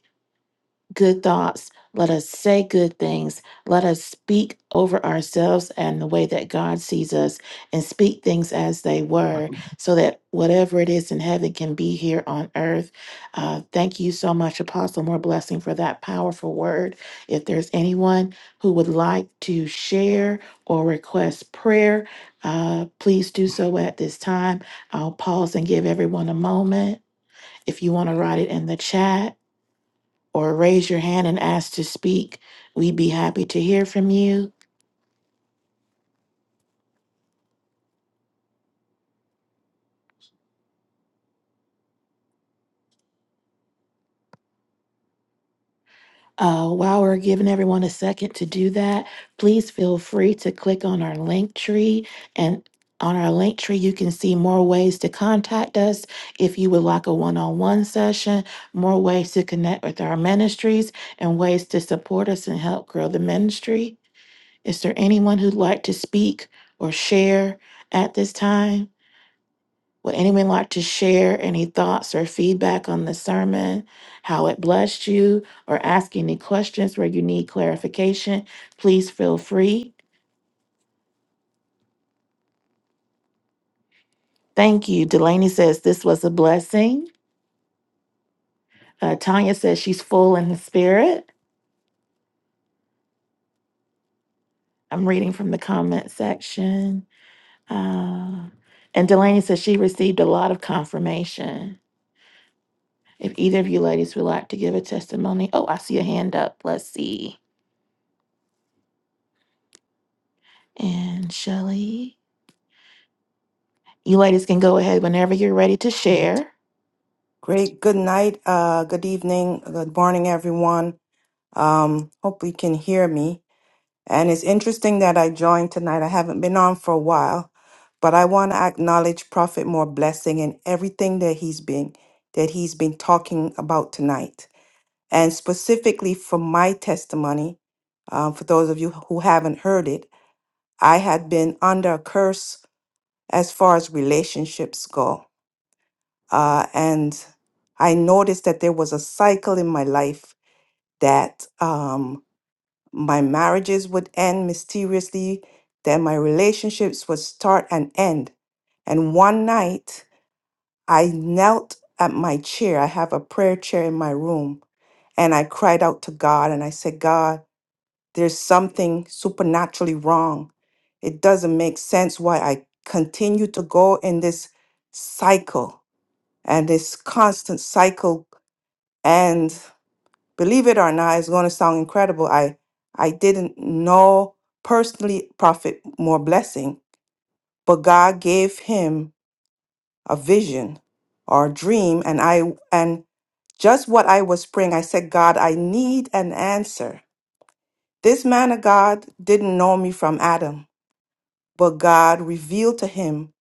[SPEAKER 5] good thoughts. Let us say good things. Let us speak over ourselves and the way that God sees us and speak things as they were so that whatever it is in heaven can be here on earth. Uh, thank you so much, Apostle. More blessing for that powerful word. If there's anyone who would like to share or request prayer, uh, please do so at this time. I'll pause and give everyone a moment. If you want to write it in the chat, or raise your hand and ask to speak. We'd be happy to hear from you. Uh, while we're giving everyone a second to do that, please feel free to click on our link tree. And on our link tree, you can see more ways to contact us if you would like a one on one session, more ways to connect with our ministries, and ways to support us and help grow the ministry. Is there anyone who'd like to speak or share at this time? Would anyone like to share any thoughts or feedback on the sermon, how it blessed you, or ask any questions where you need clarification? Please feel free. Thank you. Delaney says this was a blessing. Uh, Tanya says she's full in the spirit. I'm reading from the comment section. Uh, and Delaney says she received a lot of confirmation. If either of you ladies would like to give a testimony, oh, I see a hand up. Let's see. And Shelly. You ladies can go ahead whenever you're ready to share.
[SPEAKER 6] Great. Good night. Uh, good evening. Good morning, everyone. Um, hope you can hear me. And it's interesting that I joined tonight. I haven't been on for a while, but I want to acknowledge Prophet More Blessing and everything that he's been that he's been talking about tonight. And specifically for my testimony, um, for those of you who haven't heard it, I had been under a curse as far as relationships go uh, and I noticed that there was a cycle in my life that um, my marriages would end mysteriously, then my relationships would start and end. And one night, I knelt at my chair. I have a prayer chair in my room. And I cried out to God and I said, God, there's something supernaturally wrong. It doesn't make sense why I continue to go in this cycle and this constant cycle and believe it or not, it's going to sound incredible. I I didn't know personally Prophet more blessing, but God gave him a vision or a dream, and I and just what I was praying, I said, God, I need an answer. This man of God didn't know me from Adam, but God revealed to him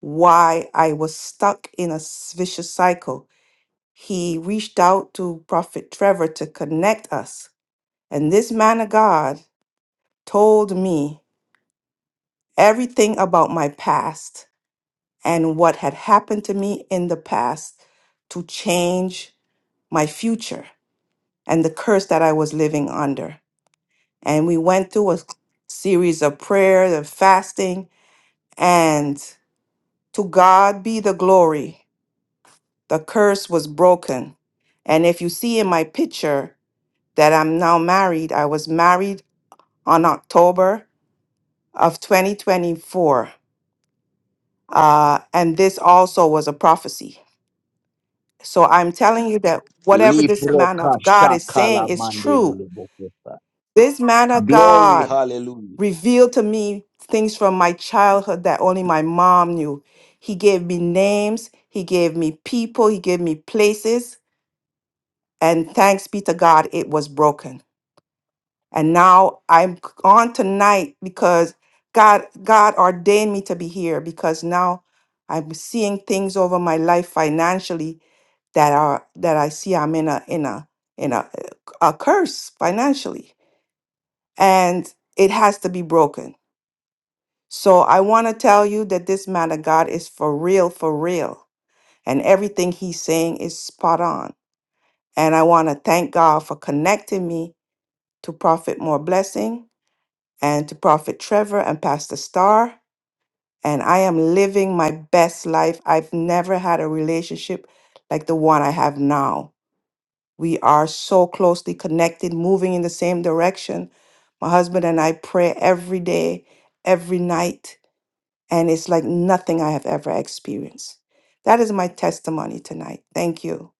[SPEAKER 6] why I was stuck in a s- vicious cycle. He reached out to Prophet Trevor to connect us And this man of God told me everything about my past and what had happened to me in the past to change my future and the curse that I was living under. And we went through a series of prayer and fasting, and to God be the glory. The curse was broken. And if you see in my picture that I'm now married, I was married on October of 2024 Uh, and this also was a prophecy. So I'm telling you that whatever this man
[SPEAKER 3] Liproka
[SPEAKER 6] of God is saying
[SPEAKER 3] shakala
[SPEAKER 6] is
[SPEAKER 3] mandele
[SPEAKER 6] true.
[SPEAKER 3] lebokosa.
[SPEAKER 6] This man of
[SPEAKER 3] Glory,
[SPEAKER 6] God
[SPEAKER 3] hallelujah.
[SPEAKER 6] revealed to me things from my childhood that only my mom knew. He gave me names, he gave me people, he gave me places. And thanks be to God, it was broken. And now I'm on tonight because God God ordained me to be here because now I'm seeing things over my life financially that are that I see I'm in a in a in a, uh, a curse financially and it has to be broken. So I want to tell you that this man of God is for real for real and everything he's saying is spot on. And I want to thank God for connecting me to Prophet More Blessing and to Prophet Trevor and Pastor Starr. And I am living my best life. I've never had a relationship like the one I have now We are so closely connected, moving in the same direction. My husband and I pray every day, every night, and it's like nothing I have ever experienced. That is my testimony tonight. Thank you.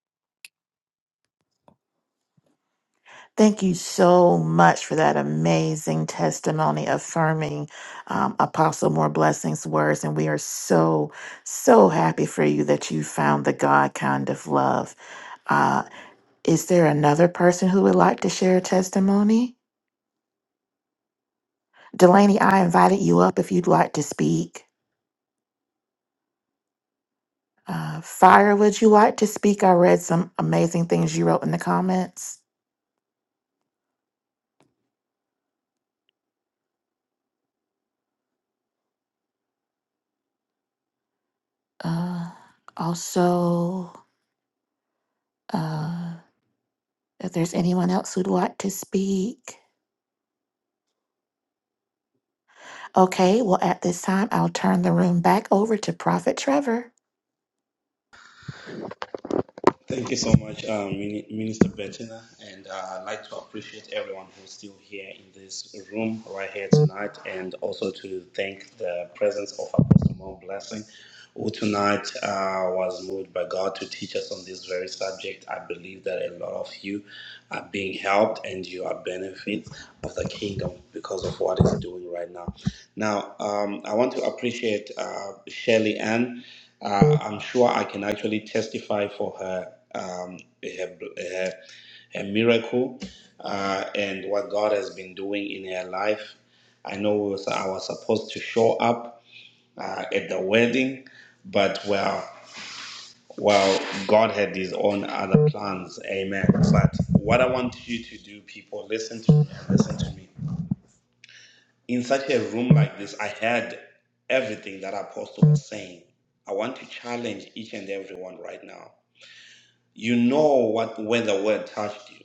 [SPEAKER 5] Thank you so much for that amazing testimony affirming um, Apostle More Blessings words. And we are so, so happy for you that you found the God kind of love. Uh, is there another person who would like to share a testimony? Delaney, I invited you up if you'd like to speak. Uh, Fire, would you like to speak? I read some amazing things you wrote in the comments. Uh, also, uh, If there's anyone else who'd like to speak. Okay, well, at this time, I'll turn the room back over to Prophet Trevor.
[SPEAKER 1] Thank you so much, um, Mini- Minister Bettina, and uh, I'd like to appreciate everyone who's still here in this room right here tonight, and also to thank the presence of Apostle Mount Blessing, who tonight uh, was moved by God to teach us on this very subject. I believe that a lot of you are being helped and you are benefit of the kingdom because of what it's doing right now. Now, um, I want to appreciate uh, Shelly Ann. Uh, I'm sure I can actually testify for her, um, her, her, her miracle uh, and what God has been doing in her life. I know we was, I was supposed to show up uh, at the wedding, but well, well, God had His own other plans. Amen. But what I want you to do, people, listen to me. Listen to me. In such a room like this, I heard everything that Apostle was saying. I want to challenge each and everyone right now You know what when the word touched you.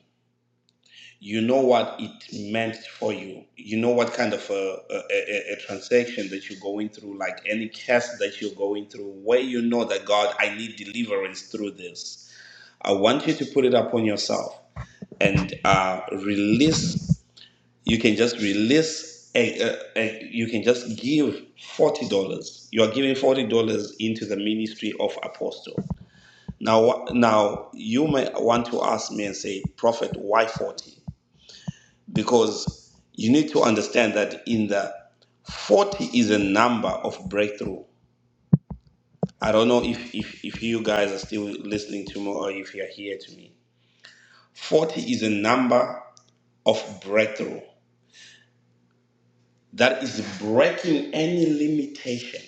[SPEAKER 1] You know what it meant for you. You know what kind of a, a, a, a transaction that you're going through, like any cast that you're going through, where you know that God, I need deliverance through this. I want you to put it upon yourself and uh, release. You can just release. A, a, a, you can just give forty dollars. You are giving forty dollars into the ministry of apostle now, now you may want to ask me and say, Prophet, why 40? Because you need to understand that in the 40 is a number of breakthrough. I don't know if, if, if you guys are still listening to me or if you're here to me. 40 is a number of breakthrough that is breaking any limitation,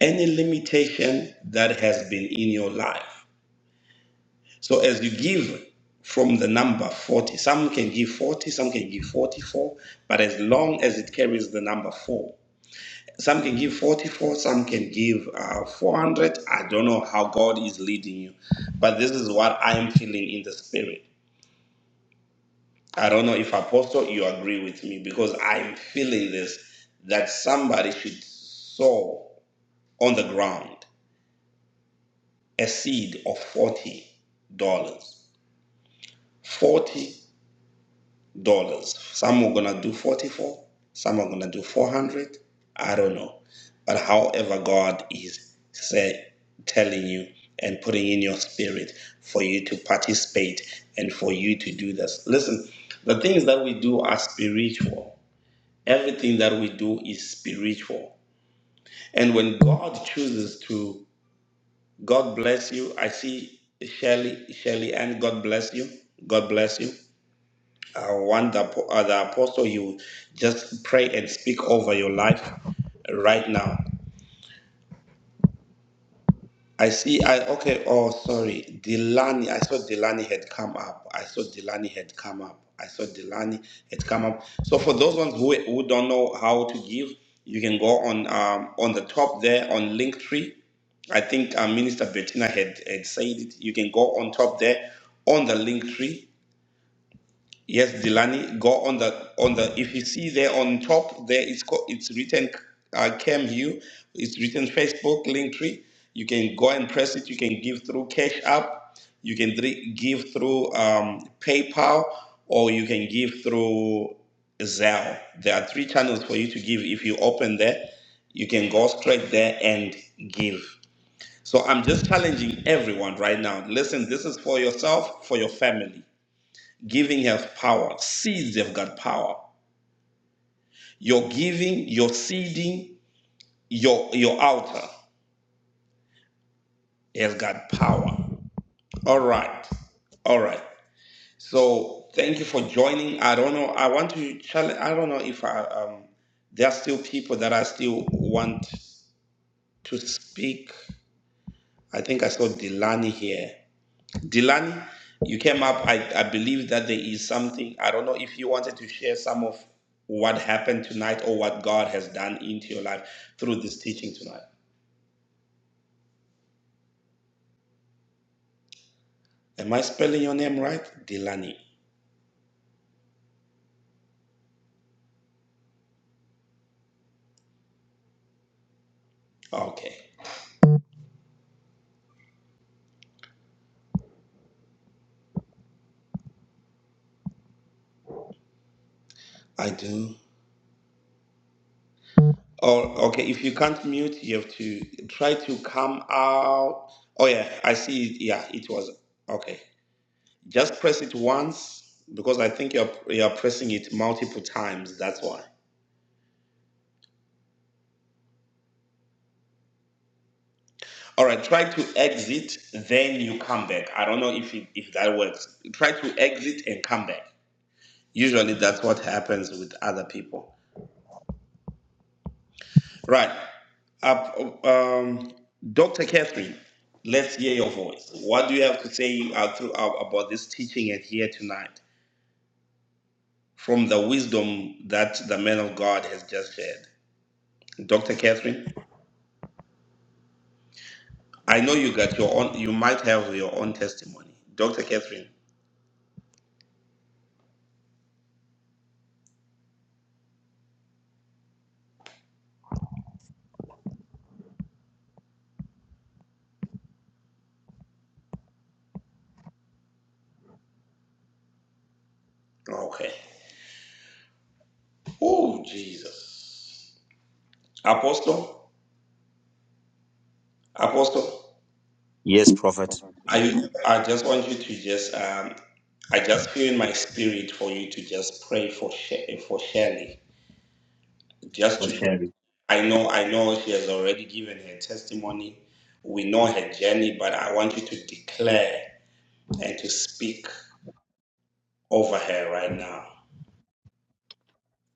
[SPEAKER 1] any limitation that has been in your life. So as you give from the number 40, some can give 40, some can give 44, but as long as it carries the number 4, some can give 44, some can give uh, 400. I don't know how God is leading you, but this is what I am feeling in the spirit. I don't know if Apostle, you agree with me because I am feeling this that somebody should sow on the ground a seed of $40. dollars. $40 dollars. Some are gonna do 44, some are gonna do 400. I don't know. But however, God is say, telling you and putting in your spirit for you to participate and for you to do this. Listen, the things that we do are spiritual. Everything that we do is spiritual. And when God chooses to, God bless you. I see Shelly, Shelly, and God bless you. God bless you. I want the, apo- uh, the apostle you just pray and speak over your life right now. I see, I okay, oh, sorry, Delani. I saw Delani had come up. I saw Delani had come up. I saw Delani had come up. So, for those ones who, who don't know how to give, you can go on um, on the top there on Linktree. I think uh, Minister Bettina had, had said it. You can go on top there on the Linktree Yes, Delani, go on the on the. If you see there on top, there it's co- it's written uh, Cam It's written Facebook link tree. You can go and press it. You can give through Cash App. You can dri- give through um, PayPal, or you can give through Zelle. There are three channels for you to give. If you open there, you can go straight there and give. So I'm just challenging everyone right now. Listen, this is for yourself, for your family. Giving has power. Seeds have got power. Your giving, your seeding, your your altar has got power. All right. All right. So thank you for joining. I don't know. I want to challenge. I don't know if I um there are still people that I still want to speak. I think I saw Delani here. Dilani, you came up. I, I believe that there is something. I don't know if you wanted to share some of what happened tonight or what God has done into your life through this teaching tonight. Am I spelling your name right? Dilani? Okay. I do. Oh, okay. If you can't mute, you have to try to come out. Oh, yeah. I see. it. Yeah, it was. Okay. Just press it once because I think you're, you're pressing it multiple times. That's why. All right, try to exit, then you come back. I don't know if it, if that works. Try to exit and come back. Usually, that's what happens with other people. Right, Up, um, Dr. Catherine, let's hear your voice. What do you have to say uh, throughout about this teaching and here tonight from the wisdom that the man of God has just shared? Dr. Catherine, I know you got your own. You might have your own testimony, Dr. Catherine. Okay. Oh Jesus. Apostle, Apostle,
[SPEAKER 3] Yes, Prophet.
[SPEAKER 1] I I just want you to just um I just feel in my spirit for you to just pray for She- for Shirley. Just
[SPEAKER 3] For
[SPEAKER 1] to
[SPEAKER 3] sharing.
[SPEAKER 1] I know I know she has already given her testimony. We know her journey, but I want you to declare and to speak over her right now.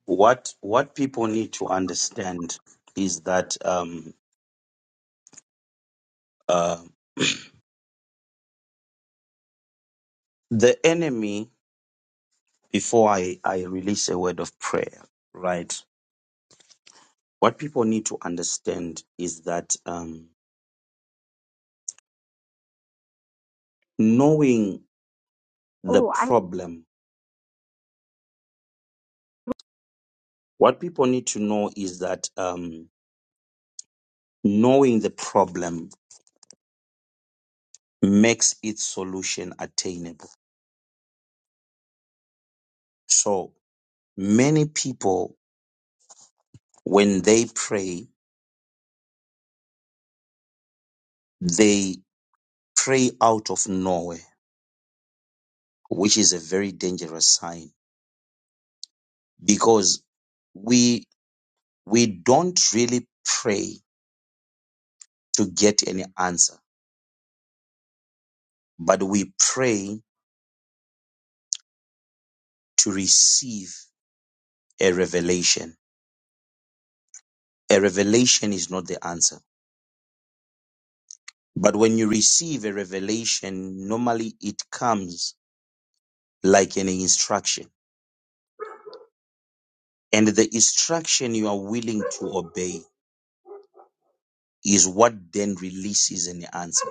[SPEAKER 3] What what people need to understand is that um uh the enemy before I, I release a word of prayer, right? What people need to understand is that um, knowing the
[SPEAKER 7] Oh, I
[SPEAKER 3] problem, what people need to know is that um, knowing the problem makes its solution attainable. So many people, when they pray, they pray out of nowhere, which is a very dangerous sign because we, we don't really pray to get any answer, but we pray to receive a revelation. A revelation is not the answer. But when you receive a revelation, normally it comes like an instruction. And the instruction you are willing to obey is what then releases an answer.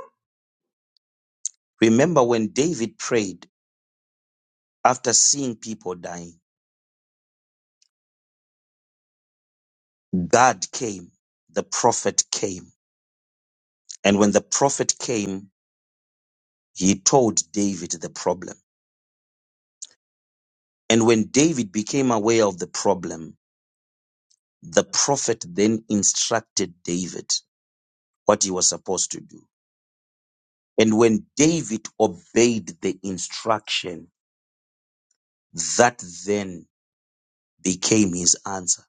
[SPEAKER 3] Remember when David prayed after seeing people dying, God came, the prophet came. And when the prophet came, he told David the problem. And when David became aware of the problem, the prophet then instructed David what he was supposed to do. And when David obeyed the instruction, that then became his answer.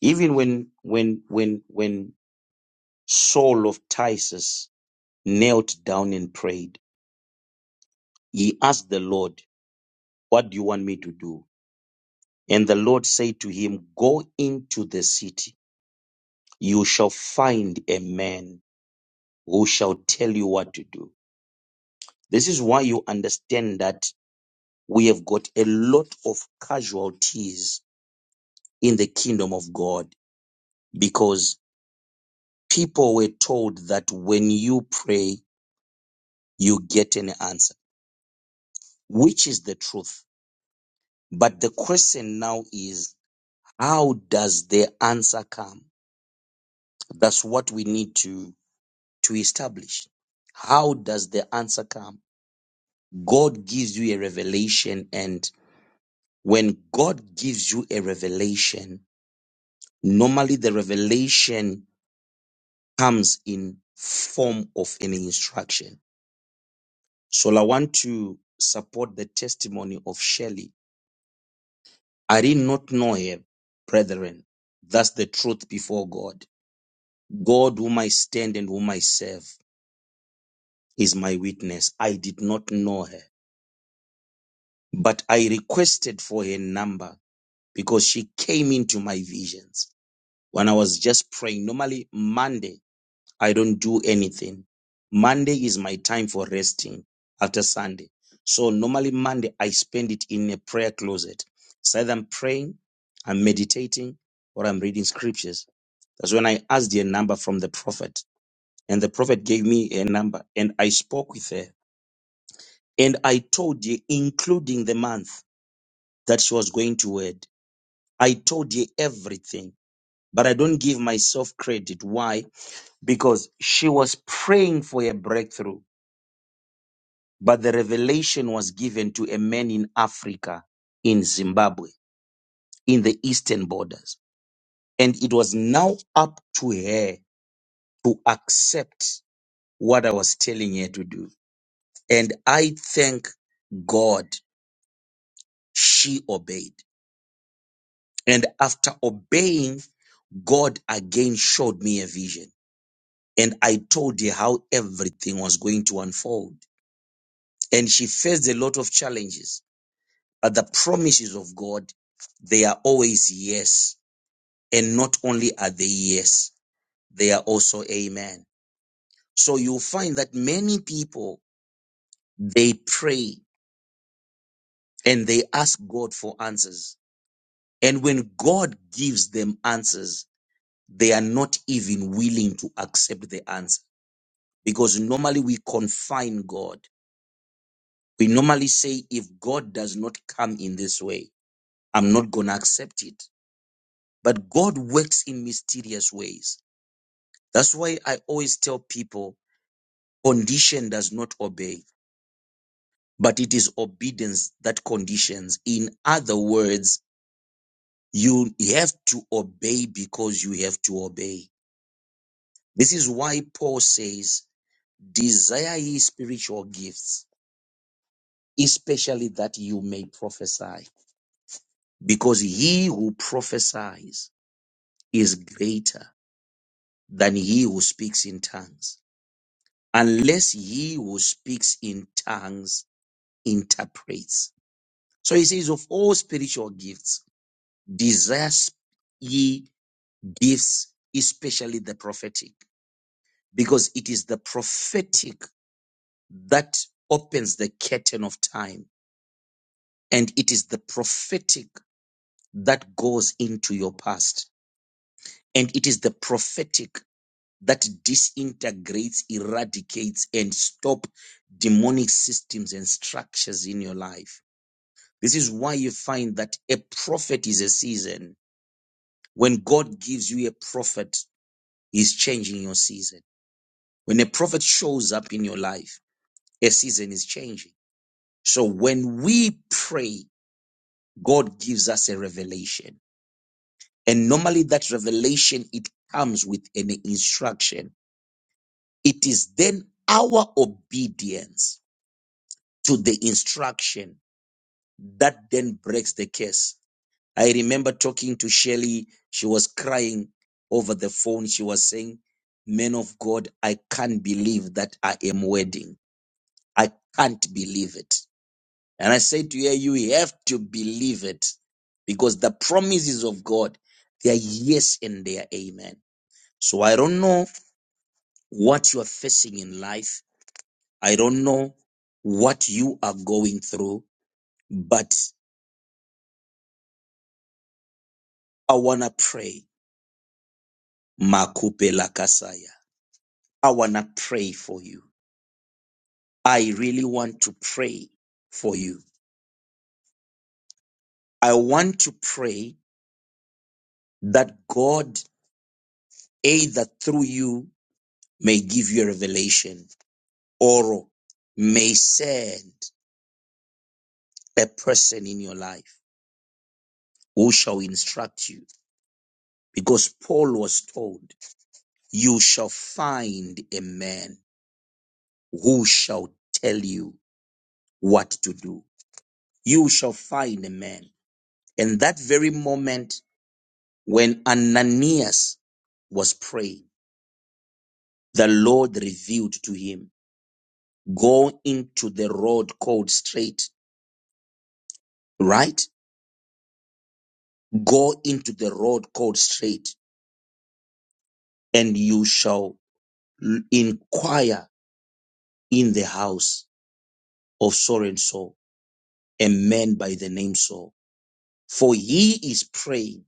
[SPEAKER 3] Even when, when, when, when Saul of Tarsus knelt down and prayed, he asked the Lord, what do you want me to do? And the Lord said to him, go into the city. You shall find a man who shall tell you what to do. This is why you understand that we have got a lot of casualties in the kingdom of God because people were told that when you pray, you get an answer, which is the truth. But the question now is, how does the answer come? That's what we need to, to establish. How does the answer come? God gives you a revelation and. when God gives you a revelation, normally the revelation comes in form of an instruction. So I want to support the testimony of Shelley. I did not know her, brethren. That's the truth before God. God, whom I stand and whom I serve, is my witness. I did not know her, but I requested for her number because she came into my visions when I was just praying. Normally, Monday, I don't do anything. Monday is my time for resting after Sunday. So normally Monday I spend it in a prayer closet. It's either I'm praying, I'm meditating, or I'm reading scriptures. That's when I asked a number from the prophet. And the prophet gave me a number and I spoke with her. And I told her, including the month that she was going to wed. I told her everything. But I don't give myself credit. Why? Because she was praying for a breakthrough but the revelation was given to a man in Africa, in Zimbabwe, in the eastern borders. And it was now up to her to accept what I was telling her to do. And I thank God she obeyed. And after obeying, God again showed me a vision. And I told her how everything was going to unfold. And she faced a lot of challenges But the promises of God, they are always yes. And not only are they yes, they are also amen. So you'll find that many people, they pray and they ask God for answers. And when God gives them answers, they are not even willing to accept the answer because normally we confine God. We normally say, if God does not come in this way, I'm not going to accept it. But God works in mysterious ways That's why I always tell people condition does not obey, but it is obedience that conditions. In other words, you have to obey because you have to obey. This is why Paul says, desire ye spiritual gifts, especially that you may prophesy, because he who prophesies is greater than he who speaks in tongues, unless he who speaks in tongues interprets So he says, of all spiritual gifts, desire ye gifts, especially the prophetic, because it is the prophetic that opens the curtain of time. And it is the prophetic that goes into your past. And it is the prophetic that disintegrates, eradicates, and stop demonic systems and structures in your life. This is why you find that a prophet is a season When God gives you a prophet, He's changing your season. When a prophet shows up in your life, a season is changing. So when we pray, God gives us a revelation. And normally that revelation, it comes with an instruction. It is then our obedience to the instruction that then breaks the curse. I remember talking to Shelly. She was crying over the phone. She was saying, Men of God, I can't believe that I am wedding. I can't believe it. And I said to her, You have to believe it because the promises of God, they are yes and they are amen. So I don't know what you are facing in life. I don't know what you are going through, but I want to pray. Makupe lakasaya. I want to pray for you. I really want to pray for you. I want to pray that God, either through you, may give you a revelation or may send a person in your life who shall instruct you. Because Paul was told, You shall find a man who shall tell you what to do. You shall find a man. And that very moment When Ananias was praying, the Lord revealed to him, go into the road called straight, right? Go into the road called straight and you shall inquire in the house of so and so, a man by the name Saul. For he is praying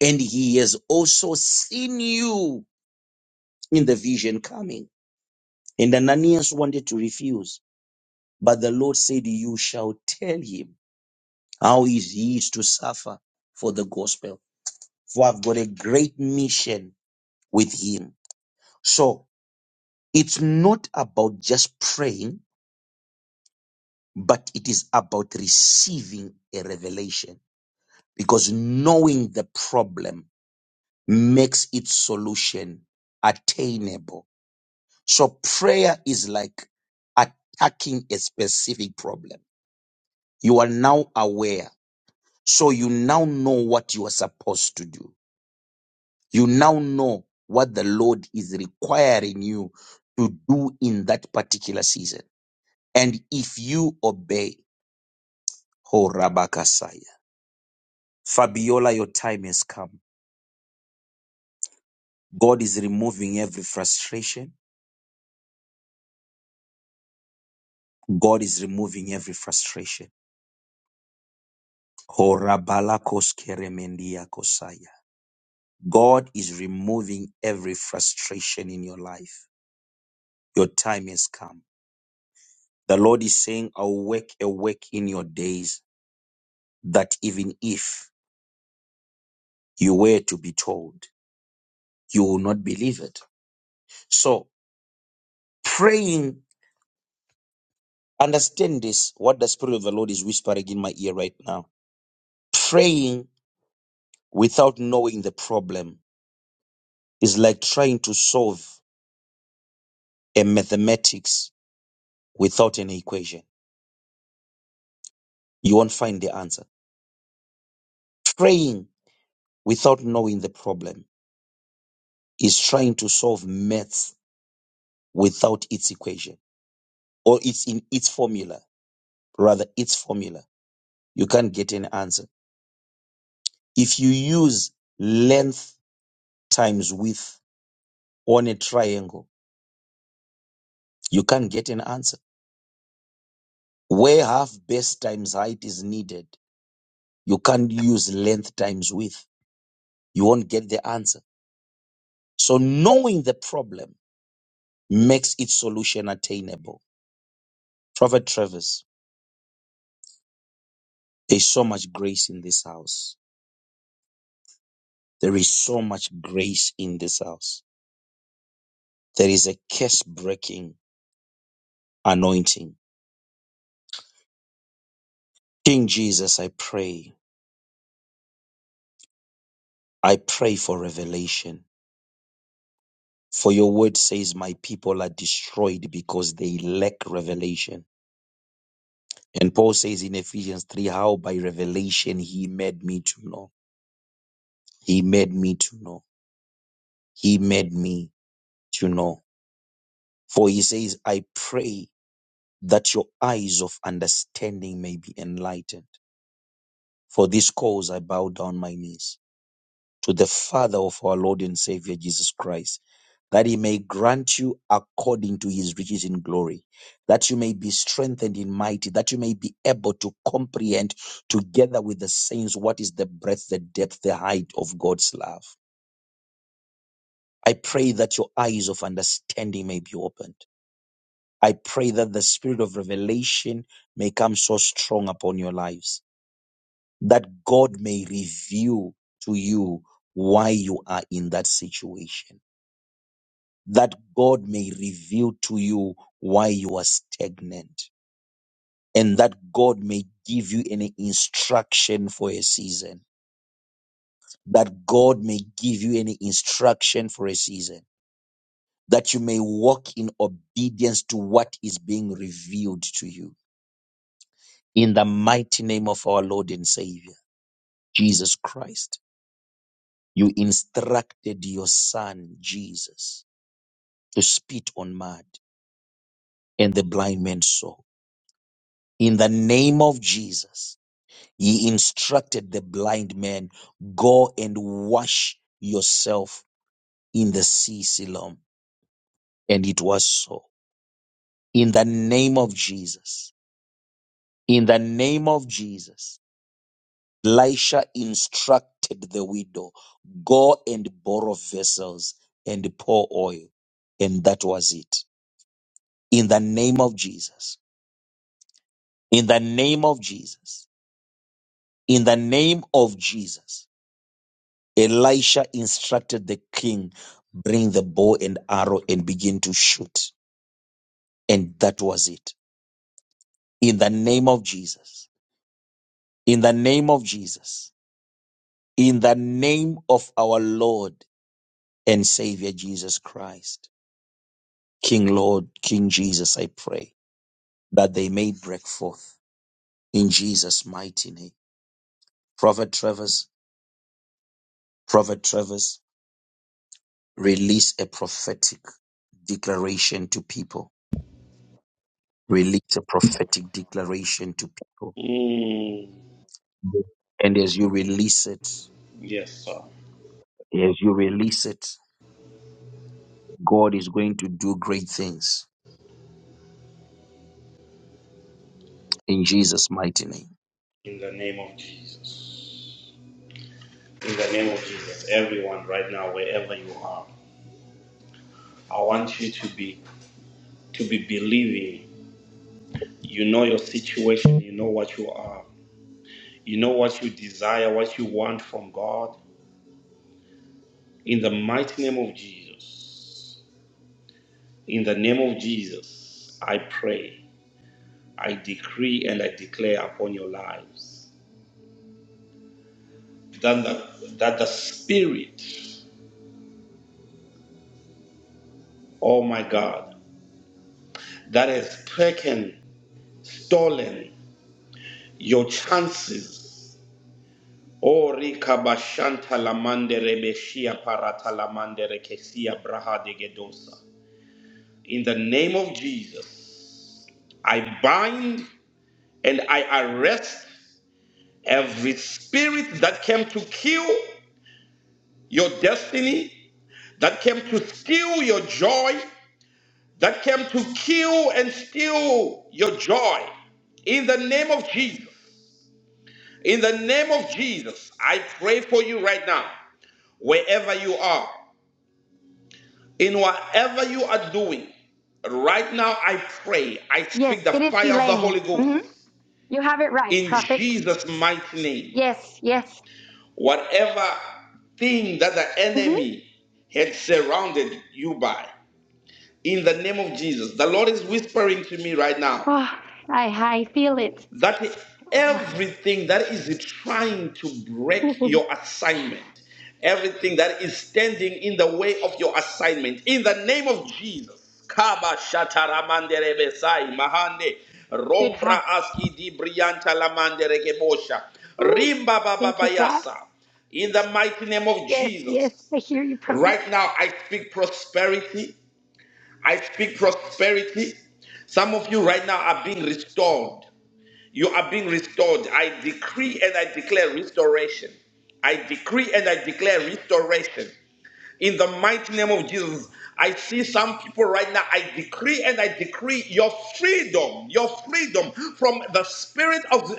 [SPEAKER 3] and he has also seen you in the vision coming. And Ananias wanted to refuse, but the Lord said, you shall tell him How is he to suffer for the gospel? For I've got a great mission with him. So it's not about just praying, but it is about receiving a revelation because knowing the problem makes its solution attainable. So prayer is like attacking a specific problem. You are now aware. So you now know what you are supposed to do. You now know what the Lord is requiring you to do in that particular season. And if you obey, Ho Rabakasaya. Fabiola, your time has come. God is removing every frustration. God is removing every frustration. Ho Rabalakos Keremendia Kosaya. God is removing every frustration in your life. Your time has come. The Lord is saying, Awake, awake in your days, that even if you were to be told, you will not believe it. So praying, understand this, what the Spirit of the Lord is whispering in my ear right now. Praying without knowing the problem is like trying to solve a mathematics without an equation. You won't find the answer. Praying without knowing the problem is trying to solve maths without its equation or it's in its formula, rather its formula. You can't get an answer If you use length times width on a triangle, you can't get an answer. Where half base times height is needed, you can't use length times width. You won't get the answer. So knowing the problem makes its solution attainable. Prophet Travers, there's so much grace in this house. There is so much grace in this house. There is a curse breaking anointing. King Jesus, I pray. I pray for revelation. For your word says, My people are destroyed because they lack revelation. And Paul says in Ephesians 3, How by revelation he made me to know. He made me to know. He made me to know. For he says, I pray that your eyes of understanding may be enlightened. For this cause I bow down my knees. to the Father of our Lord and Savior Jesus Christ, that he may grant you according to his riches in glory, that you may be strengthened in mighty, that you may be able to comprehend together with the saints what is the breadth, the depth, the height of God's love. I pray that your eyes of understanding may be opened. I pray that the spirit of revelation may come so strong upon your lives that God may reveal to you why you are in that situation that God may reveal to you why you are stagnant and that God may give you any instruction for a season, that God may give you any instruction for a season, that you may walk in obedience to what is being revealed to you. In the mighty name of our Lord and Savior, Jesus Christ, you instructed your son, Jesus, to spit on mud and the blind man saw. In the name of Jesus, He instructed the blind man, Go and wash yourself in the sea Siloam. And it was so. In the name of Jesus, in the name of Jesus, Elisha instructed the widow, Go and borrow vessels and pour oil. And that was it. In the name of Jesus, in the name of Jesus, in the name of Jesus. Elisha instructed the king, bring the bow and arrow and begin to shoot. And that was it. In the name of Jesus. In the name of Jesus. In the name of our Lord and Savior Jesus Christ. King Lord, King Jesus, I pray that they may break forth in Jesus' mighty name. Prophet Travers, Prophet Travers, release a prophetic declaration to people Release a prophetic declaration to people.
[SPEAKER 1] Mm,
[SPEAKER 3] And as you release it,
[SPEAKER 1] yes, sir.
[SPEAKER 3] as you release it, God is going to do great things in Jesus' mighty name.
[SPEAKER 1] In the name of Jesus. In the name of Jesus, everyone right now, wherever you are, I want you to be to be believing You know your situation. You know what you are. You know what you desire, what you want from God. In the mighty name of Jesus, in the name of Jesus, I pray, I decree, and I declare upon your lives that the, that the Spirit, oh my God, that has taken, stolen your chances. Oh, Rika Lamande Rebeshia Parata Lamande Rekesia Braha de Gedosa. In the name of Jesus, I bind and I arrest every spirit that came to kill your destiny, that came to steal your joy, that came to kill and steal your joy. In the name of Jesus, in the name of Jesus, I pray for you right now, wherever you are, in whatever you are doing. Right now, I pray, I
[SPEAKER 7] yes,
[SPEAKER 1] speak the
[SPEAKER 7] it is
[SPEAKER 1] fire of the
[SPEAKER 7] Delaney.
[SPEAKER 1] Holy Ghost
[SPEAKER 7] hmm You have it right,
[SPEAKER 1] in
[SPEAKER 7] Prophet.
[SPEAKER 1] Jesus' mighty name.
[SPEAKER 7] Yes, yes.
[SPEAKER 1] Whatever thing that the
[SPEAKER 7] hmm
[SPEAKER 1] enemy had surrounded you by, in the name of Jesus, the Lord is whispering to me right now
[SPEAKER 7] Oh, I I feel it.
[SPEAKER 1] that everything that is trying to break your assignment, everything that is standing in the way of your assignment, in the name of Jesus. Kaba shataramandere besai mahande
[SPEAKER 7] it
[SPEAKER 1] rombra
[SPEAKER 7] hot.
[SPEAKER 1] aski di brianta lamandere kebosha
[SPEAKER 7] Ooh,
[SPEAKER 1] rimba Baba
[SPEAKER 7] thank you, God.
[SPEAKER 1] Bayasa, In the mighty name of
[SPEAKER 7] Yes, yes.
[SPEAKER 1] Jesus,
[SPEAKER 7] I hear you, Prophet.
[SPEAKER 1] right now I speak prosperity. I speak prosperity. Some of you right now are being restored. You are being restored. I decree and I declare restoration. I decree and I declare restoration. In the mighty name of Jesus, I see some people right now. I decree and I decree your freedom, your freedom from the spirit of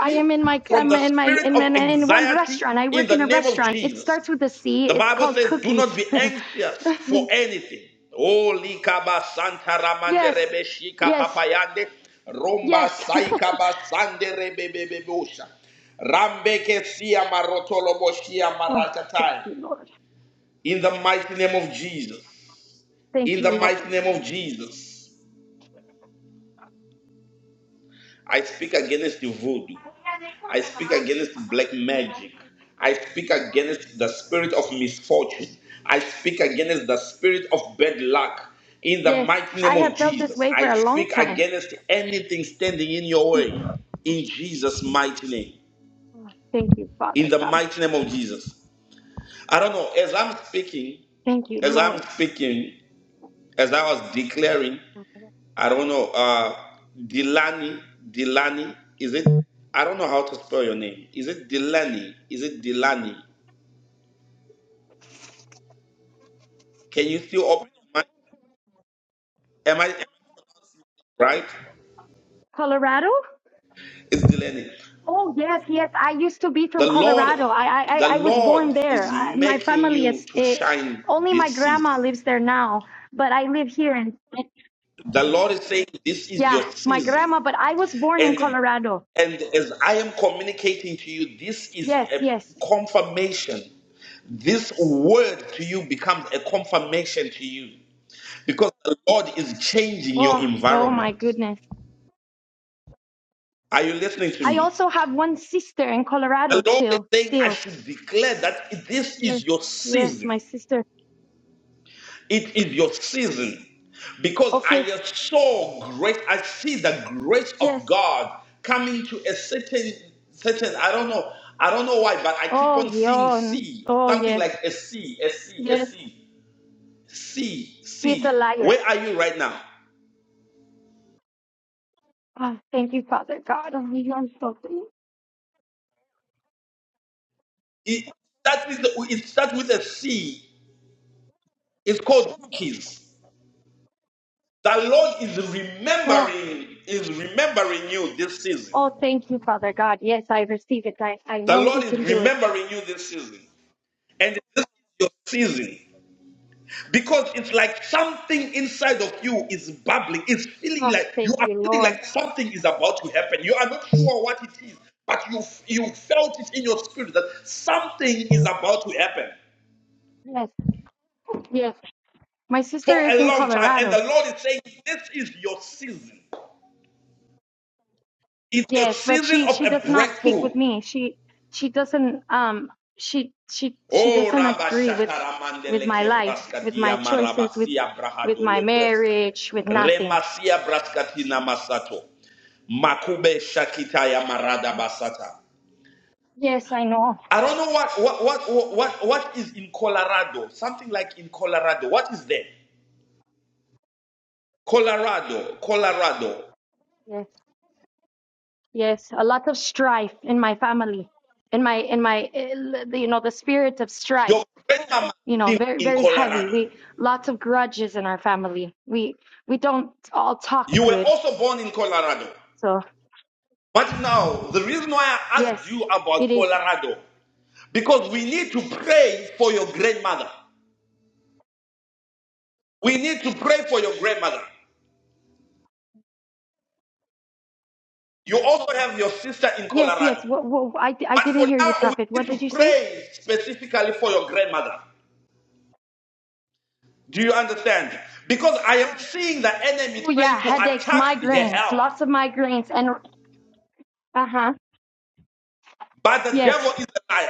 [SPEAKER 7] I am in my
[SPEAKER 1] from
[SPEAKER 7] I'm
[SPEAKER 1] the
[SPEAKER 7] in my
[SPEAKER 1] spirit
[SPEAKER 7] in
[SPEAKER 1] of
[SPEAKER 7] in, in one
[SPEAKER 1] anxiety
[SPEAKER 7] restaurant. I
[SPEAKER 1] in
[SPEAKER 7] work
[SPEAKER 1] the
[SPEAKER 7] in a
[SPEAKER 1] name of
[SPEAKER 7] restaurant. It
[SPEAKER 1] Jesus.
[SPEAKER 7] starts with a C.
[SPEAKER 1] The
[SPEAKER 7] It's
[SPEAKER 1] Bible
[SPEAKER 7] called
[SPEAKER 1] says, do not
[SPEAKER 7] Cookies.
[SPEAKER 1] be anxious for anything. Oh, likaba santa ramande
[SPEAKER 7] yes,
[SPEAKER 1] rebe shika
[SPEAKER 7] yes,
[SPEAKER 1] papayande, romba
[SPEAKER 7] yes.
[SPEAKER 1] saikaba sande rebe bebe Rambeke siya marotolo boshia
[SPEAKER 7] oh, thank
[SPEAKER 1] maratatai.
[SPEAKER 7] you, Lord.
[SPEAKER 1] In the mighty name of Jesus.
[SPEAKER 7] Thank
[SPEAKER 1] In
[SPEAKER 7] you,
[SPEAKER 1] the mighty
[SPEAKER 7] Lord.
[SPEAKER 1] name of Jesus. I speak against the voodoo. I speak against black magic. I speak against the spirit of misfortune. I speak against the spirit of bad luck. In the
[SPEAKER 7] Yes,
[SPEAKER 1] mighty
[SPEAKER 7] I
[SPEAKER 1] name of
[SPEAKER 7] have felt this
[SPEAKER 1] Jesus,
[SPEAKER 7] way for
[SPEAKER 1] I
[SPEAKER 7] a long
[SPEAKER 1] speak
[SPEAKER 7] time.
[SPEAKER 1] against anything standing in your way.
[SPEAKER 7] Mhm.
[SPEAKER 1] In Jesus' mighty name.
[SPEAKER 7] Oh, Thank you,
[SPEAKER 1] In
[SPEAKER 7] Father
[SPEAKER 1] the
[SPEAKER 7] God.
[SPEAKER 1] mighty name of Jesus. I don't know. As I'm speaking,
[SPEAKER 7] Thank you,
[SPEAKER 1] as I'm
[SPEAKER 7] Lord.
[SPEAKER 1] speaking, as I was declaring, I don't know. Uh, Delani, Delani, is it? I don't know how to spell your name. Is it Delani? Is it Delani? Can you still open your mind? Am I am I right?
[SPEAKER 7] Colorado?
[SPEAKER 1] It's Delaney.
[SPEAKER 7] Oh yes, yes. I used to be from
[SPEAKER 1] The Lord,
[SPEAKER 7] Colorado. I I,
[SPEAKER 1] the
[SPEAKER 7] I I was born
[SPEAKER 1] Lord is
[SPEAKER 7] there. I, my
[SPEAKER 1] making
[SPEAKER 7] family
[SPEAKER 1] you
[SPEAKER 7] is
[SPEAKER 1] to
[SPEAKER 7] eh,
[SPEAKER 1] shine
[SPEAKER 7] only my
[SPEAKER 1] this season.
[SPEAKER 7] grandma lives there now, but I live here and
[SPEAKER 1] The Lord is saying, This is
[SPEAKER 7] yeah,
[SPEAKER 1] your
[SPEAKER 7] my
[SPEAKER 1] season.
[SPEAKER 7] grandma. But I was born in
[SPEAKER 1] And
[SPEAKER 7] Colorado.
[SPEAKER 1] and as I am communicating to you, this is
[SPEAKER 7] Yes,
[SPEAKER 1] a
[SPEAKER 7] yes.
[SPEAKER 1] confirmation. This word to you becomes a confirmation to you. Because the Lord is changing your
[SPEAKER 7] Oh oh my
[SPEAKER 1] environment.
[SPEAKER 7] goodness.
[SPEAKER 1] Are you listening to
[SPEAKER 7] I
[SPEAKER 1] me?
[SPEAKER 7] also have one sister in
[SPEAKER 1] The
[SPEAKER 7] Colorado
[SPEAKER 1] Lord is
[SPEAKER 7] till
[SPEAKER 1] saying, I
[SPEAKER 7] still.
[SPEAKER 1] should declare that this is
[SPEAKER 7] Yes,
[SPEAKER 1] your
[SPEAKER 7] yes.
[SPEAKER 1] season.
[SPEAKER 7] My sister.
[SPEAKER 1] It is your season. Because
[SPEAKER 7] Okay.
[SPEAKER 1] I saw great, I see the grace of
[SPEAKER 7] Yes.
[SPEAKER 1] God coming to a certain, certain, I don't know, I don't know why, but I keep
[SPEAKER 7] Oh,
[SPEAKER 1] on seeing
[SPEAKER 7] Yon.
[SPEAKER 1] sea,
[SPEAKER 7] Oh,
[SPEAKER 1] something
[SPEAKER 7] yes.
[SPEAKER 1] like a sea, a sea, a
[SPEAKER 7] Yes.
[SPEAKER 1] sea, sea,
[SPEAKER 7] He's a
[SPEAKER 1] sea.
[SPEAKER 7] liar.
[SPEAKER 1] Where are you right now?
[SPEAKER 7] Oh, thank you, Father God. Oh, Yon, so thank-
[SPEAKER 1] It starts with, it starts with a C. It's called cookies. The Lord is
[SPEAKER 7] Oh,
[SPEAKER 1] remembering, is remembering you this season.
[SPEAKER 7] oh, thank you, Father God. Yes, I receive it. I, I
[SPEAKER 1] The
[SPEAKER 7] know
[SPEAKER 1] Lord
[SPEAKER 7] He
[SPEAKER 1] is
[SPEAKER 7] can do it.
[SPEAKER 1] remembering you this season. And this is your season. Because it's like something inside of you is bubbling. It's feeling
[SPEAKER 7] Oh,
[SPEAKER 1] like you
[SPEAKER 7] thank
[SPEAKER 1] are
[SPEAKER 7] you,
[SPEAKER 1] feeling
[SPEAKER 7] Lord.
[SPEAKER 1] like something is about to happen. You are not sure what it is, but you you felt it in your spirit that something is about to happen
[SPEAKER 7] Yes, yes. My
[SPEAKER 1] for
[SPEAKER 7] sister is
[SPEAKER 1] a
[SPEAKER 7] in
[SPEAKER 1] long time. And the
[SPEAKER 7] Colorado.
[SPEAKER 1] Lord is saying, This is your season. It's your
[SPEAKER 7] Yes, but
[SPEAKER 1] season
[SPEAKER 7] she
[SPEAKER 1] of
[SPEAKER 7] she
[SPEAKER 1] a
[SPEAKER 7] does not speak
[SPEAKER 1] breakthrough.
[SPEAKER 7] with me. She she doesn't um she she she
[SPEAKER 1] O
[SPEAKER 7] doesn't agree with with
[SPEAKER 1] rabashakaramandele
[SPEAKER 7] my life,
[SPEAKER 1] kebraska
[SPEAKER 7] with my choices, with
[SPEAKER 1] diamarabasia
[SPEAKER 7] with my
[SPEAKER 1] brahadolo broska.
[SPEAKER 7] marriage, with nothing.
[SPEAKER 1] Remasia braskatina masato. Makube shakita ya marada basata.
[SPEAKER 7] Yes, I know.
[SPEAKER 1] I don't know what what what what what what is in Colorado. Something like in Colorado. What is there? Colorado, Colorado.
[SPEAKER 7] Yes. Yes, a lot of strife in my family, in my in my eh, you know the spirit of strife.
[SPEAKER 1] Your grandmama
[SPEAKER 7] You know,
[SPEAKER 1] lived
[SPEAKER 7] very
[SPEAKER 1] in
[SPEAKER 7] very heavy.
[SPEAKER 1] Colorado.
[SPEAKER 7] We lots of grudges in our family. We we don't all talk
[SPEAKER 1] You were
[SPEAKER 7] good.
[SPEAKER 1] also born in Colorado.
[SPEAKER 7] So
[SPEAKER 1] But now, the reason why I asked
[SPEAKER 7] yes,
[SPEAKER 1] you
[SPEAKER 7] it
[SPEAKER 1] about
[SPEAKER 7] is.
[SPEAKER 1] Colorado Because we need to pray for your grandmother. We need to pray for your grandmother. You also have your sister in
[SPEAKER 7] Yes, yes.
[SPEAKER 1] Colorado.
[SPEAKER 7] What, what, I I
[SPEAKER 1] But
[SPEAKER 7] didn't
[SPEAKER 1] for
[SPEAKER 7] hear
[SPEAKER 1] now,
[SPEAKER 7] you,
[SPEAKER 1] we
[SPEAKER 7] Prophet.
[SPEAKER 1] need
[SPEAKER 7] What
[SPEAKER 1] to
[SPEAKER 7] did you say?
[SPEAKER 1] pray specifically for your grandmother. Do you understand? Because I am seeing the enemy
[SPEAKER 7] Oh
[SPEAKER 1] trying
[SPEAKER 7] yeah,
[SPEAKER 1] to
[SPEAKER 7] headaches,
[SPEAKER 1] attack your
[SPEAKER 7] migraines,
[SPEAKER 1] health.
[SPEAKER 7] lots of migraines, and uh huh.
[SPEAKER 1] But the devil
[SPEAKER 7] Yes.
[SPEAKER 1] is a liar.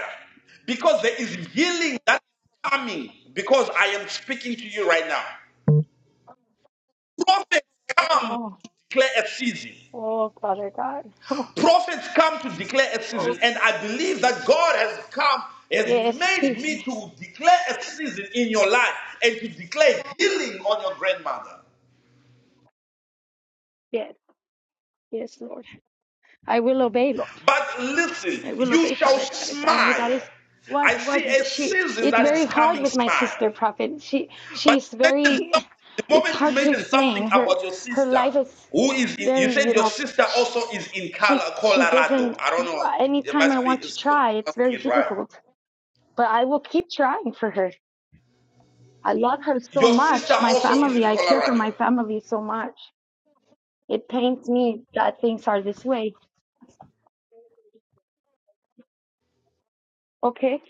[SPEAKER 1] Because there is healing that is coming. Because I am speaking to you right now. Prophets come
[SPEAKER 7] Oh,
[SPEAKER 1] to declare a season.
[SPEAKER 7] oh, Father God.
[SPEAKER 1] Prophets come to declare a
[SPEAKER 7] Oh,
[SPEAKER 1] season, and I believe that God has come, has
[SPEAKER 7] yes.
[SPEAKER 1] made me
[SPEAKER 7] He,
[SPEAKER 1] to declare a season in your life and to declare healing on your grandmother.
[SPEAKER 7] Yes. Yes, Lord. I will obey, Lord.
[SPEAKER 1] But listen,
[SPEAKER 7] I will
[SPEAKER 1] you
[SPEAKER 7] obey,
[SPEAKER 1] shall
[SPEAKER 7] Father God. If that
[SPEAKER 1] smile.
[SPEAKER 7] that is what
[SPEAKER 1] I
[SPEAKER 7] what
[SPEAKER 1] see a
[SPEAKER 7] she
[SPEAKER 1] season
[SPEAKER 7] it's
[SPEAKER 1] that
[SPEAKER 7] very
[SPEAKER 1] is
[SPEAKER 7] hard
[SPEAKER 1] coming,
[SPEAKER 7] with my
[SPEAKER 1] smile.
[SPEAKER 7] sister prophet. She
[SPEAKER 1] But
[SPEAKER 7] she's
[SPEAKER 1] you mentioned
[SPEAKER 7] very
[SPEAKER 1] something, the
[SPEAKER 7] it's
[SPEAKER 1] moment you
[SPEAKER 7] hard to
[SPEAKER 1] mentioned something
[SPEAKER 7] explain. Her
[SPEAKER 1] about your
[SPEAKER 7] her
[SPEAKER 1] sister,
[SPEAKER 7] life is
[SPEAKER 1] who is in, you
[SPEAKER 7] very,
[SPEAKER 1] said
[SPEAKER 7] you
[SPEAKER 1] your
[SPEAKER 7] know,
[SPEAKER 1] sister
[SPEAKER 7] she
[SPEAKER 1] also is in
[SPEAKER 7] she,
[SPEAKER 1] Col-
[SPEAKER 7] she
[SPEAKER 1] Colorado.
[SPEAKER 7] doesn't
[SPEAKER 1] I don't know, it
[SPEAKER 7] anytime I
[SPEAKER 1] must be
[SPEAKER 7] want to
[SPEAKER 1] is
[SPEAKER 7] try, it's very
[SPEAKER 1] pronouncing it right.
[SPEAKER 7] difficult. But I will keep trying for her. I love her so
[SPEAKER 1] Your sister
[SPEAKER 7] much. My
[SPEAKER 1] also is
[SPEAKER 7] family,
[SPEAKER 1] in
[SPEAKER 7] I care for my
[SPEAKER 1] Colorado.
[SPEAKER 7] family so much. It pains me that things are this way. Okay,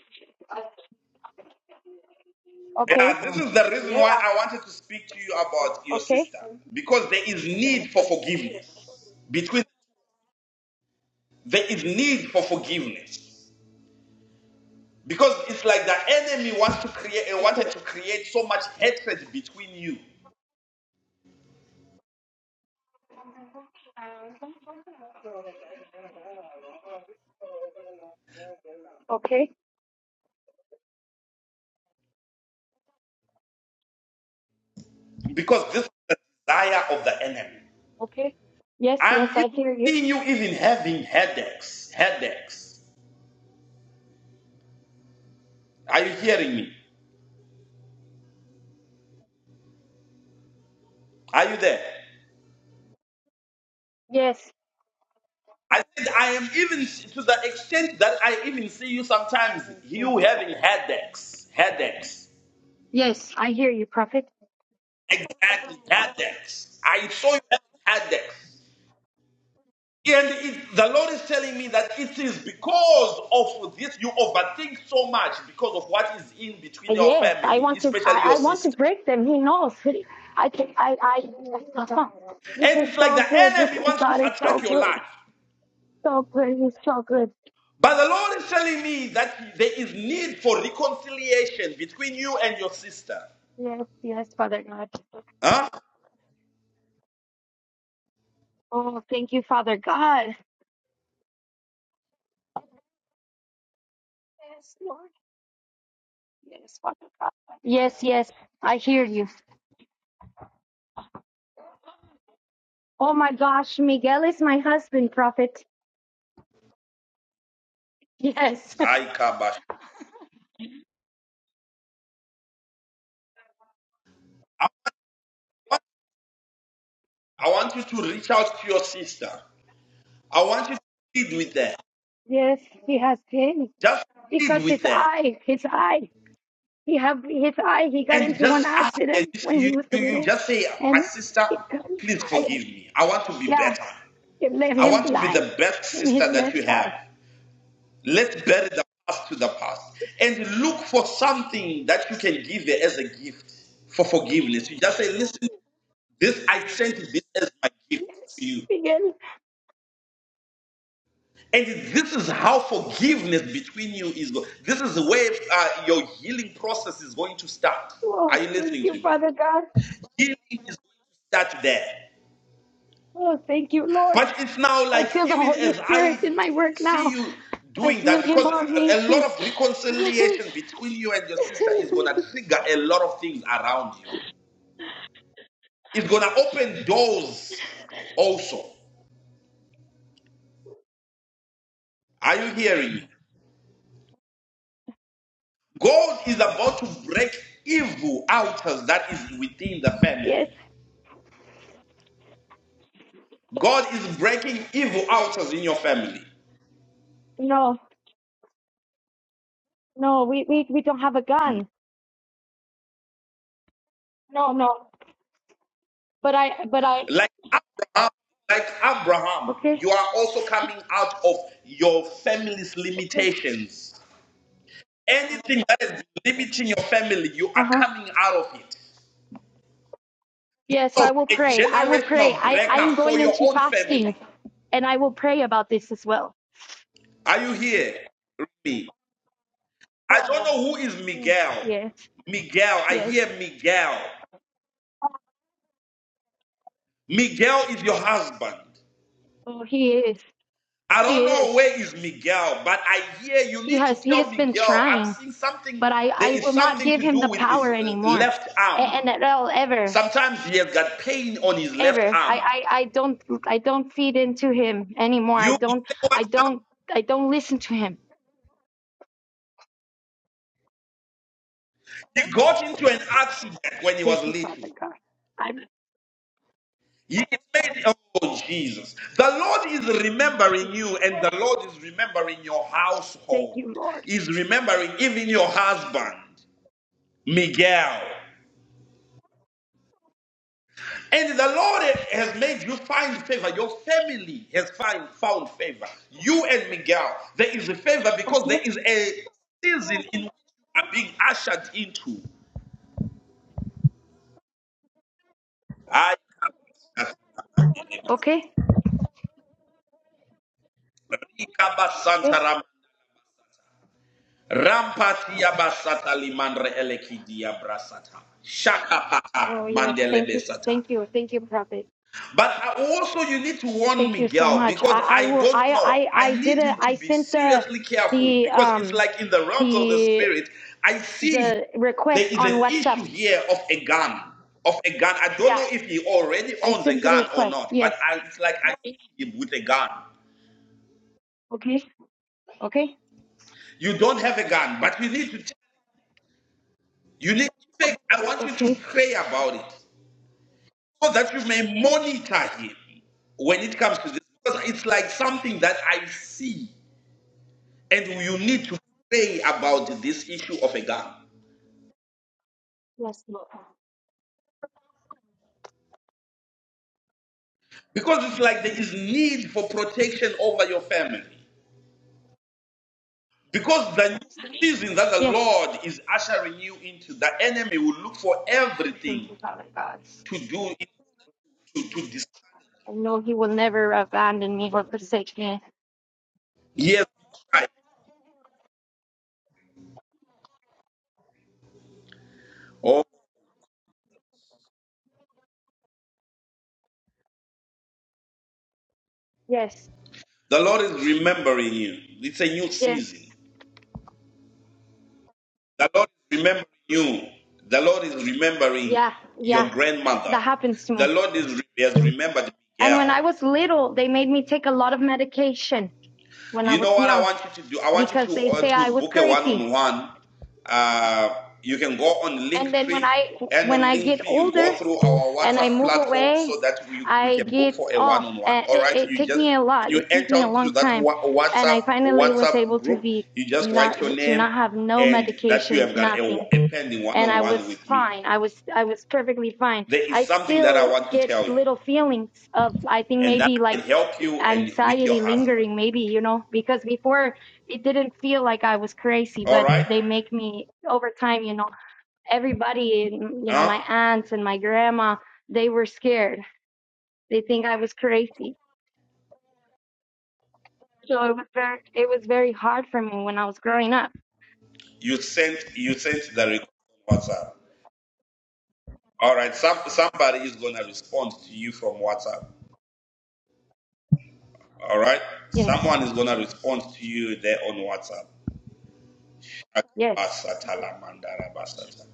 [SPEAKER 7] okay,
[SPEAKER 1] Yeah, this is the reason why I wanted to speak to you about your
[SPEAKER 7] okay,
[SPEAKER 1] sister because there is need for forgiveness. Between there is need for forgiveness because it's like the enemy wants to create uh, wanted
[SPEAKER 7] okay,
[SPEAKER 1] to create so much hatred between you
[SPEAKER 7] okay.
[SPEAKER 1] because this is the desire of the enemy.
[SPEAKER 7] Okay. Yes,
[SPEAKER 1] I'm
[SPEAKER 7] yes,
[SPEAKER 1] even
[SPEAKER 7] I hear you.
[SPEAKER 1] seeing you even having headaches. Headaches. Are you hearing me? Are you there?
[SPEAKER 7] Yes.
[SPEAKER 1] I said, I am even to the extent that I even see you sometimes,
[SPEAKER 7] Oh, Thank
[SPEAKER 1] you
[SPEAKER 7] you,
[SPEAKER 1] having
[SPEAKER 7] Prophet.
[SPEAKER 1] headaches. Headaches.
[SPEAKER 7] Yes, I hear you, Prophet.
[SPEAKER 1] Exactly. Headaches. I saw you having headaches. And it, the Lord is telling me that it is because of this, you overthink so much because of what is in between
[SPEAKER 7] Uh,
[SPEAKER 1] your
[SPEAKER 7] Yes, I
[SPEAKER 1] family,
[SPEAKER 7] want to.
[SPEAKER 1] especially
[SPEAKER 7] I,
[SPEAKER 1] your
[SPEAKER 7] I want to
[SPEAKER 1] sister.
[SPEAKER 7] break them. He knows. I. can- I. I. This
[SPEAKER 1] And it's
[SPEAKER 7] is
[SPEAKER 1] like
[SPEAKER 7] so
[SPEAKER 1] the
[SPEAKER 7] good. This
[SPEAKER 1] enemy
[SPEAKER 7] is
[SPEAKER 1] wants to
[SPEAKER 7] God is so
[SPEAKER 1] attack your life.
[SPEAKER 7] good. So good. He's so good.
[SPEAKER 1] But the Lord is telling me that there is need for reconciliation between you and your sister.
[SPEAKER 7] Yes, yes, Father God.
[SPEAKER 1] Huh?
[SPEAKER 7] Oh, thank you, Father God. Yes, yes, I hear you. Oh my gosh, Miguel is my husband, Prophet. Yes,
[SPEAKER 1] I want you to reach out to your sister. I want you to plead with her.
[SPEAKER 7] yes, he has pain
[SPEAKER 1] Just plead
[SPEAKER 7] because
[SPEAKER 1] with
[SPEAKER 7] it's
[SPEAKER 1] her.
[SPEAKER 7] I. It's I. He have his eye. He got
[SPEAKER 1] And
[SPEAKER 7] into one
[SPEAKER 1] just ask her.
[SPEAKER 7] accident when
[SPEAKER 1] You,
[SPEAKER 7] he was
[SPEAKER 1] you, you
[SPEAKER 7] little,
[SPEAKER 1] just say, My
[SPEAKER 7] and
[SPEAKER 1] sister,
[SPEAKER 7] it got his
[SPEAKER 1] please
[SPEAKER 7] eye.
[SPEAKER 1] forgive me. I want to be
[SPEAKER 7] Yeah,
[SPEAKER 1] better.
[SPEAKER 7] it left
[SPEAKER 1] I
[SPEAKER 7] him
[SPEAKER 1] want to be
[SPEAKER 7] blind
[SPEAKER 1] the best
[SPEAKER 7] in his
[SPEAKER 1] sister that
[SPEAKER 7] left
[SPEAKER 1] you have.
[SPEAKER 7] eye.
[SPEAKER 1] Let's bury the past to the past. And look for something that you can give her as a gift for forgiveness. You just say, Listen, this I sent this as my gift
[SPEAKER 7] Yes,
[SPEAKER 1] to you.
[SPEAKER 7] Miguel.
[SPEAKER 1] And this is how forgiveness between you is going. This is the way uh, your healing process is going to start.
[SPEAKER 7] Oh,
[SPEAKER 1] Are you
[SPEAKER 7] thank
[SPEAKER 1] listening to
[SPEAKER 7] you,
[SPEAKER 1] me?
[SPEAKER 7] Father God.
[SPEAKER 1] Healing is going to start there.
[SPEAKER 7] Oh, thank you, Lord.
[SPEAKER 1] But it's now
[SPEAKER 7] I
[SPEAKER 1] like,
[SPEAKER 7] feel the
[SPEAKER 1] even
[SPEAKER 7] Holy
[SPEAKER 1] as I
[SPEAKER 7] Spirit in
[SPEAKER 1] he-
[SPEAKER 7] my work
[SPEAKER 1] see
[SPEAKER 7] now.
[SPEAKER 1] you
[SPEAKER 7] I
[SPEAKER 1] doing
[SPEAKER 7] feel
[SPEAKER 1] that,
[SPEAKER 7] Him
[SPEAKER 1] because
[SPEAKER 7] on
[SPEAKER 1] a
[SPEAKER 7] me.
[SPEAKER 1] a lot of reconciliation between you and your sister is going to trigger a lot of things around you. It's going to open doors also. Are you hearing me? God is about to break evil out that is within the family.
[SPEAKER 7] yes.
[SPEAKER 1] God is breaking evil out of in your family.
[SPEAKER 7] No. No. We, we we don't have a
[SPEAKER 1] Mm.
[SPEAKER 7] gun. No. No. But I. But I.
[SPEAKER 1] Like Abraham, like Abraham,
[SPEAKER 7] Okay.
[SPEAKER 1] you are also coming out of your family's
[SPEAKER 7] Okay.
[SPEAKER 1] limitations. Anything that is limiting your family, you
[SPEAKER 7] Uh
[SPEAKER 1] are
[SPEAKER 7] huh.
[SPEAKER 1] coming out of it.
[SPEAKER 7] Yes,
[SPEAKER 1] So
[SPEAKER 7] I will
[SPEAKER 1] be a
[SPEAKER 7] pray. I will pray.
[SPEAKER 1] generational
[SPEAKER 7] I, I
[SPEAKER 1] breaker
[SPEAKER 7] am
[SPEAKER 1] for
[SPEAKER 7] going
[SPEAKER 1] your
[SPEAKER 7] into
[SPEAKER 1] own
[SPEAKER 7] fasting
[SPEAKER 1] family.
[SPEAKER 7] and I will pray about this as well.
[SPEAKER 1] Are you here? Rumi? I don't know who is
[SPEAKER 7] Oh,
[SPEAKER 1] Miguel.
[SPEAKER 7] yes,
[SPEAKER 1] Miguel, I
[SPEAKER 7] yes.
[SPEAKER 1] hear Miguel. Miguel is your husband.
[SPEAKER 7] Oh, he is.
[SPEAKER 1] I
[SPEAKER 7] He
[SPEAKER 1] don't know
[SPEAKER 7] is.
[SPEAKER 1] where is Miguel, but I hear you
[SPEAKER 7] He
[SPEAKER 1] need to
[SPEAKER 7] has he
[SPEAKER 1] tell
[SPEAKER 7] has been
[SPEAKER 1] Miguel. I'm
[SPEAKER 7] trying,
[SPEAKER 1] seeing something.
[SPEAKER 7] but I,
[SPEAKER 1] There
[SPEAKER 7] I
[SPEAKER 1] is
[SPEAKER 7] will not
[SPEAKER 1] something
[SPEAKER 7] give
[SPEAKER 1] to
[SPEAKER 7] him
[SPEAKER 1] do
[SPEAKER 7] the
[SPEAKER 1] with his
[SPEAKER 7] power
[SPEAKER 1] uh,
[SPEAKER 7] anymore.
[SPEAKER 1] left
[SPEAKER 7] A-
[SPEAKER 1] arm.
[SPEAKER 7] And at all ever,
[SPEAKER 1] Sometimes he has got pain on his left
[SPEAKER 7] ever. I,
[SPEAKER 1] arm.
[SPEAKER 7] I, I don't I don't feed into him anymore. I
[SPEAKER 1] You, you
[SPEAKER 7] don't
[SPEAKER 1] know
[SPEAKER 7] I
[SPEAKER 1] what?
[SPEAKER 7] don't I don't listen to him.
[SPEAKER 1] He got into an accident when he was
[SPEAKER 7] Thank you,
[SPEAKER 1] little.
[SPEAKER 7] Father God. I
[SPEAKER 1] He is made, oh Jesus. The Lord is
[SPEAKER 7] thank
[SPEAKER 1] remembering
[SPEAKER 7] you,
[SPEAKER 1] you, and
[SPEAKER 7] Lord.
[SPEAKER 1] the Lord is remembering your
[SPEAKER 7] Thank
[SPEAKER 1] household.
[SPEAKER 7] you, Lord.
[SPEAKER 1] Is remembering even your husband, Miguel. And the Lord has made you find favor. Your family has find, found favor. You and Miguel, there is a favor because there
[SPEAKER 7] Okay.
[SPEAKER 1] is a season in which you are being ushered into. Ay,
[SPEAKER 7] Okay.
[SPEAKER 1] rika
[SPEAKER 7] Okay.
[SPEAKER 1] basanta ram- Rampati ya
[SPEAKER 7] Oh yes, thank you, thank you, thank you, Prophet.
[SPEAKER 1] But I also, you need to warn
[SPEAKER 7] Thank you so
[SPEAKER 1] Miguel
[SPEAKER 7] much.
[SPEAKER 1] because
[SPEAKER 7] I, I
[SPEAKER 1] I
[SPEAKER 7] will.
[SPEAKER 1] don't
[SPEAKER 7] I,
[SPEAKER 1] know.
[SPEAKER 7] I, I
[SPEAKER 1] I
[SPEAKER 7] did
[SPEAKER 1] need
[SPEAKER 7] a.
[SPEAKER 1] him to
[SPEAKER 7] I
[SPEAKER 1] be
[SPEAKER 7] sent the,
[SPEAKER 1] seriously careful
[SPEAKER 7] the
[SPEAKER 1] because it's
[SPEAKER 7] um,
[SPEAKER 1] like in the realms of the
[SPEAKER 7] the
[SPEAKER 1] spirit. I see
[SPEAKER 7] the
[SPEAKER 1] there
[SPEAKER 7] request
[SPEAKER 1] is
[SPEAKER 7] on
[SPEAKER 1] an
[SPEAKER 7] WhatsApp.
[SPEAKER 1] issue here of a gun, of a gun. I don't
[SPEAKER 7] Yeah,
[SPEAKER 1] know if he already
[SPEAKER 7] I
[SPEAKER 1] owns a
[SPEAKER 7] sent the
[SPEAKER 1] gun or
[SPEAKER 7] request.
[SPEAKER 1] not, but
[SPEAKER 7] Yes.
[SPEAKER 1] I, it's like I see him with a gun.
[SPEAKER 7] Okay. Okay.
[SPEAKER 1] You don't have a gun, but you need to. You need. To pray. I want you to
[SPEAKER 7] Okay.
[SPEAKER 1] pray about it so that you may monitor him when it comes to this. Because it's like something that I see. And you need to pray about this issue of a gun.
[SPEAKER 7] Yes. Lord.
[SPEAKER 1] Because it's like there is need for protection over your family. Because the new season that the
[SPEAKER 7] Yes.
[SPEAKER 1] Lord is ushering you into, the enemy will look for everything to do it- to, to destroy.
[SPEAKER 7] I know He will never abandon me or forsake me.
[SPEAKER 1] Yes, right. Oh,
[SPEAKER 7] Yes.
[SPEAKER 1] the Lord is remembering you. It's a new
[SPEAKER 7] Yes.
[SPEAKER 1] season. The Lord is remembering you. The Lord is remembering
[SPEAKER 7] Yeah. Yeah.
[SPEAKER 1] your grandmother.
[SPEAKER 7] That happens to
[SPEAKER 1] The
[SPEAKER 7] me.
[SPEAKER 1] Lord is has remembered
[SPEAKER 7] And when I
[SPEAKER 1] Miguel.
[SPEAKER 7] was little, they made me take a lot of medication when I
[SPEAKER 1] You
[SPEAKER 7] was
[SPEAKER 1] know what
[SPEAKER 7] young.
[SPEAKER 1] I want you to do? I want you
[SPEAKER 7] because they
[SPEAKER 1] to uh,
[SPEAKER 7] say
[SPEAKER 1] to
[SPEAKER 7] I was
[SPEAKER 1] book a
[SPEAKER 7] crazy.
[SPEAKER 1] one-on-one. Uh, you can go on
[SPEAKER 7] And then when
[SPEAKER 1] Linktree,
[SPEAKER 7] I
[SPEAKER 1] and on
[SPEAKER 7] when I get
[SPEAKER 1] Linktree you
[SPEAKER 7] older
[SPEAKER 1] go through our
[SPEAKER 7] and I
[SPEAKER 1] WhatsApp
[SPEAKER 7] move
[SPEAKER 1] platform so
[SPEAKER 7] away,
[SPEAKER 1] that we we
[SPEAKER 7] I
[SPEAKER 1] can book
[SPEAKER 7] get
[SPEAKER 1] for a
[SPEAKER 7] off.
[SPEAKER 1] one-on-one.
[SPEAKER 7] And
[SPEAKER 1] All
[SPEAKER 7] it,
[SPEAKER 1] right,
[SPEAKER 7] it
[SPEAKER 1] you
[SPEAKER 7] took
[SPEAKER 1] just
[SPEAKER 7] me a lot.
[SPEAKER 1] you
[SPEAKER 7] It took
[SPEAKER 1] enter
[SPEAKER 7] me a
[SPEAKER 1] onto
[SPEAKER 7] long
[SPEAKER 1] that
[SPEAKER 7] time,
[SPEAKER 1] Wha-
[SPEAKER 7] and
[SPEAKER 1] WhatsApp
[SPEAKER 7] I finally was
[SPEAKER 1] WhatsApp
[SPEAKER 7] able to
[SPEAKER 1] group.
[SPEAKER 7] be
[SPEAKER 1] You just write your
[SPEAKER 7] not to
[SPEAKER 1] name
[SPEAKER 7] not have no
[SPEAKER 1] and that you
[SPEAKER 7] medications,
[SPEAKER 1] have got a,
[SPEAKER 7] nothing.
[SPEAKER 1] a pending
[SPEAKER 7] And I was
[SPEAKER 1] one-on-one with me.
[SPEAKER 7] fine. I was I was perfectly fine.
[SPEAKER 1] There is
[SPEAKER 7] I
[SPEAKER 1] something that I
[SPEAKER 7] still
[SPEAKER 1] want to
[SPEAKER 7] get
[SPEAKER 1] tell you,
[SPEAKER 7] little feelings of I think
[SPEAKER 1] and that
[SPEAKER 7] maybe
[SPEAKER 1] I
[SPEAKER 7] like
[SPEAKER 1] can help you and with your
[SPEAKER 7] anxiety
[SPEAKER 1] husband.
[SPEAKER 7] lingering maybe you know because before it didn't feel like i was crazy
[SPEAKER 1] All
[SPEAKER 7] but
[SPEAKER 1] right,
[SPEAKER 7] they make me over time you know everybody you know my
[SPEAKER 1] huh?
[SPEAKER 7] aunts and my grandma they were scared they think i was crazy so it was very it was very hard for me when i was growing up
[SPEAKER 1] You sent you sent the request on WhatsApp. All right. Some, somebody is gonna respond to you from WhatsApp. All right.
[SPEAKER 7] yes
[SPEAKER 1] Someone is gonna respond to you there on WhatsApp.
[SPEAKER 7] yes
[SPEAKER 1] Akabasata lamandara basata.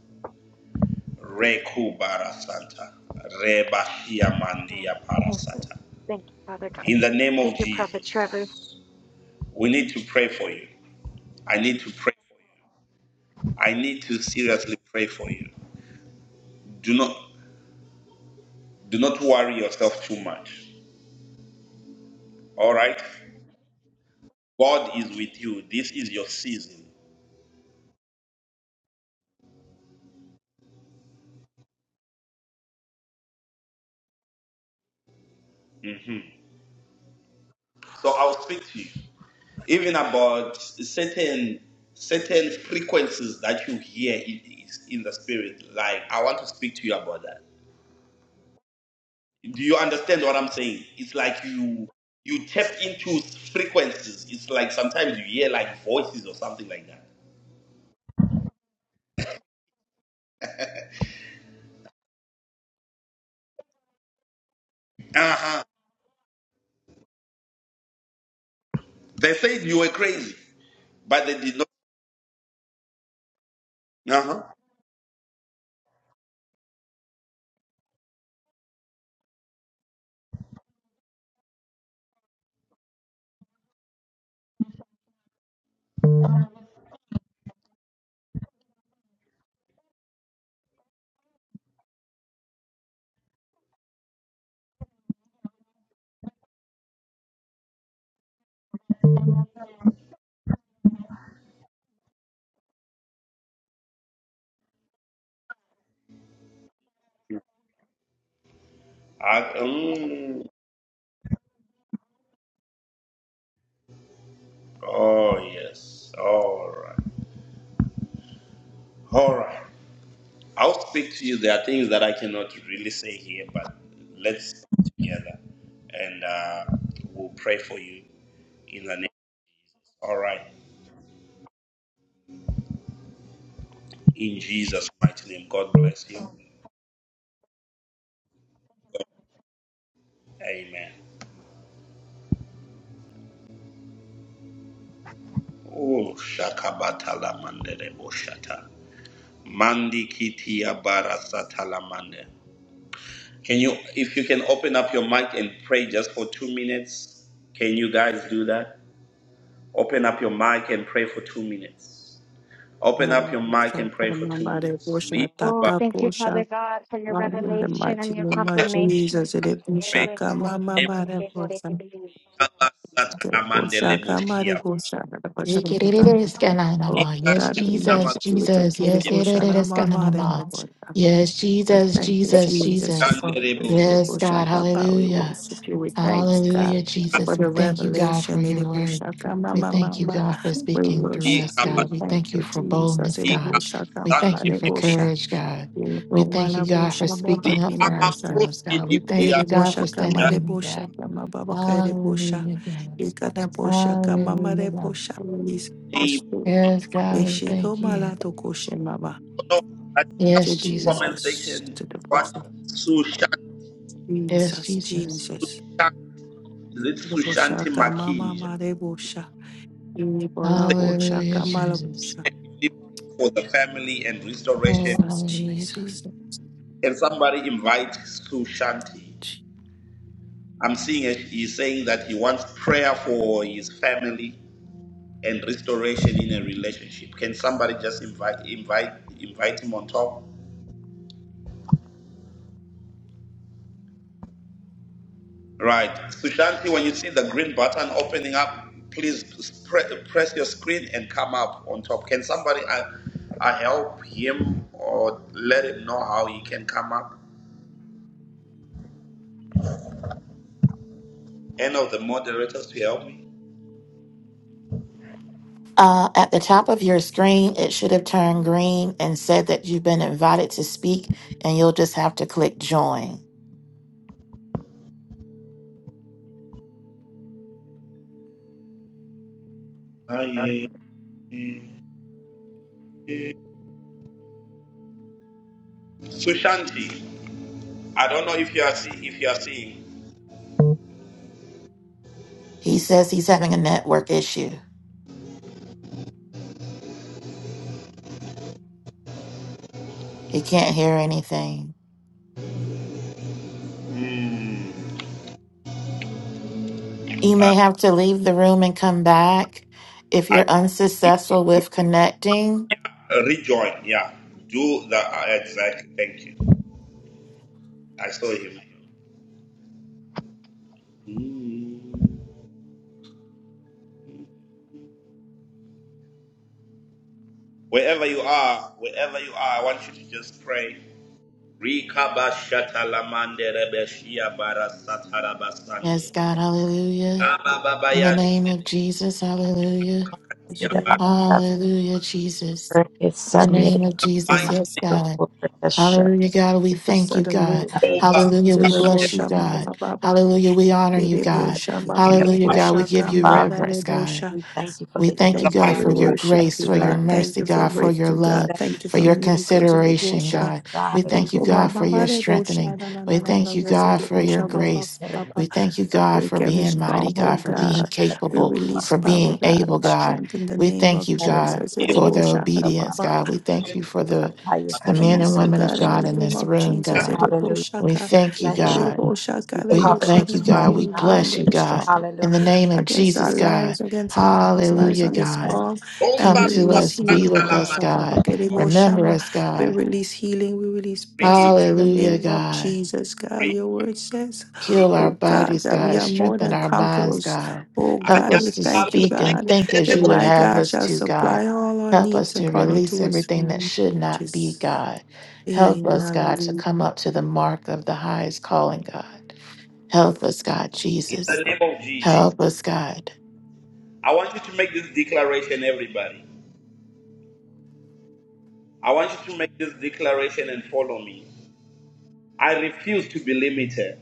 [SPEAKER 1] Reku barasanta. Rebashia
[SPEAKER 7] thank
[SPEAKER 1] mandia
[SPEAKER 7] you
[SPEAKER 1] parasata.
[SPEAKER 7] thank you father god
[SPEAKER 1] In the name of
[SPEAKER 7] thank you prophet trevor
[SPEAKER 1] Jesus, we need to pray for you. I need to pray for you. I need to seriously pray for you. Do not do not worry yourself too much. All right. God is with you. This is your season. Mhm. So I'll speak to you even about certain certain frequencies that you hear in, in the spirit. Like I want to speak to you about that. Do you understand what I'm saying? It's like you you tap into frequencies. It's like sometimes you hear like voices or something like that. Uh huh. They said you were crazy, but they did not. Uh huh. I, mm, oh yes. All right. All right. I'll speak to you. There are things that I cannot really say here, but let's come together and uh, we'll pray for you in the name. All right. In Jesus' mighty name. God bless you. Amen. Oh, shakabata la mandere boshata. Mandi kitiya barasata la mande. Can you, if you can open up your mic and pray just for two minutes? Can you guys do that? Open up your mic and pray for two minutes. Open up
[SPEAKER 6] Hallelujah.
[SPEAKER 1] your mic and pray for two
[SPEAKER 6] Mambare
[SPEAKER 1] minutes.
[SPEAKER 6] Bosha
[SPEAKER 1] Leave.
[SPEAKER 7] oh
[SPEAKER 1] Somebody
[SPEAKER 6] Tata
[SPEAKER 7] thank you father
[SPEAKER 6] Bosha.
[SPEAKER 7] god for your
[SPEAKER 6] Father, In the
[SPEAKER 7] revelation
[SPEAKER 6] mighty
[SPEAKER 7] and your
[SPEAKER 6] name of
[SPEAKER 1] open
[SPEAKER 7] confirmation
[SPEAKER 6] Jesus, it is
[SPEAKER 1] your mic
[SPEAKER 6] Bushaka, Mama,
[SPEAKER 1] and pray in the name of Jesus.
[SPEAKER 6] Mare, Bosha,
[SPEAKER 1] Kala satana mandele
[SPEAKER 6] Bushaka,
[SPEAKER 1] boshia.
[SPEAKER 6] Mare, Bosha, Kama de Bosha, Bosha. Kama. Oh,
[SPEAKER 5] Yekerereskananama.
[SPEAKER 1] Inga
[SPEAKER 5] Yes,
[SPEAKER 6] God, we
[SPEAKER 1] jaina
[SPEAKER 5] Jesus,
[SPEAKER 6] worship you.
[SPEAKER 1] mazaki.
[SPEAKER 5] Jesus.
[SPEAKER 6] Thank you,
[SPEAKER 5] Yes,
[SPEAKER 6] Rebosha, Mama, Mare,
[SPEAKER 5] yiriririskananama.
[SPEAKER 6] Bosha.
[SPEAKER 5] yes,
[SPEAKER 6] But
[SPEAKER 5] Jesus,
[SPEAKER 6] thank you,
[SPEAKER 5] Jesus,
[SPEAKER 1] Robo
[SPEAKER 6] Jesus, we
[SPEAKER 5] Jesus.
[SPEAKER 6] love
[SPEAKER 1] shandere
[SPEAKER 6] you,
[SPEAKER 1] boshi.
[SPEAKER 5] Yes,
[SPEAKER 6] Rebosha,
[SPEAKER 5] God.
[SPEAKER 6] Papa, we
[SPEAKER 5] Hallelujah.
[SPEAKER 6] worship you. We thank God
[SPEAKER 5] Hallelujah,
[SPEAKER 6] for
[SPEAKER 5] Jesus.
[SPEAKER 6] the
[SPEAKER 5] We
[SPEAKER 1] Kaba
[SPEAKER 5] thank
[SPEAKER 1] sata.
[SPEAKER 5] you, God, for
[SPEAKER 6] revelation,
[SPEAKER 5] your word.
[SPEAKER 6] Rebosha,
[SPEAKER 5] We
[SPEAKER 6] Mama,
[SPEAKER 5] thank you,
[SPEAKER 6] Mama.
[SPEAKER 5] God, for
[SPEAKER 6] We
[SPEAKER 5] speaking through
[SPEAKER 6] worship
[SPEAKER 5] us,
[SPEAKER 1] Ikaba
[SPEAKER 5] God.
[SPEAKER 6] you.
[SPEAKER 5] We
[SPEAKER 1] sata.
[SPEAKER 6] Thank
[SPEAKER 5] thank
[SPEAKER 6] you,
[SPEAKER 5] you for
[SPEAKER 6] Jesus,
[SPEAKER 5] boldness, God.
[SPEAKER 1] Ikaba
[SPEAKER 6] Rebosha,
[SPEAKER 5] We
[SPEAKER 6] Mama,
[SPEAKER 5] thank
[SPEAKER 1] sande
[SPEAKER 5] you for
[SPEAKER 1] pepe.
[SPEAKER 6] Mare,
[SPEAKER 5] courage, God. We thank
[SPEAKER 6] Mala
[SPEAKER 5] you, God,
[SPEAKER 6] Bosha
[SPEAKER 5] for
[SPEAKER 6] Baba
[SPEAKER 5] speaking up
[SPEAKER 6] Kere
[SPEAKER 5] for
[SPEAKER 1] Ikaba
[SPEAKER 6] Bosha
[SPEAKER 5] ourselves,
[SPEAKER 1] broski
[SPEAKER 5] God. We thank
[SPEAKER 1] dibuya.
[SPEAKER 6] Ere
[SPEAKER 5] you, God,
[SPEAKER 6] Bosha
[SPEAKER 5] for standing
[SPEAKER 6] Kamare
[SPEAKER 1] Jabi.
[SPEAKER 5] in that.
[SPEAKER 6] Bosha Kama Baba Kere Bosha
[SPEAKER 5] Hallelujah, God.
[SPEAKER 6] Ikana Bosha Kama
[SPEAKER 5] Hallelujah,
[SPEAKER 6] Mare
[SPEAKER 5] God.
[SPEAKER 6] Bosha Release the
[SPEAKER 1] Name.
[SPEAKER 6] Spirit
[SPEAKER 5] Yes, God, we
[SPEAKER 6] Eshiko
[SPEAKER 5] thank you.
[SPEAKER 6] Malato Koshe Mama
[SPEAKER 1] No. I see
[SPEAKER 6] to
[SPEAKER 5] Yes,
[SPEAKER 1] some
[SPEAKER 5] Jesus.
[SPEAKER 1] comment section.
[SPEAKER 6] Jesus to the
[SPEAKER 1] What?
[SPEAKER 6] person
[SPEAKER 1] Sushan.
[SPEAKER 5] Yes,
[SPEAKER 6] Jesus
[SPEAKER 5] Jesus.
[SPEAKER 6] Jesus
[SPEAKER 1] Sushan. Is it
[SPEAKER 6] The
[SPEAKER 1] Sushanti
[SPEAKER 6] Bosha Kama
[SPEAKER 1] Makinja?
[SPEAKER 6] Mama Re Bosha Ini Bola Bosha
[SPEAKER 5] Hallelujah,
[SPEAKER 6] Kama
[SPEAKER 5] Jesus.
[SPEAKER 1] for the family and restoration.
[SPEAKER 5] Oh,
[SPEAKER 6] Jesus
[SPEAKER 5] hallelujah, Jesus.
[SPEAKER 6] Jesus
[SPEAKER 1] Can somebody invite Sue Shanti? I'm seeing it, he's saying that he wants prayer for his family and restoration in a relationship. Can somebody just invite invite invite him on top? Right. Sushanti, when you see the green button opening up, please pre- press your screen and come up on top. Can somebody uh, uh, help him or let him know how he can come up? Any of the moderators to help me?
[SPEAKER 5] Uh, at the top of your screen, it should have turned green and said that you've been invited to speak, and you'll just have to click join.
[SPEAKER 1] Sushanti. I don't know if you are seeing, if you are seeing,
[SPEAKER 5] He says he's having a network issue. He can't hear anything.
[SPEAKER 1] mm,
[SPEAKER 5] You
[SPEAKER 1] uh,
[SPEAKER 5] may have to leave the room and come back if
[SPEAKER 1] I
[SPEAKER 5] you're unsuccessful with connecting.
[SPEAKER 1] rejoin, yeah. Do that uh, exactly. Thank you. I saw him. Mm. Wherever you are, wherever you are, I want you to just pray. Rikaba shatalamande rebeshia bara
[SPEAKER 5] Yes,
[SPEAKER 1] satarabasande.
[SPEAKER 5] God, hallelujah. In the
[SPEAKER 1] Rabababayan
[SPEAKER 5] name of Jesus, hallelujah.
[SPEAKER 1] ya bara.
[SPEAKER 6] Jesus
[SPEAKER 5] Hallelujah, Jesus. In the name of Jesus,
[SPEAKER 1] Mighty
[SPEAKER 5] yes,
[SPEAKER 1] name
[SPEAKER 5] God. Hallelujah, God. We
[SPEAKER 6] For
[SPEAKER 5] thank you,
[SPEAKER 6] sudden
[SPEAKER 5] God.
[SPEAKER 6] miracles,
[SPEAKER 1] over
[SPEAKER 5] Hallelujah.
[SPEAKER 6] Jesus,
[SPEAKER 5] We bless you,
[SPEAKER 6] Bosha,
[SPEAKER 5] God.
[SPEAKER 6] Mama, Baba.
[SPEAKER 5] Hallelujah. We honor you, God.
[SPEAKER 6] Bebosha,
[SPEAKER 5] Hallelujah, God. We
[SPEAKER 6] Babarabosha,
[SPEAKER 5] give you
[SPEAKER 6] Gamba,
[SPEAKER 5] reverence, God.
[SPEAKER 6] Barebosha.
[SPEAKER 2] We thank you for
[SPEAKER 5] We
[SPEAKER 2] the
[SPEAKER 5] thank
[SPEAKER 2] help
[SPEAKER 5] you,
[SPEAKER 1] the
[SPEAKER 6] Thank
[SPEAKER 2] that
[SPEAKER 6] you.
[SPEAKER 5] God,
[SPEAKER 1] mighty
[SPEAKER 6] We
[SPEAKER 5] for your
[SPEAKER 1] name.
[SPEAKER 6] worship
[SPEAKER 2] faith
[SPEAKER 5] grace,
[SPEAKER 6] you,
[SPEAKER 5] for
[SPEAKER 2] right.
[SPEAKER 5] your
[SPEAKER 6] God. Thank
[SPEAKER 5] mercy,
[SPEAKER 6] you for
[SPEAKER 5] God, for your
[SPEAKER 6] breakthrough,
[SPEAKER 2] We
[SPEAKER 6] God.
[SPEAKER 5] love,
[SPEAKER 2] thank you
[SPEAKER 6] Thank you
[SPEAKER 5] for
[SPEAKER 2] for
[SPEAKER 6] for
[SPEAKER 2] the
[SPEAKER 5] your
[SPEAKER 6] miracles.
[SPEAKER 5] consideration,
[SPEAKER 2] help,
[SPEAKER 6] Bebosha.
[SPEAKER 5] God.
[SPEAKER 2] God.
[SPEAKER 5] We
[SPEAKER 2] And
[SPEAKER 5] thank you,
[SPEAKER 6] Ikoma,
[SPEAKER 5] God, for your strengthening.
[SPEAKER 6] Babarebosha, na, na,
[SPEAKER 5] We
[SPEAKER 6] na, na, na,
[SPEAKER 5] thank you,
[SPEAKER 6] Blessed
[SPEAKER 5] God, for
[SPEAKER 2] God,
[SPEAKER 5] your
[SPEAKER 6] Bebosha,
[SPEAKER 2] this is
[SPEAKER 6] Baba,
[SPEAKER 5] grace.
[SPEAKER 2] better,
[SPEAKER 6] Baba.
[SPEAKER 5] We
[SPEAKER 2] this is
[SPEAKER 5] thank you,
[SPEAKER 2] better, this
[SPEAKER 5] God, for
[SPEAKER 6] Break every
[SPEAKER 5] being mighty, God,
[SPEAKER 6] stronghold,
[SPEAKER 5] for being
[SPEAKER 2] is
[SPEAKER 6] God.
[SPEAKER 2] better,
[SPEAKER 6] We
[SPEAKER 5] capable,
[SPEAKER 6] release
[SPEAKER 5] for
[SPEAKER 6] power,
[SPEAKER 5] being
[SPEAKER 6] God,
[SPEAKER 5] able,
[SPEAKER 6] and
[SPEAKER 5] God.
[SPEAKER 6] strength in the
[SPEAKER 5] We
[SPEAKER 6] name
[SPEAKER 2] this
[SPEAKER 5] thank
[SPEAKER 6] of
[SPEAKER 2] is
[SPEAKER 5] you,
[SPEAKER 2] better,
[SPEAKER 5] God,
[SPEAKER 6] Jesus.
[SPEAKER 5] for the
[SPEAKER 6] Erebosha,
[SPEAKER 2] and
[SPEAKER 5] obedience,
[SPEAKER 2] I'm
[SPEAKER 6] Baba.
[SPEAKER 5] God. We thank you
[SPEAKER 6] Oh
[SPEAKER 5] for
[SPEAKER 6] God,
[SPEAKER 5] the
[SPEAKER 6] we
[SPEAKER 2] higher,
[SPEAKER 6] release
[SPEAKER 5] the
[SPEAKER 2] God, I
[SPEAKER 5] men
[SPEAKER 2] give
[SPEAKER 5] and
[SPEAKER 6] peace, oh
[SPEAKER 2] you
[SPEAKER 5] women of
[SPEAKER 6] God, in
[SPEAKER 2] worship.
[SPEAKER 6] the
[SPEAKER 5] God in
[SPEAKER 6] name
[SPEAKER 5] this
[SPEAKER 6] of
[SPEAKER 5] room,
[SPEAKER 6] Jesus.
[SPEAKER 5] God.
[SPEAKER 6] Erebo
[SPEAKER 2] Hallelujah.
[SPEAKER 5] We
[SPEAKER 6] shaka,
[SPEAKER 5] thank you,
[SPEAKER 2] Bless you.
[SPEAKER 5] God.
[SPEAKER 6] erebo shaka,
[SPEAKER 2] We
[SPEAKER 5] We
[SPEAKER 6] erebo
[SPEAKER 2] cover
[SPEAKER 5] thank
[SPEAKER 6] shaka,
[SPEAKER 5] you,
[SPEAKER 2] this room,
[SPEAKER 6] we
[SPEAKER 5] God. We
[SPEAKER 2] God.
[SPEAKER 6] bind
[SPEAKER 5] bless you,
[SPEAKER 6] every
[SPEAKER 5] God.
[SPEAKER 6] struggle
[SPEAKER 5] In the
[SPEAKER 2] Hallelujah.
[SPEAKER 5] name of
[SPEAKER 6] against our
[SPEAKER 5] Jesus, God.
[SPEAKER 6] lives, against everyone's lives
[SPEAKER 5] Hallelujah,
[SPEAKER 6] on this
[SPEAKER 5] God.
[SPEAKER 6] call, and
[SPEAKER 5] Come
[SPEAKER 6] we
[SPEAKER 1] Romba
[SPEAKER 5] to
[SPEAKER 6] release
[SPEAKER 5] us,
[SPEAKER 6] healing.
[SPEAKER 5] be with
[SPEAKER 6] Erebo
[SPEAKER 5] us,
[SPEAKER 1] talamande.
[SPEAKER 6] shaka,
[SPEAKER 5] God.
[SPEAKER 6] erebo
[SPEAKER 5] Remember
[SPEAKER 6] shama,
[SPEAKER 5] us,
[SPEAKER 6] We
[SPEAKER 5] God.
[SPEAKER 6] release healing, we release
[SPEAKER 1] Re-
[SPEAKER 6] blessings in the
[SPEAKER 5] Hallelujah,
[SPEAKER 6] name of
[SPEAKER 5] God.
[SPEAKER 6] Jesus. God,
[SPEAKER 1] re-
[SPEAKER 6] your word says,
[SPEAKER 1] re-
[SPEAKER 5] Heal our
[SPEAKER 6] oh God,
[SPEAKER 5] bodies,
[SPEAKER 6] that we
[SPEAKER 5] God.
[SPEAKER 6] are more
[SPEAKER 5] Strengthen
[SPEAKER 6] than
[SPEAKER 5] our minds,
[SPEAKER 6] conquerors.
[SPEAKER 5] God.
[SPEAKER 6] Oh
[SPEAKER 5] Help
[SPEAKER 6] God, we
[SPEAKER 5] us to
[SPEAKER 1] ayala.
[SPEAKER 6] thank you,
[SPEAKER 5] speak and
[SPEAKER 6] God.
[SPEAKER 5] think as
[SPEAKER 6] That
[SPEAKER 5] you would
[SPEAKER 6] my
[SPEAKER 5] have
[SPEAKER 6] God
[SPEAKER 5] us
[SPEAKER 6] shall
[SPEAKER 5] to, God.
[SPEAKER 6] supply all our
[SPEAKER 5] Help us
[SPEAKER 6] needs
[SPEAKER 5] to
[SPEAKER 6] according
[SPEAKER 5] release
[SPEAKER 6] to his
[SPEAKER 5] everything that should not be,
[SPEAKER 6] riches.
[SPEAKER 5] God. Help
[SPEAKER 6] Amen.
[SPEAKER 5] us, God, to
[SPEAKER 6] Hallelujah.
[SPEAKER 5] come up to the mark of the highest calling, God. Help us, God,
[SPEAKER 1] In
[SPEAKER 5] Jesus.
[SPEAKER 1] the name of Jesus.
[SPEAKER 5] Help us, God.
[SPEAKER 1] I want you to make this declaration, everybody. I want you to make this declaration and follow me. I refuse to be limited.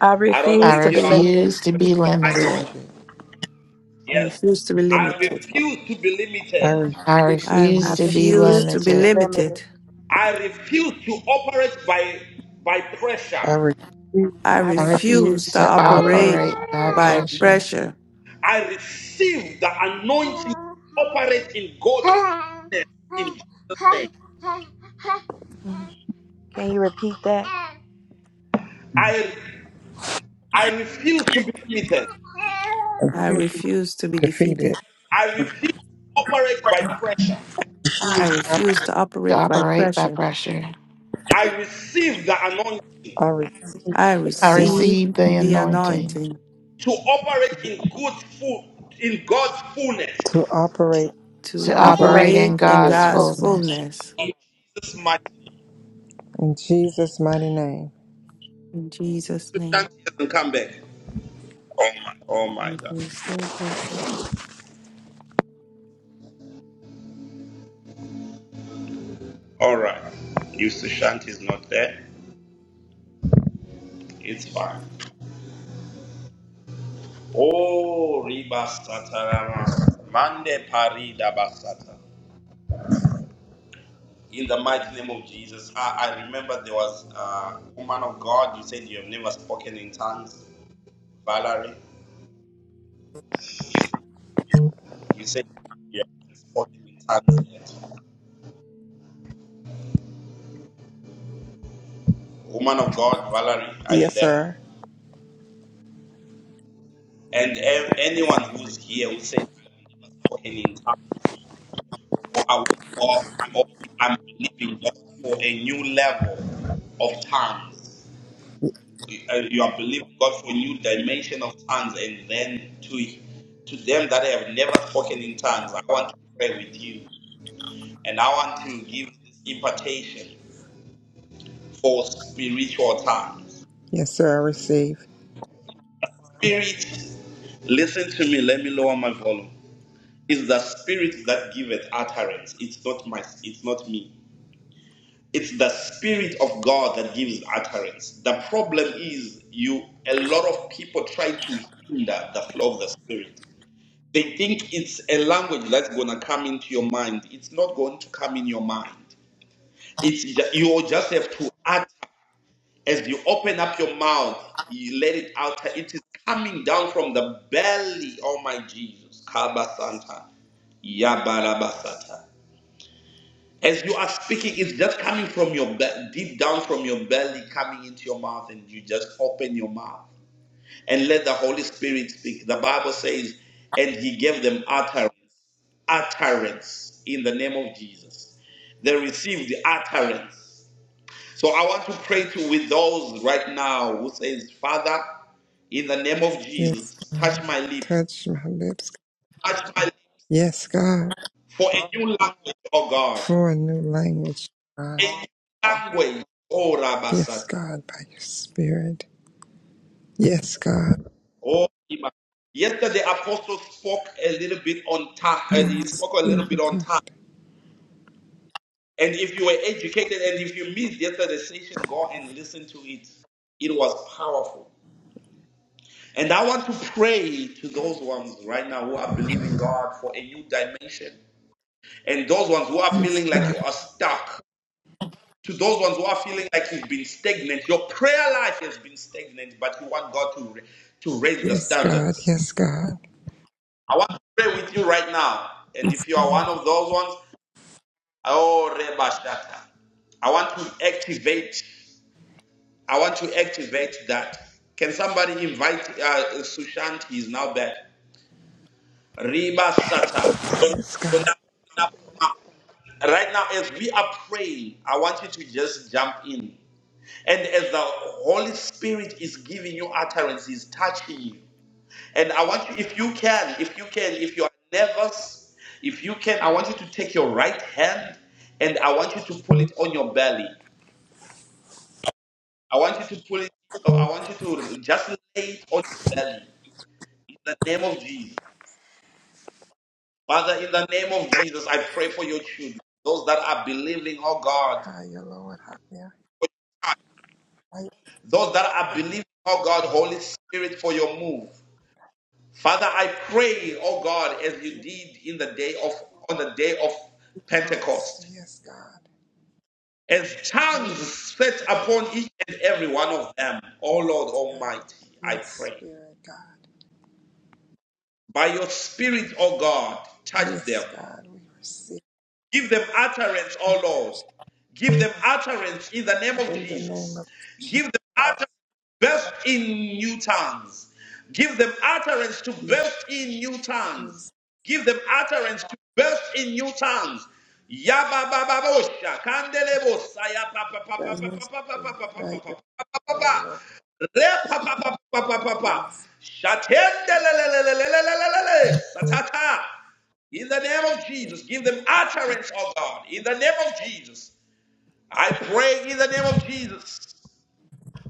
[SPEAKER 2] I
[SPEAKER 1] I don't know
[SPEAKER 5] I
[SPEAKER 2] refuse
[SPEAKER 1] if
[SPEAKER 2] to
[SPEAKER 1] you
[SPEAKER 2] be
[SPEAKER 1] are open
[SPEAKER 2] limited.
[SPEAKER 5] refuse to be
[SPEAKER 1] mic. I
[SPEAKER 5] limited.
[SPEAKER 1] want you to
[SPEAKER 4] I,
[SPEAKER 6] I
[SPEAKER 1] yes.
[SPEAKER 6] refuse to be
[SPEAKER 1] I
[SPEAKER 6] limited.
[SPEAKER 1] refuse to be limited.
[SPEAKER 4] re-
[SPEAKER 5] I
[SPEAKER 6] I
[SPEAKER 5] refuse
[SPEAKER 2] I
[SPEAKER 5] to be
[SPEAKER 6] refuse
[SPEAKER 2] refuse
[SPEAKER 6] to
[SPEAKER 2] to
[SPEAKER 6] be
[SPEAKER 2] be
[SPEAKER 5] limited.
[SPEAKER 6] limited.
[SPEAKER 2] limited.
[SPEAKER 1] I refuse to operate by by pressure.
[SPEAKER 4] I re-
[SPEAKER 6] I
[SPEAKER 2] I
[SPEAKER 5] I
[SPEAKER 2] refuse
[SPEAKER 6] refuse
[SPEAKER 5] refuse
[SPEAKER 6] to
[SPEAKER 5] to
[SPEAKER 2] to
[SPEAKER 6] operate
[SPEAKER 5] operate by
[SPEAKER 6] by
[SPEAKER 5] pressure,
[SPEAKER 6] pressure.
[SPEAKER 1] I receive the anointing to operate in God's goodness in Jesus' name.
[SPEAKER 2] operate by
[SPEAKER 6] Mhm.
[SPEAKER 2] pressure. that
[SPEAKER 1] I I refuse to be limited.
[SPEAKER 6] I refuse to be
[SPEAKER 4] defeated.
[SPEAKER 6] defeated.
[SPEAKER 1] I refuse to operate by pressure.
[SPEAKER 6] I refuse to
[SPEAKER 5] to
[SPEAKER 6] operate by
[SPEAKER 5] operate by
[SPEAKER 6] pressure.
[SPEAKER 5] pressure.
[SPEAKER 1] I receive the anointing.
[SPEAKER 4] I re-
[SPEAKER 6] I
[SPEAKER 5] I
[SPEAKER 6] receive
[SPEAKER 5] receive the
[SPEAKER 6] the
[SPEAKER 5] anointing.
[SPEAKER 6] anointing
[SPEAKER 1] to operate in good full, in God's
[SPEAKER 4] to
[SPEAKER 1] fullness.
[SPEAKER 4] operate
[SPEAKER 6] to
[SPEAKER 5] to operate
[SPEAKER 4] God's
[SPEAKER 6] operate
[SPEAKER 5] in
[SPEAKER 6] in
[SPEAKER 5] God's
[SPEAKER 6] God's
[SPEAKER 4] fullness.
[SPEAKER 5] fullness.
[SPEAKER 6] fullness.
[SPEAKER 1] In Jesus' mighty name.
[SPEAKER 4] In Jesus' mighty name.
[SPEAKER 6] In Jesus'
[SPEAKER 1] Sushanti
[SPEAKER 6] name.
[SPEAKER 1] hasn't come back. Oh my God. All right. If Sushanti is not there, it's fine. Oh, Riba Satarama. Mande Parida Basata. In the mighty name of Jesus. I, I remember there was a woman of God. You said you have never spoken in tongues. Valerie, you said you have never spoken in tongues yet. Woman of God, Valerie, are you
[SPEAKER 4] Yes,
[SPEAKER 1] there?
[SPEAKER 4] sir.
[SPEAKER 1] And ev- anyone who's here who says, I've never spoken in tongues, or I want God, or I'm believing God for a new level of tongues, you uh, you are believing God for a new dimension of tongues, and then to, to them that have never spoken in tongues, I want to pray with you, and I want to give this impartation for spiritual tongues.
[SPEAKER 4] Yes, sir. I receive.
[SPEAKER 1] Spirit, listen to me, let me lower my volume. It's the spirit that giveth utterance. It's not my it's not me. It's the spirit of God that gives utterance. The problem is you a lot of people try to hinder the flow of the spirit. They think it's a language that's gonna come into your mind. It's not going to come in your mind. It's ju- you will just have to utter as you open up your mouth, you let it out. It is coming down from the belly, oh my Jesus. Kabasanta. Yabarabasata. As you are speaking, it's just coming from your be- deep down from your belly, coming into your mouth, and you just open your mouth and let the Holy Spirit speak. The Bible says, and He gave them utterance, utterance in the name of Jesus. They received the utterance. So I want to pray to with those right now who says, Father, in the name of
[SPEAKER 4] Yes,
[SPEAKER 1] Jesus, touch
[SPEAKER 4] God.
[SPEAKER 1] my lips,
[SPEAKER 4] Touch my lips.
[SPEAKER 1] touch my lips
[SPEAKER 4] Yes, God.
[SPEAKER 1] for a new language, oh God,
[SPEAKER 4] For a new language,
[SPEAKER 1] a
[SPEAKER 4] God.
[SPEAKER 1] new language, oh
[SPEAKER 4] Yes,
[SPEAKER 1] Rabasata.
[SPEAKER 4] God, by your spirit. Yes, God.
[SPEAKER 1] Oh, Ima. yesterday Apostle spoke a little bit on time.
[SPEAKER 4] By
[SPEAKER 1] Uh, he
[SPEAKER 4] your
[SPEAKER 1] spoke a little bit
[SPEAKER 4] spirit,
[SPEAKER 1] on
[SPEAKER 4] God.
[SPEAKER 1] time. And if you were educated and if you missed yesterday's session, go and listen to it. It was powerful. And I want to pray to those ones right now who are believing God for a new dimension. And those ones who are
[SPEAKER 4] Yes,
[SPEAKER 1] feeling like
[SPEAKER 4] God.
[SPEAKER 1] you are stuck. To those ones who are feeling like you've been stagnant. Your prayer life has been stagnant, but you want God to, to raise the
[SPEAKER 4] Yes, God.
[SPEAKER 1] standards.
[SPEAKER 4] Yes, God.
[SPEAKER 1] I want to pray with you right now. And if you are one of those ones, oh Reba Rebashata. I want to activate. I want to activate that. Can somebody invite uh, Sushant? He is now back. Reba Sata.
[SPEAKER 4] Yes,
[SPEAKER 1] So
[SPEAKER 4] God.
[SPEAKER 1] now, right now, as we are praying, I want you to just jump in. And as the Holy Spirit is giving you utterance, He's touching you. And I want you, if you can, if you can, if you are nervous, if you can, I want you to take your right hand and I want you to pull it on your belly. I want you to pull it, no, I want you to just lay it on your belly in the name of Jesus. Father, in the name of Jesus, I pray for your children, those that are believing, oh God,
[SPEAKER 4] Higher, Lord. Higher.
[SPEAKER 1] for your touch,
[SPEAKER 4] Higher
[SPEAKER 1] those that are believing, oh God, Holy Spirit, for your move. Father, I pray, oh God, as you
[SPEAKER 4] spirit.
[SPEAKER 1] did in the day of on the day of
[SPEAKER 4] Christ.
[SPEAKER 1] Pentecost.
[SPEAKER 4] Yes, God.
[SPEAKER 1] And
[SPEAKER 4] Yes,
[SPEAKER 1] tongues set upon each and every one of them. O Lord
[SPEAKER 4] God.
[SPEAKER 1] Almighty, I
[SPEAKER 4] Yes,
[SPEAKER 1] pray.
[SPEAKER 4] spirit, God.
[SPEAKER 1] By your Spirit, O God, touch them
[SPEAKER 4] Yes, God. We receive
[SPEAKER 1] Give them utterance,
[SPEAKER 4] the
[SPEAKER 1] O Lord.
[SPEAKER 4] thirst
[SPEAKER 1] Give them utterance in the name of
[SPEAKER 4] in the name of
[SPEAKER 1] Jesus. Give them utterance to burst in new tongues. Give them utterance to
[SPEAKER 4] Jesus.
[SPEAKER 1] burst in new tongues.
[SPEAKER 4] Jesus.
[SPEAKER 1] Give them utterance to burst in new tongues. Yababababosha, kandelebosa, ya pa pa pa pa
[SPEAKER 4] By
[SPEAKER 1] pa pa
[SPEAKER 4] your
[SPEAKER 1] pa pa pa
[SPEAKER 4] spirit.
[SPEAKER 1] pa pa pa
[SPEAKER 4] By
[SPEAKER 1] pa
[SPEAKER 4] your
[SPEAKER 1] pa pa
[SPEAKER 4] power, Lord.
[SPEAKER 1] Re pa pa pa pa pa pa pa pa.
[SPEAKER 4] Jesus.
[SPEAKER 1] Shatendelelelelelelelele, satata. In the name of
[SPEAKER 4] Yes,
[SPEAKER 1] Jesus, give them utterance, oh God. In the name of Jesus, I pray in the name of Jesus.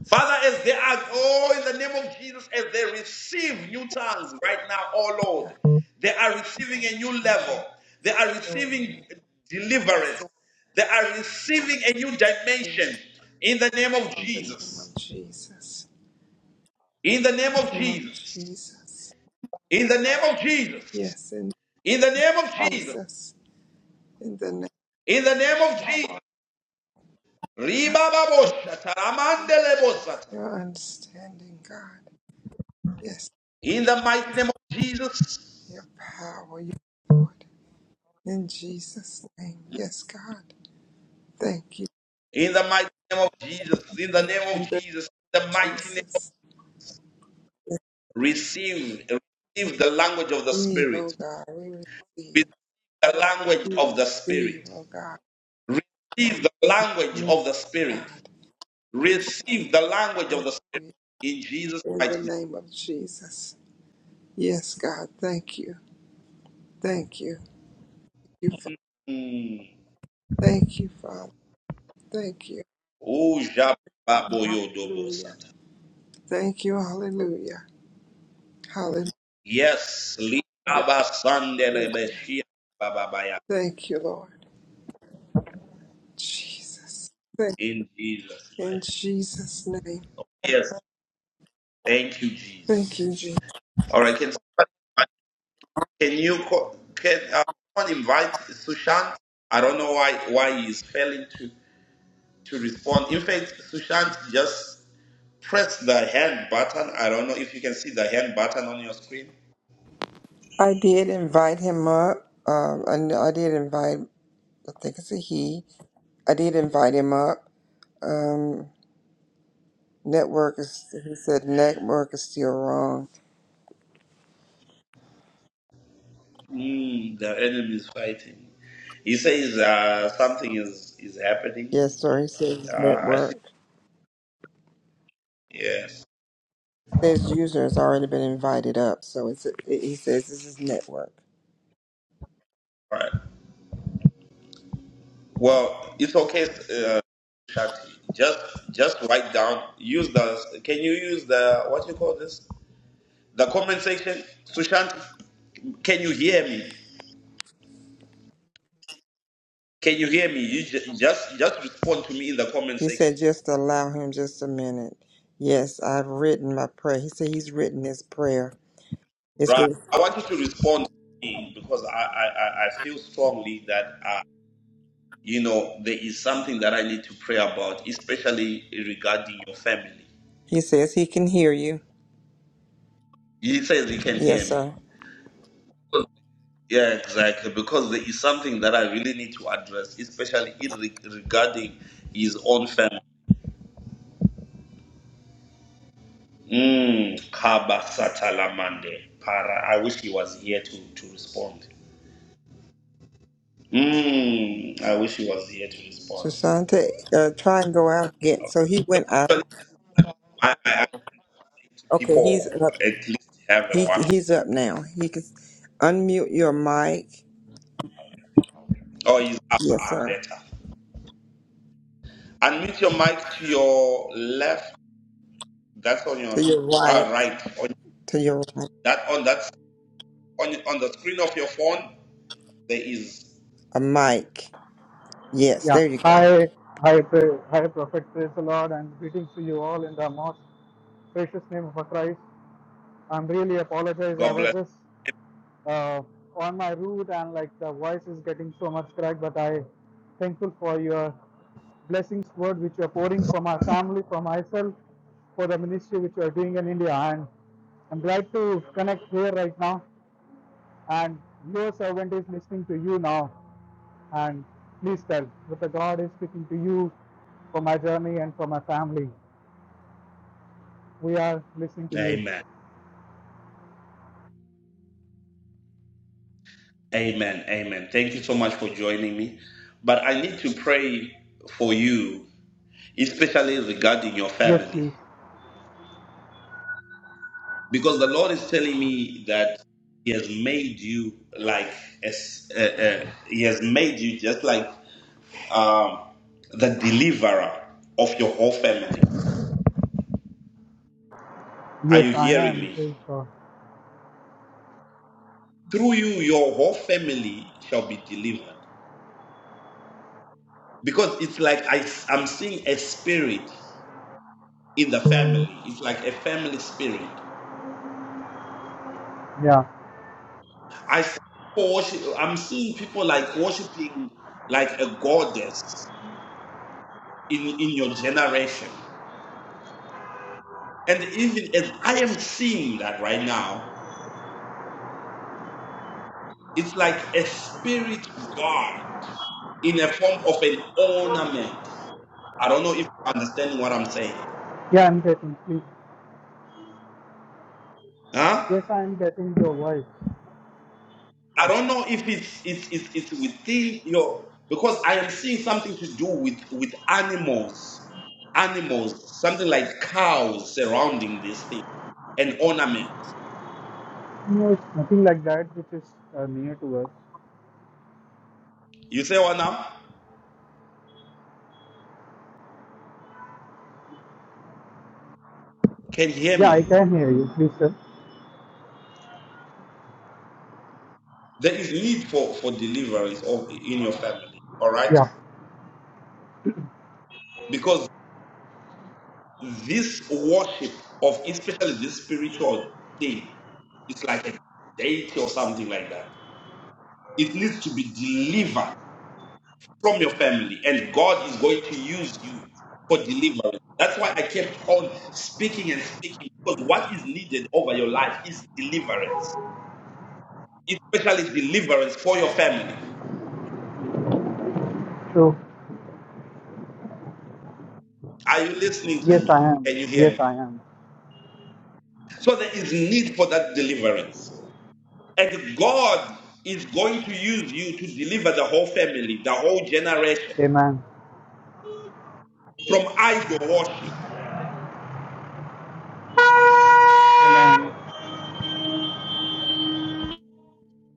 [SPEAKER 1] Father, as they are, oh, in the name of Jesus, as they receive new tongues right now, oh
[SPEAKER 4] God.
[SPEAKER 1] Lord, they are receiving a new level.
[SPEAKER 4] Bring
[SPEAKER 1] They are
[SPEAKER 4] your
[SPEAKER 1] receiving
[SPEAKER 4] word,
[SPEAKER 1] deliverance.
[SPEAKER 4] wisdom,
[SPEAKER 1] They are receiving a new
[SPEAKER 4] in
[SPEAKER 1] dimension
[SPEAKER 4] God,
[SPEAKER 1] in the name of
[SPEAKER 4] in the name
[SPEAKER 1] Jesus.
[SPEAKER 4] of Jesus.
[SPEAKER 1] In the name of
[SPEAKER 4] name of
[SPEAKER 1] Jesus.
[SPEAKER 4] Jesus.
[SPEAKER 1] In the name of Jesus.
[SPEAKER 4] Yes, in
[SPEAKER 1] In the name of Jesus.
[SPEAKER 4] Jesus. In the name
[SPEAKER 1] In the name of
[SPEAKER 4] of
[SPEAKER 1] Jesus.
[SPEAKER 4] God,
[SPEAKER 1] Ribababoshata, ramandelebosata.
[SPEAKER 4] your understanding, God. Yes,
[SPEAKER 1] In the mighty name of Jesus.
[SPEAKER 4] your power, your Lord. In Jesus' name. Yes, God. Thank you.
[SPEAKER 1] In the mighty name of Jesus. In the
[SPEAKER 4] Lord,
[SPEAKER 1] name
[SPEAKER 4] In
[SPEAKER 1] of
[SPEAKER 4] the
[SPEAKER 1] Jesus. In the
[SPEAKER 4] name of
[SPEAKER 1] mighty name of
[SPEAKER 4] Jesus.
[SPEAKER 1] receive. Receive the language of the
[SPEAKER 4] Receive, oh
[SPEAKER 1] Spirit.
[SPEAKER 4] God. We receive.
[SPEAKER 1] Receive the language
[SPEAKER 4] We
[SPEAKER 1] of the
[SPEAKER 4] receive,
[SPEAKER 1] Spirit.
[SPEAKER 4] oh God.
[SPEAKER 1] Receive the language
[SPEAKER 4] Yes,
[SPEAKER 1] of the Spirit.
[SPEAKER 4] God. We
[SPEAKER 1] Receive the language
[SPEAKER 4] pray
[SPEAKER 1] of the Spirit. In Jesus'
[SPEAKER 4] in
[SPEAKER 1] mighty
[SPEAKER 4] the name of Jesus. Yes, God, thank you. Thank you. You fa-
[SPEAKER 1] name. Mm.
[SPEAKER 4] Thank you, Father. Thank you.
[SPEAKER 1] Oh,
[SPEAKER 4] Hallelujah.
[SPEAKER 1] Jababoyodobosata.
[SPEAKER 4] Thank you. Hallelujah. Hallelujah.
[SPEAKER 1] Yes. Libabasandelebeshia.
[SPEAKER 4] Thank you, Lord. Jesus. Thank
[SPEAKER 1] In Jesus'
[SPEAKER 4] in
[SPEAKER 1] mighty.
[SPEAKER 4] Jesus' name.
[SPEAKER 1] Yes. Thank you,
[SPEAKER 4] Thank
[SPEAKER 1] Jesus.
[SPEAKER 4] you, Jesus.
[SPEAKER 1] All right. Can somebody- can you co- can uh, someone invite Sushant? I don't know why why he is failing to to respond. In fact, Sushant just press the hand button. I don't know if you can see the hand button on your screen.
[SPEAKER 4] I did invite him up. Um, I, kn- I did invite, I think it's a he. I did invite him up. Um, network is, he said network is still wrong.
[SPEAKER 1] Mm, the enemy is fighting. He says uh, something is is happening.
[SPEAKER 4] Yes, sir. He said his
[SPEAKER 1] Uh, I see.
[SPEAKER 4] network.
[SPEAKER 1] Yes.
[SPEAKER 4] Says user has already been invited up, so it's he says this is network.
[SPEAKER 1] All right. Well, it's okay. uh, Exactly. Just just write down. Use the. Can you use the what you call this? The comment section. Sushant, can you hear me? Can you hear me? You ju- just just respond to me in the comment
[SPEAKER 4] He
[SPEAKER 1] section.
[SPEAKER 4] said just allow him just a minute. Yes, I've written my prayer. He said he's written his prayer. He
[SPEAKER 1] Right.
[SPEAKER 4] says
[SPEAKER 1] I want you to respond to me because I I, I I feel strongly that uh, you know there is something that I need to pray about, especially regarding your family.
[SPEAKER 4] he, says he can hear you.
[SPEAKER 1] He says he can
[SPEAKER 4] Yes,
[SPEAKER 1] hear me.
[SPEAKER 4] sir.
[SPEAKER 1] Yeah, exactly. Because there is something that I really need to address, especially in re- regarding his own family. Mm, Kaba Satalamande. Para. I wish he was here to, to respond. Mm, I wish he was here to
[SPEAKER 4] So
[SPEAKER 1] respond.
[SPEAKER 4] Shante, uh, try and go out again. So he went out.
[SPEAKER 1] But I, I ask
[SPEAKER 4] Okay, he's
[SPEAKER 1] people
[SPEAKER 4] up.
[SPEAKER 1] at least have a
[SPEAKER 4] He
[SPEAKER 1] one.
[SPEAKER 4] he's up now. He can unmute your mic.
[SPEAKER 1] Oh, he's up,
[SPEAKER 4] Yes,
[SPEAKER 1] ah,
[SPEAKER 4] sir.
[SPEAKER 1] better. Unmute your mic to your left. That's on your
[SPEAKER 4] To your
[SPEAKER 1] ah,
[SPEAKER 4] right.
[SPEAKER 1] right. On
[SPEAKER 4] To your right.
[SPEAKER 1] that on that on on the screen of your phone, there is
[SPEAKER 4] A mic. Yes,
[SPEAKER 8] Yeah.
[SPEAKER 4] there you go.
[SPEAKER 8] Hi, hi, pra- hi, Prophet. Praise the Lord, and greetings to you all in the most precious name of Christ. I'm really apologize. I
[SPEAKER 1] God
[SPEAKER 8] was
[SPEAKER 1] bless.
[SPEAKER 8] just uh, on my route, and like the voice is getting so much cracked. But I thankful for your blessings, word which you are pouring for my family, for myself, for the ministry which you are doing in India, and I'm glad to connect here right now. And your servant is listening to you now. And please tell that the God is speaking to you for my journey and for my family. We are listening to you.
[SPEAKER 1] Amen. Amen. Amen. Thank you so much for joining me. But I need to pray for you, especially regarding your
[SPEAKER 8] Yes,
[SPEAKER 1] family,
[SPEAKER 8] please.
[SPEAKER 1] because the Lord is telling me that He has made you like as uh, uh, He has made you just like um, the deliverer of your whole family. Are
[SPEAKER 8] Yes,
[SPEAKER 1] you
[SPEAKER 8] I
[SPEAKER 1] hearing
[SPEAKER 8] am.
[SPEAKER 1] me?
[SPEAKER 8] Please God.
[SPEAKER 1] Through you, your whole family shall be delivered. Because it's like I, I'm seeing a spirit in the family. It's like a family spirit
[SPEAKER 8] Yeah.
[SPEAKER 1] I see people worship, I'm seeing people like worshiping like a goddess in, in your generation. And even as I am seeing that right now, it's like a spirit god in a form of an ornament. I don't know if you're understanding what I'm saying.
[SPEAKER 8] Yeah, I'm getting, please.
[SPEAKER 1] Huh?
[SPEAKER 8] Yes, I am getting your voice.
[SPEAKER 1] I don't know if it's it's it's, it's within your because I am seeing something to do with with animals, animals, something like cows surrounding this thing, an ornament.
[SPEAKER 8] No, it's nothing like that which is uh, near to us.
[SPEAKER 1] You say what now? Can you hear
[SPEAKER 8] Yeah, I
[SPEAKER 1] me?
[SPEAKER 8] can hear you. Please, sir.
[SPEAKER 1] There is need for, for deliverance of in your family. All right?
[SPEAKER 8] Yeah.
[SPEAKER 1] Because this worship of especially this spiritual thing, it's like a deity or something like that. It needs to be delivered from your family, and God is going to use you for deliverance. That's why I kept on speaking and speaking because what is needed over your life is deliverance, especially deliverance for your family.
[SPEAKER 8] So,
[SPEAKER 1] Are you listening to
[SPEAKER 8] yes, I
[SPEAKER 1] me?
[SPEAKER 8] am.
[SPEAKER 1] Can you hear
[SPEAKER 8] Yes,
[SPEAKER 1] me?
[SPEAKER 8] I am.
[SPEAKER 1] So there is need for that deliverance. And God is going to use you to deliver the whole family, the whole generation
[SPEAKER 8] Amen.
[SPEAKER 1] from idol worship.
[SPEAKER 8] Amen.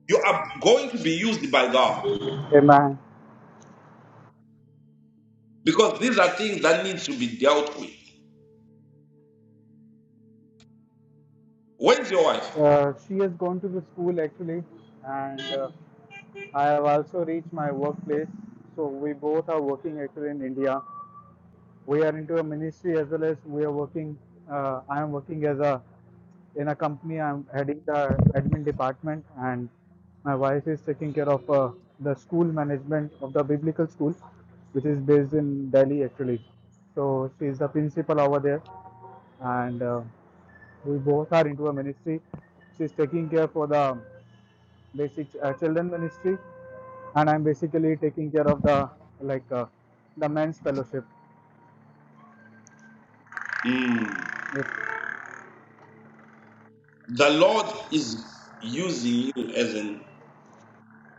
[SPEAKER 1] You are going to be used by God
[SPEAKER 8] Amen.
[SPEAKER 1] because these are things that need to be dealt with. Where's your wife?
[SPEAKER 8] Uh, she has gone to the school actually, and uh, I have also reached my workplace. So we both are working actually in India. We are into a ministry as well as we are working. Uh, I am working as a in a company. I'm heading the admin department, and my wife is taking care of uh, the school management of the biblical school, which is based in Delhi actually. So she is the principal over there, and uh, we both are into a ministry. She is taking care for the basic uh, children ministry, and I'm basically taking care of the like uh, the men's fellowship.
[SPEAKER 1] Mm.
[SPEAKER 8] Yes,
[SPEAKER 1] The Lord is using you as an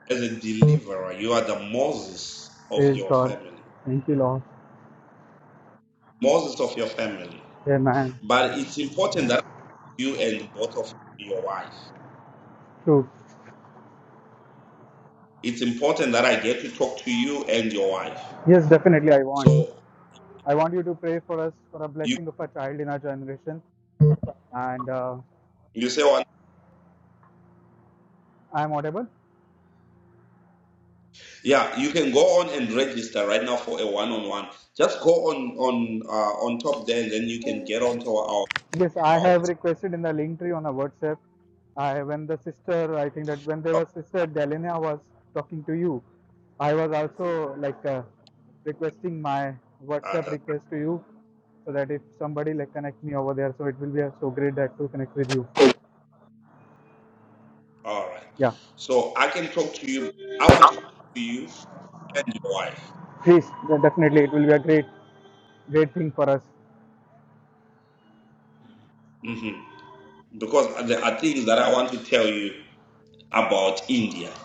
[SPEAKER 1] as a deliverer. You are the Moses of
[SPEAKER 8] praise
[SPEAKER 1] your
[SPEAKER 8] God.
[SPEAKER 1] family.
[SPEAKER 8] Thank you, Lord.
[SPEAKER 1] Moses of your family.
[SPEAKER 8] Amen.
[SPEAKER 1] But it's important that you and both of your wife.
[SPEAKER 8] True.
[SPEAKER 1] It's important that I get to talk to you and your wife.
[SPEAKER 8] Yes, definitely. I want.
[SPEAKER 1] So
[SPEAKER 8] I want you to pray for us for a
[SPEAKER 1] you
[SPEAKER 8] blessing of a child in our generation. And uh,
[SPEAKER 1] you say one
[SPEAKER 8] I'm audible.
[SPEAKER 1] yeah, you can go on and register right now for a one on one. Just go on on uh, on top there and then you can get onto our
[SPEAKER 8] Yes, I
[SPEAKER 1] our
[SPEAKER 8] have requested in the link tree on a WhatsApp. I when the sister, I think that when there was sister Delina was talking to you, I was also like uh, requesting my
[SPEAKER 1] uh,
[SPEAKER 8] WhatsApp
[SPEAKER 1] that,
[SPEAKER 8] request to you, so that if somebody like connect me over there, so it will be uh, so great that to connect with you.
[SPEAKER 1] all right.
[SPEAKER 8] Yeah,
[SPEAKER 1] So I can talk to you. I want to talk to you and your wife
[SPEAKER 8] please de- definitely it will be a great, great thing for us.
[SPEAKER 1] hmm because there are things that I want to tell you about India.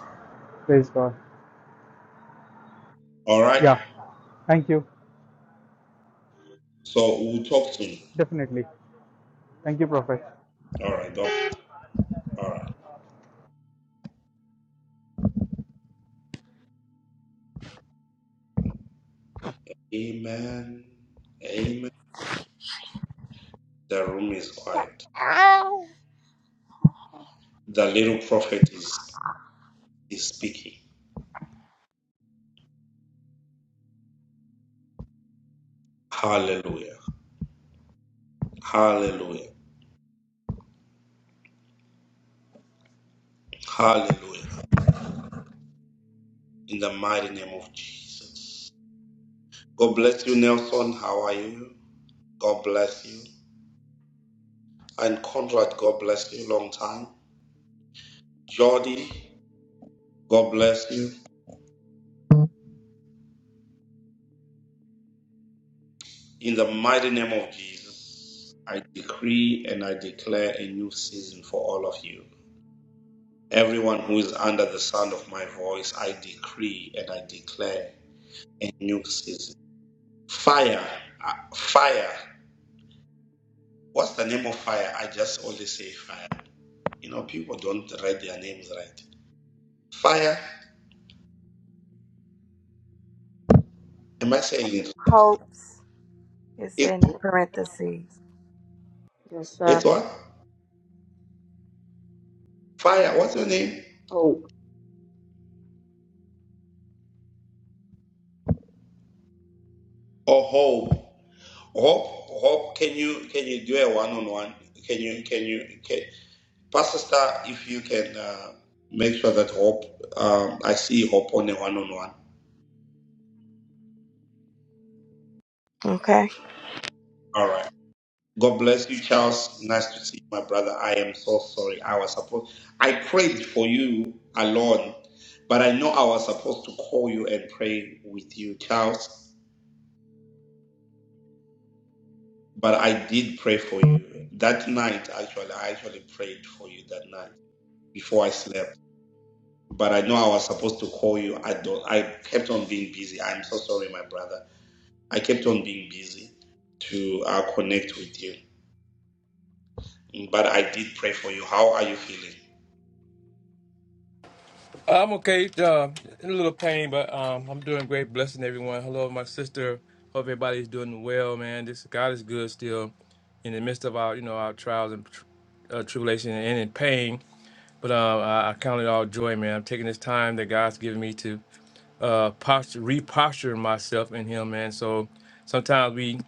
[SPEAKER 8] Praise God.
[SPEAKER 1] All right.
[SPEAKER 8] Yeah, thank you.
[SPEAKER 1] So we'll talk soon.
[SPEAKER 8] Definitely. Thank you, Prophet.
[SPEAKER 1] All right. All right. Amen. Amen. The room is quiet. The little prophet is, is speaking. Hallelujah. Hallelujah. Hallelujah. In the mighty name of Jesus. God bless you, Nelson. How are you? God bless you. And Conrad, God bless you. Long time. Jordi, God bless you. In the mighty name of Jesus, I decree and I declare a new season for all of you. Everyone who is under the sound of my voice, I decree and I declare a new season. Fire, uh, fire. What's the name of fire? I just only say fire. You know, people don't write their names right. Fire. Am I saying it?
[SPEAKER 2] hopes is
[SPEAKER 1] It's
[SPEAKER 2] in parentheses.
[SPEAKER 9] Yes,
[SPEAKER 1] it's
[SPEAKER 9] sir.
[SPEAKER 1] what? Fire. What's your name?
[SPEAKER 9] Hope.
[SPEAKER 1] Or hope? Hope. Hope. Can you can you do a one on one? Can you can you can Pastor Star? If you can uh, make sure that hope. Um, I see hope on a one on one.
[SPEAKER 2] Okay.
[SPEAKER 1] right. God bless you, Charles. Nice to see you, my brother. I am so sorry. I was supposed I prayed for you alone, but I know I was supposed to call you and pray with you, Charles. But I did pray for you that night. Actually, I actually prayed for you that night before I slept. But I know I was supposed to call you. I don't. I kept on being busy. I'm so sorry, my brother. I kept on being busy to uh, connect with you. But I did pray for you. How are you feeling?
[SPEAKER 10] I'm okay. Uh, in a little pain, but um, I'm doing great. Blessing everyone. Hello, my sister. Hope everybody's doing well, man. This God is good still, in the midst of our, you know, our trials and tr- uh, tribulation and in pain. But uh, I, I count it all joy, man. I'm taking this time that God's given me to uh, posture, reposture myself in Him, man. So sometimes we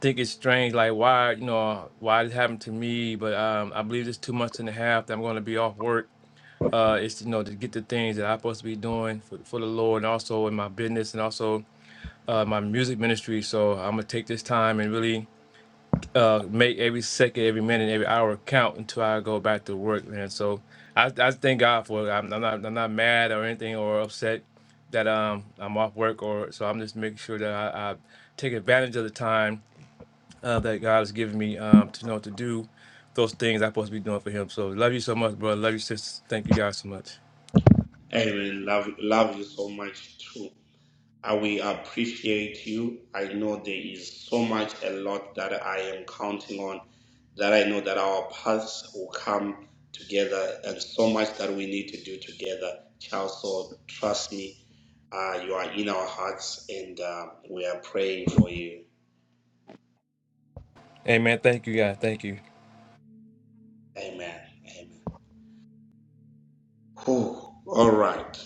[SPEAKER 10] think it's strange, like why, you know, why it happened to me. But um, I believe it's two months and a half that I'm going to be off work uh, is you know to get the things that I'm supposed to be doing for, for the Lord, and also in my business and also uh, my music ministry. So I'm gonna take this time and really uh, make every second, every minute, every hour count until I go back to work, man. So I, I thank God for it. I'm, I'm not I'm not mad or anything or upset that um I'm off work or so I'm just making sure that I, I take advantage of the time uh, that God has given me um to know to do those things I'm supposed to be doing for Him. So love you so much, bro. Love you, sis. Thank you guys so much.
[SPEAKER 1] Amen. Love, love you so much too. I will appreciate you. I know there is so much, a lot that I am counting on, that I know that our paths will come together, and so much that we need to do together. Child, so trust me, uh, you are in our hearts, and uh, we are praying for you.
[SPEAKER 10] Amen. Thank you, God. Thank you.
[SPEAKER 1] Amen. Amen. Whew. All right.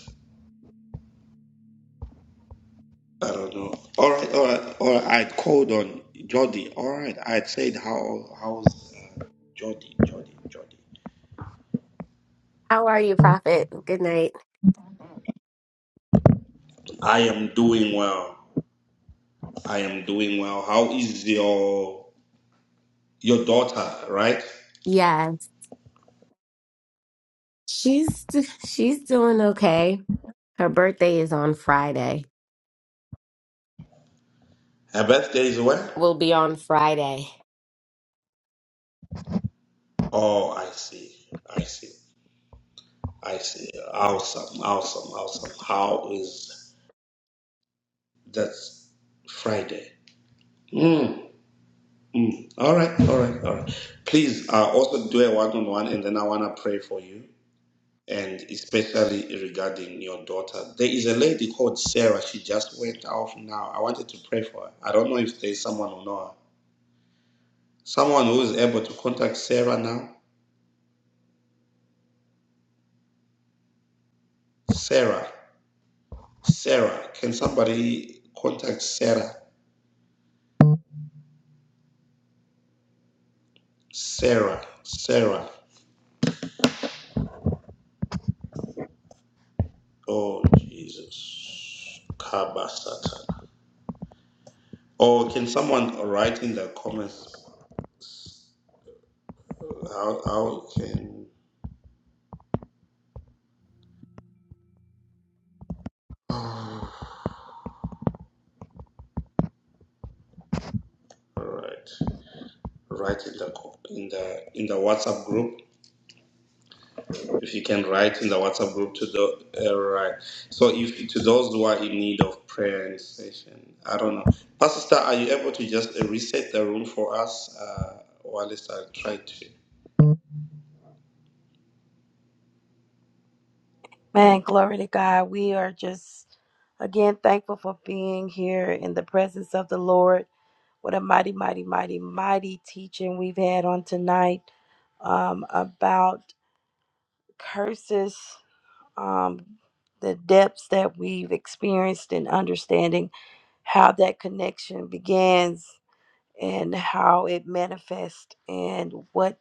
[SPEAKER 1] I don't know. All right, all right, all right. I'd called on Jody. All right, I'd said how how's uh, Jody, Jody, Jody.
[SPEAKER 11] How are you, Prophet? Good night.
[SPEAKER 1] I am doing well. I am doing well. How is your your daughter? Right,
[SPEAKER 11] Yeah, she's she's doing okay. Her birthday is on Friday.
[SPEAKER 1] her birthday is when?
[SPEAKER 11] Will be on Friday.
[SPEAKER 1] Oh, I see. I see. I see. Awesome, awesome, awesome. How is that Friday? Mm. Mm. All right, all right, all right. Please uh, also do a one on one, and then I wanna pray for you. and especially regarding your daughter. There is a lady called Sarah. She just went off now. I wanted to pray for her. I don't know if there's someone who know her. Someone who is able to contact Sarah now. Sarah. Sarah. Can somebody contact Sarah? Sarah. Sarah. Oh Jesus. Kaba Satan. Or can someone write in the comments how how can all right. write in the in the in the WhatsApp group. If you can write in the WhatsApp group to the uh, right. So if to those who are in need of prayer and session, I don't know. Pastor, Star, are you able to just uh, reset the room for us uh, while I try to?
[SPEAKER 2] Man, glory to God. We are just again thankful for being here in the presence of the Lord. What a mighty, mighty, mighty, mighty teaching we've had on tonight um, about curses, um, the depths that we've experienced, and understanding how that connection begins and how it manifests and what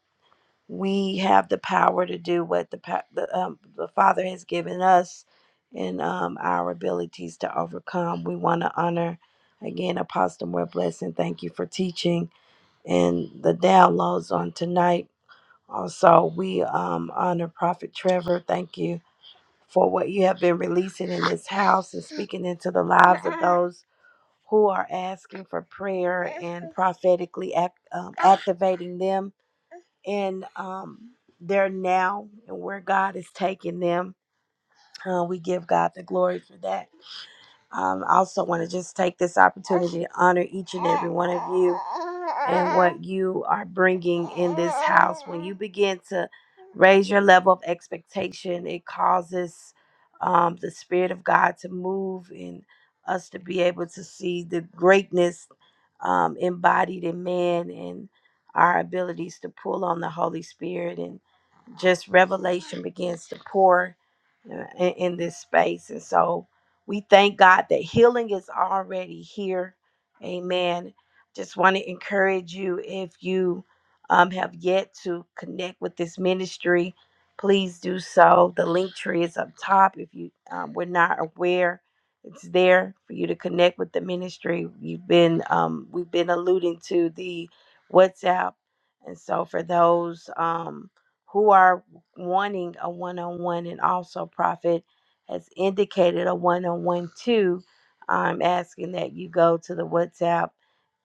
[SPEAKER 2] we have the power to do what the pa- the, um, the father has given us and um, our abilities to overcome we want to honor again apostle more blessing thank you for teaching and the downloads on tonight also we um, honor prophet trevor thank you for what you have been releasing in this house and speaking into the lives of those who are asking for prayer and prophetically act, um, activating them in um, their now and where God is taking them. Uh, we give God the glory for that. Um, I also want to just take this opportunity to honor each and every one of you and what you are bringing in this house. When you begin to raise your level of expectation, it causes um, the Spirit of God to move and us to be able to see the greatness um, embodied in man and our abilities to pull on the Holy Spirit and just revelation begins to pour uh, in, in this space. And so we thank God that healing is already here. Amen. Just want to encourage you if you um, have yet to connect with this ministry, please do so. The link tree is up top. If you um, were not aware, it's there for you to connect with the ministry. You've been um, we've been alluding to the WhatsApp, and so for those. Um, who are wanting a one on one, and also Prophet has indicated a one on one too. I'm asking that you go to the WhatsApp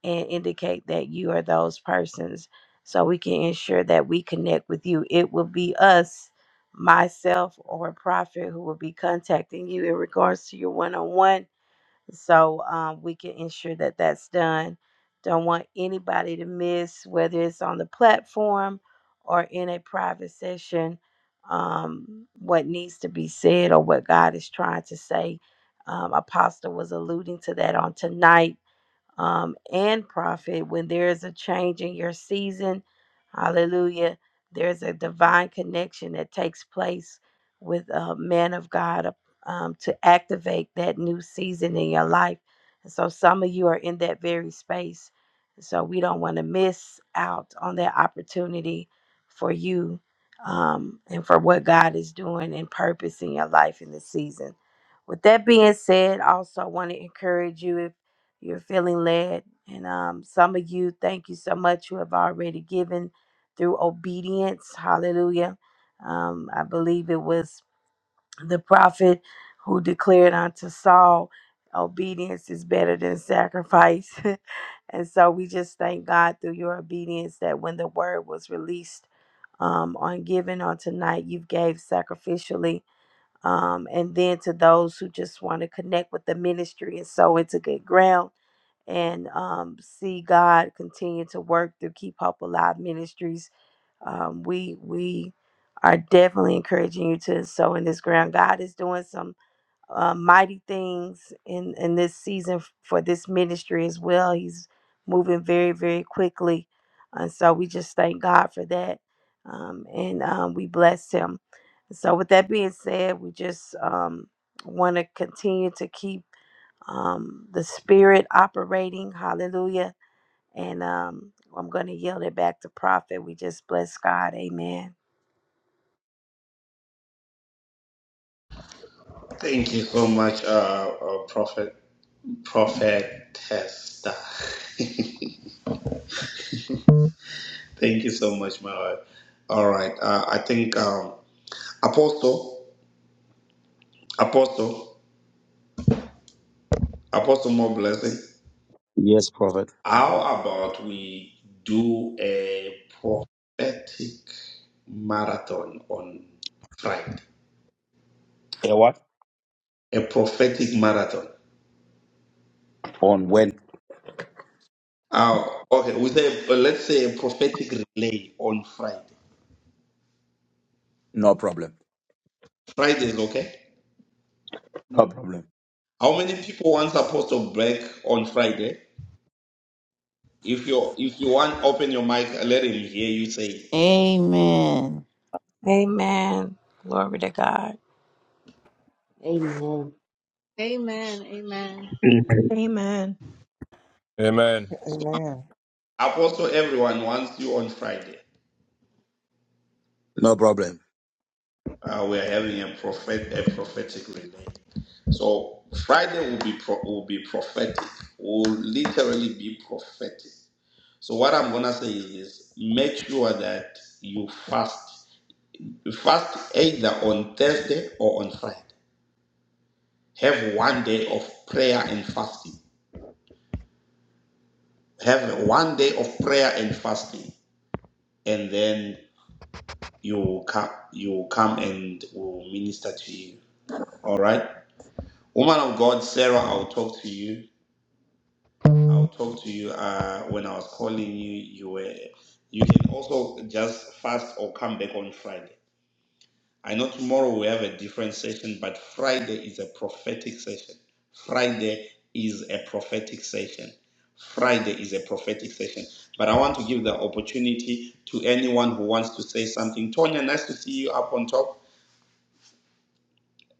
[SPEAKER 2] and indicate that you are those persons so we can ensure that we connect with you. It will be us, myself, or Prophet who will be contacting you in regards to your one on one so um, we can ensure that that's done. Don't want anybody to miss, whether it's on the platform or in a private session, um, what needs to be said or what God is trying to say. Um, Apostle was alluding to that on tonight um, and prophet when there is a change in your season. Hallelujah. There's a divine connection that takes place with a man of God um, to activate that new season in your life. And so some of you are in that very space. So we don't want to miss out on that opportunity for you um, and for what God is doing and purpose in your life in this season. With that being said, I also want to encourage you if you're feeling led. And um, some of you, thank you so much. You have already given through obedience. Hallelujah. Um, I believe it was the prophet who declared unto Saul, obedience is better than sacrifice. and so we just thank God through your obedience that when the word was released um, on giving on tonight, you gave sacrificially. Um, and then to those who just want to connect with the ministry and sow into good ground and um, see God continue to work through Keep Hope Alive Ministries. Um, we we are definitely encouraging you to sow in this ground. God is doing some uh, mighty things in in this season f- for this ministry as well. He's moving very very quickly, and so we just thank God for that, um, and um, we bless Him. So with that being said, we just um, want to continue to keep um, the spirit operating. Hallelujah. And um, I'm going to yield it back to Prophet. We just bless God. Amen.
[SPEAKER 1] Thank you so much, uh, uh, Prophet Prophet Testa. Thank you so much, my wife. All right, uh, I think um, Apostle Apostle Apostle more blessing.
[SPEAKER 3] Yes, prophet.
[SPEAKER 1] How about we do a prophetic marathon on Friday?
[SPEAKER 3] Yeah, what?
[SPEAKER 1] A prophetic marathon.
[SPEAKER 3] On when?
[SPEAKER 1] Oh, okay. We say uh, let's say a prophetic relay on Friday.
[SPEAKER 3] No problem.
[SPEAKER 1] Friday is okay.
[SPEAKER 3] No problem.
[SPEAKER 1] How many people want apostle break on Friday? If you if you want, open your mic. Let him hear you say. it.
[SPEAKER 5] Amen.
[SPEAKER 2] Amen. Glory to God.
[SPEAKER 9] Amen.
[SPEAKER 12] Amen. Amen.
[SPEAKER 13] Amen.
[SPEAKER 14] Amen.
[SPEAKER 10] Amen.
[SPEAKER 1] So,
[SPEAKER 4] Amen.
[SPEAKER 1] Apostle, everyone wants you on Friday.
[SPEAKER 3] No problem.
[SPEAKER 1] Uh, we are having a prophet a prophetic relay. So Friday will be pro, will be prophetic. Will literally be prophetic. So what I'm gonna say is this: make sure that you fast. You fast either on Thursday or on Friday. Have one day of prayer and fasting. Have one day of prayer and fasting, and then you come. You come and will minister to you. All right, woman of God, Sarah. I'll talk to you. I'll talk to you uh, when I was calling you. You were. You can also just fast or come back on Friday. I know tomorrow we have a different session, but Friday is a prophetic session. Friday is a prophetic session. Friday is a prophetic session. But I want to give the opportunity to anyone who wants to say something. Tonya, nice to see you up on top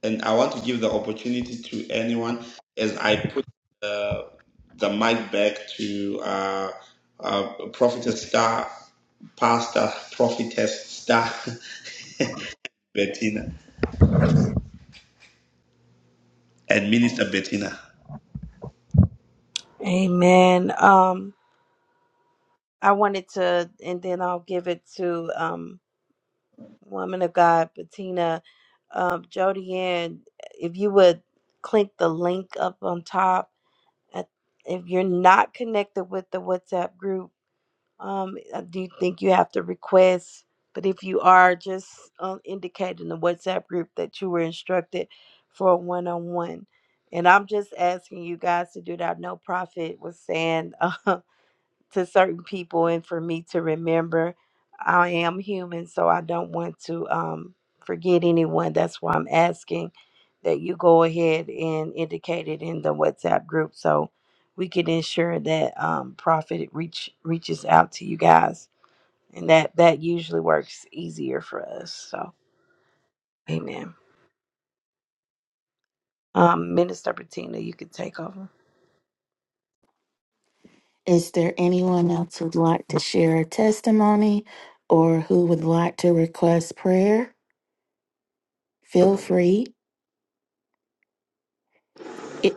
[SPEAKER 1] and I want to give the opportunity to anyone as I put uh, the mic back to uh, uh, Prophetess Star, Pastor Prophetess Star Bettina, and Minister Bettina.
[SPEAKER 2] Amen. Um, I wanted to, and then I'll give it to um, Woman of God, Bettina, um, Jody Ann. If you would click the link up on top, at, if you're not connected with the WhatsApp group, Um, I do think you have to request, but if you are, just um, indicate in the WhatsApp group that you were instructed for a one on one. And I'm just asking you guys to do that. No prophet was saying uh, to certain people, and for me to remember, I am human, so I don't want to um, forget anyone. That's why I'm asking that you go ahead and indicate it in the WhatsApp group so we can ensure that um, Prophet reach reaches out to you guys, and that that usually works easier for us. So, Amen. Um, Minister Bettina, you can take over.
[SPEAKER 5] Is there anyone else who'd like to share a testimony or who would like to request prayer? Feel free. I-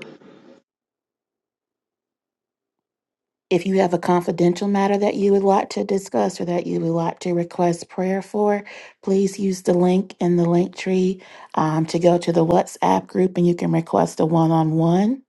[SPEAKER 5] If you have a confidential matter that you would like to discuss or that you would like to request prayer for, please use the link in the link tree um, to go to the WhatsApp group and you can request a one on one.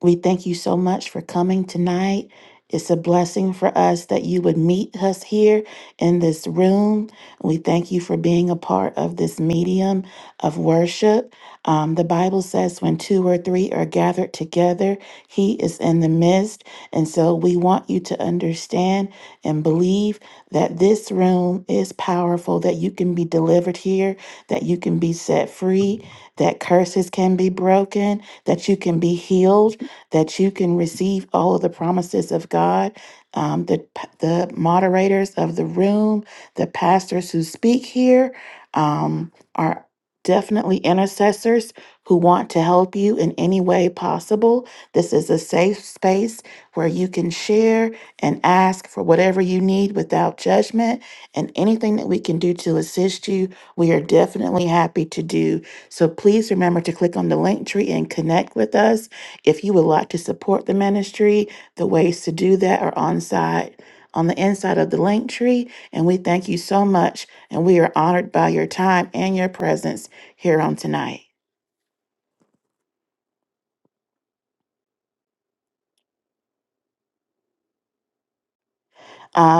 [SPEAKER 5] We thank you so much for coming tonight. It's a blessing for us that you would meet us here in this room. We thank you for being a part of this medium of worship. Um, the Bible says, when two or three are gathered together, He is in the midst. And so we want you to understand and believe that this room is powerful, that you can be delivered here, that you can be set free, that curses can be broken, that you can be healed that you can receive all of the promises of God. Um, the, the moderators of the room, the pastors who speak here um, are definitely intercessors who want to help you in any way possible. This is a safe space where you can share and ask for whatever you need without judgment. And anything that we can do to assist you, we are definitely happy to do. So please remember to click on the link tree and connect with us. If you would like to support the ministry, the ways to do that are on site on the inside of the link tree. And we thank you so much. And we are honored by your time and your presence here on tonight. Uh,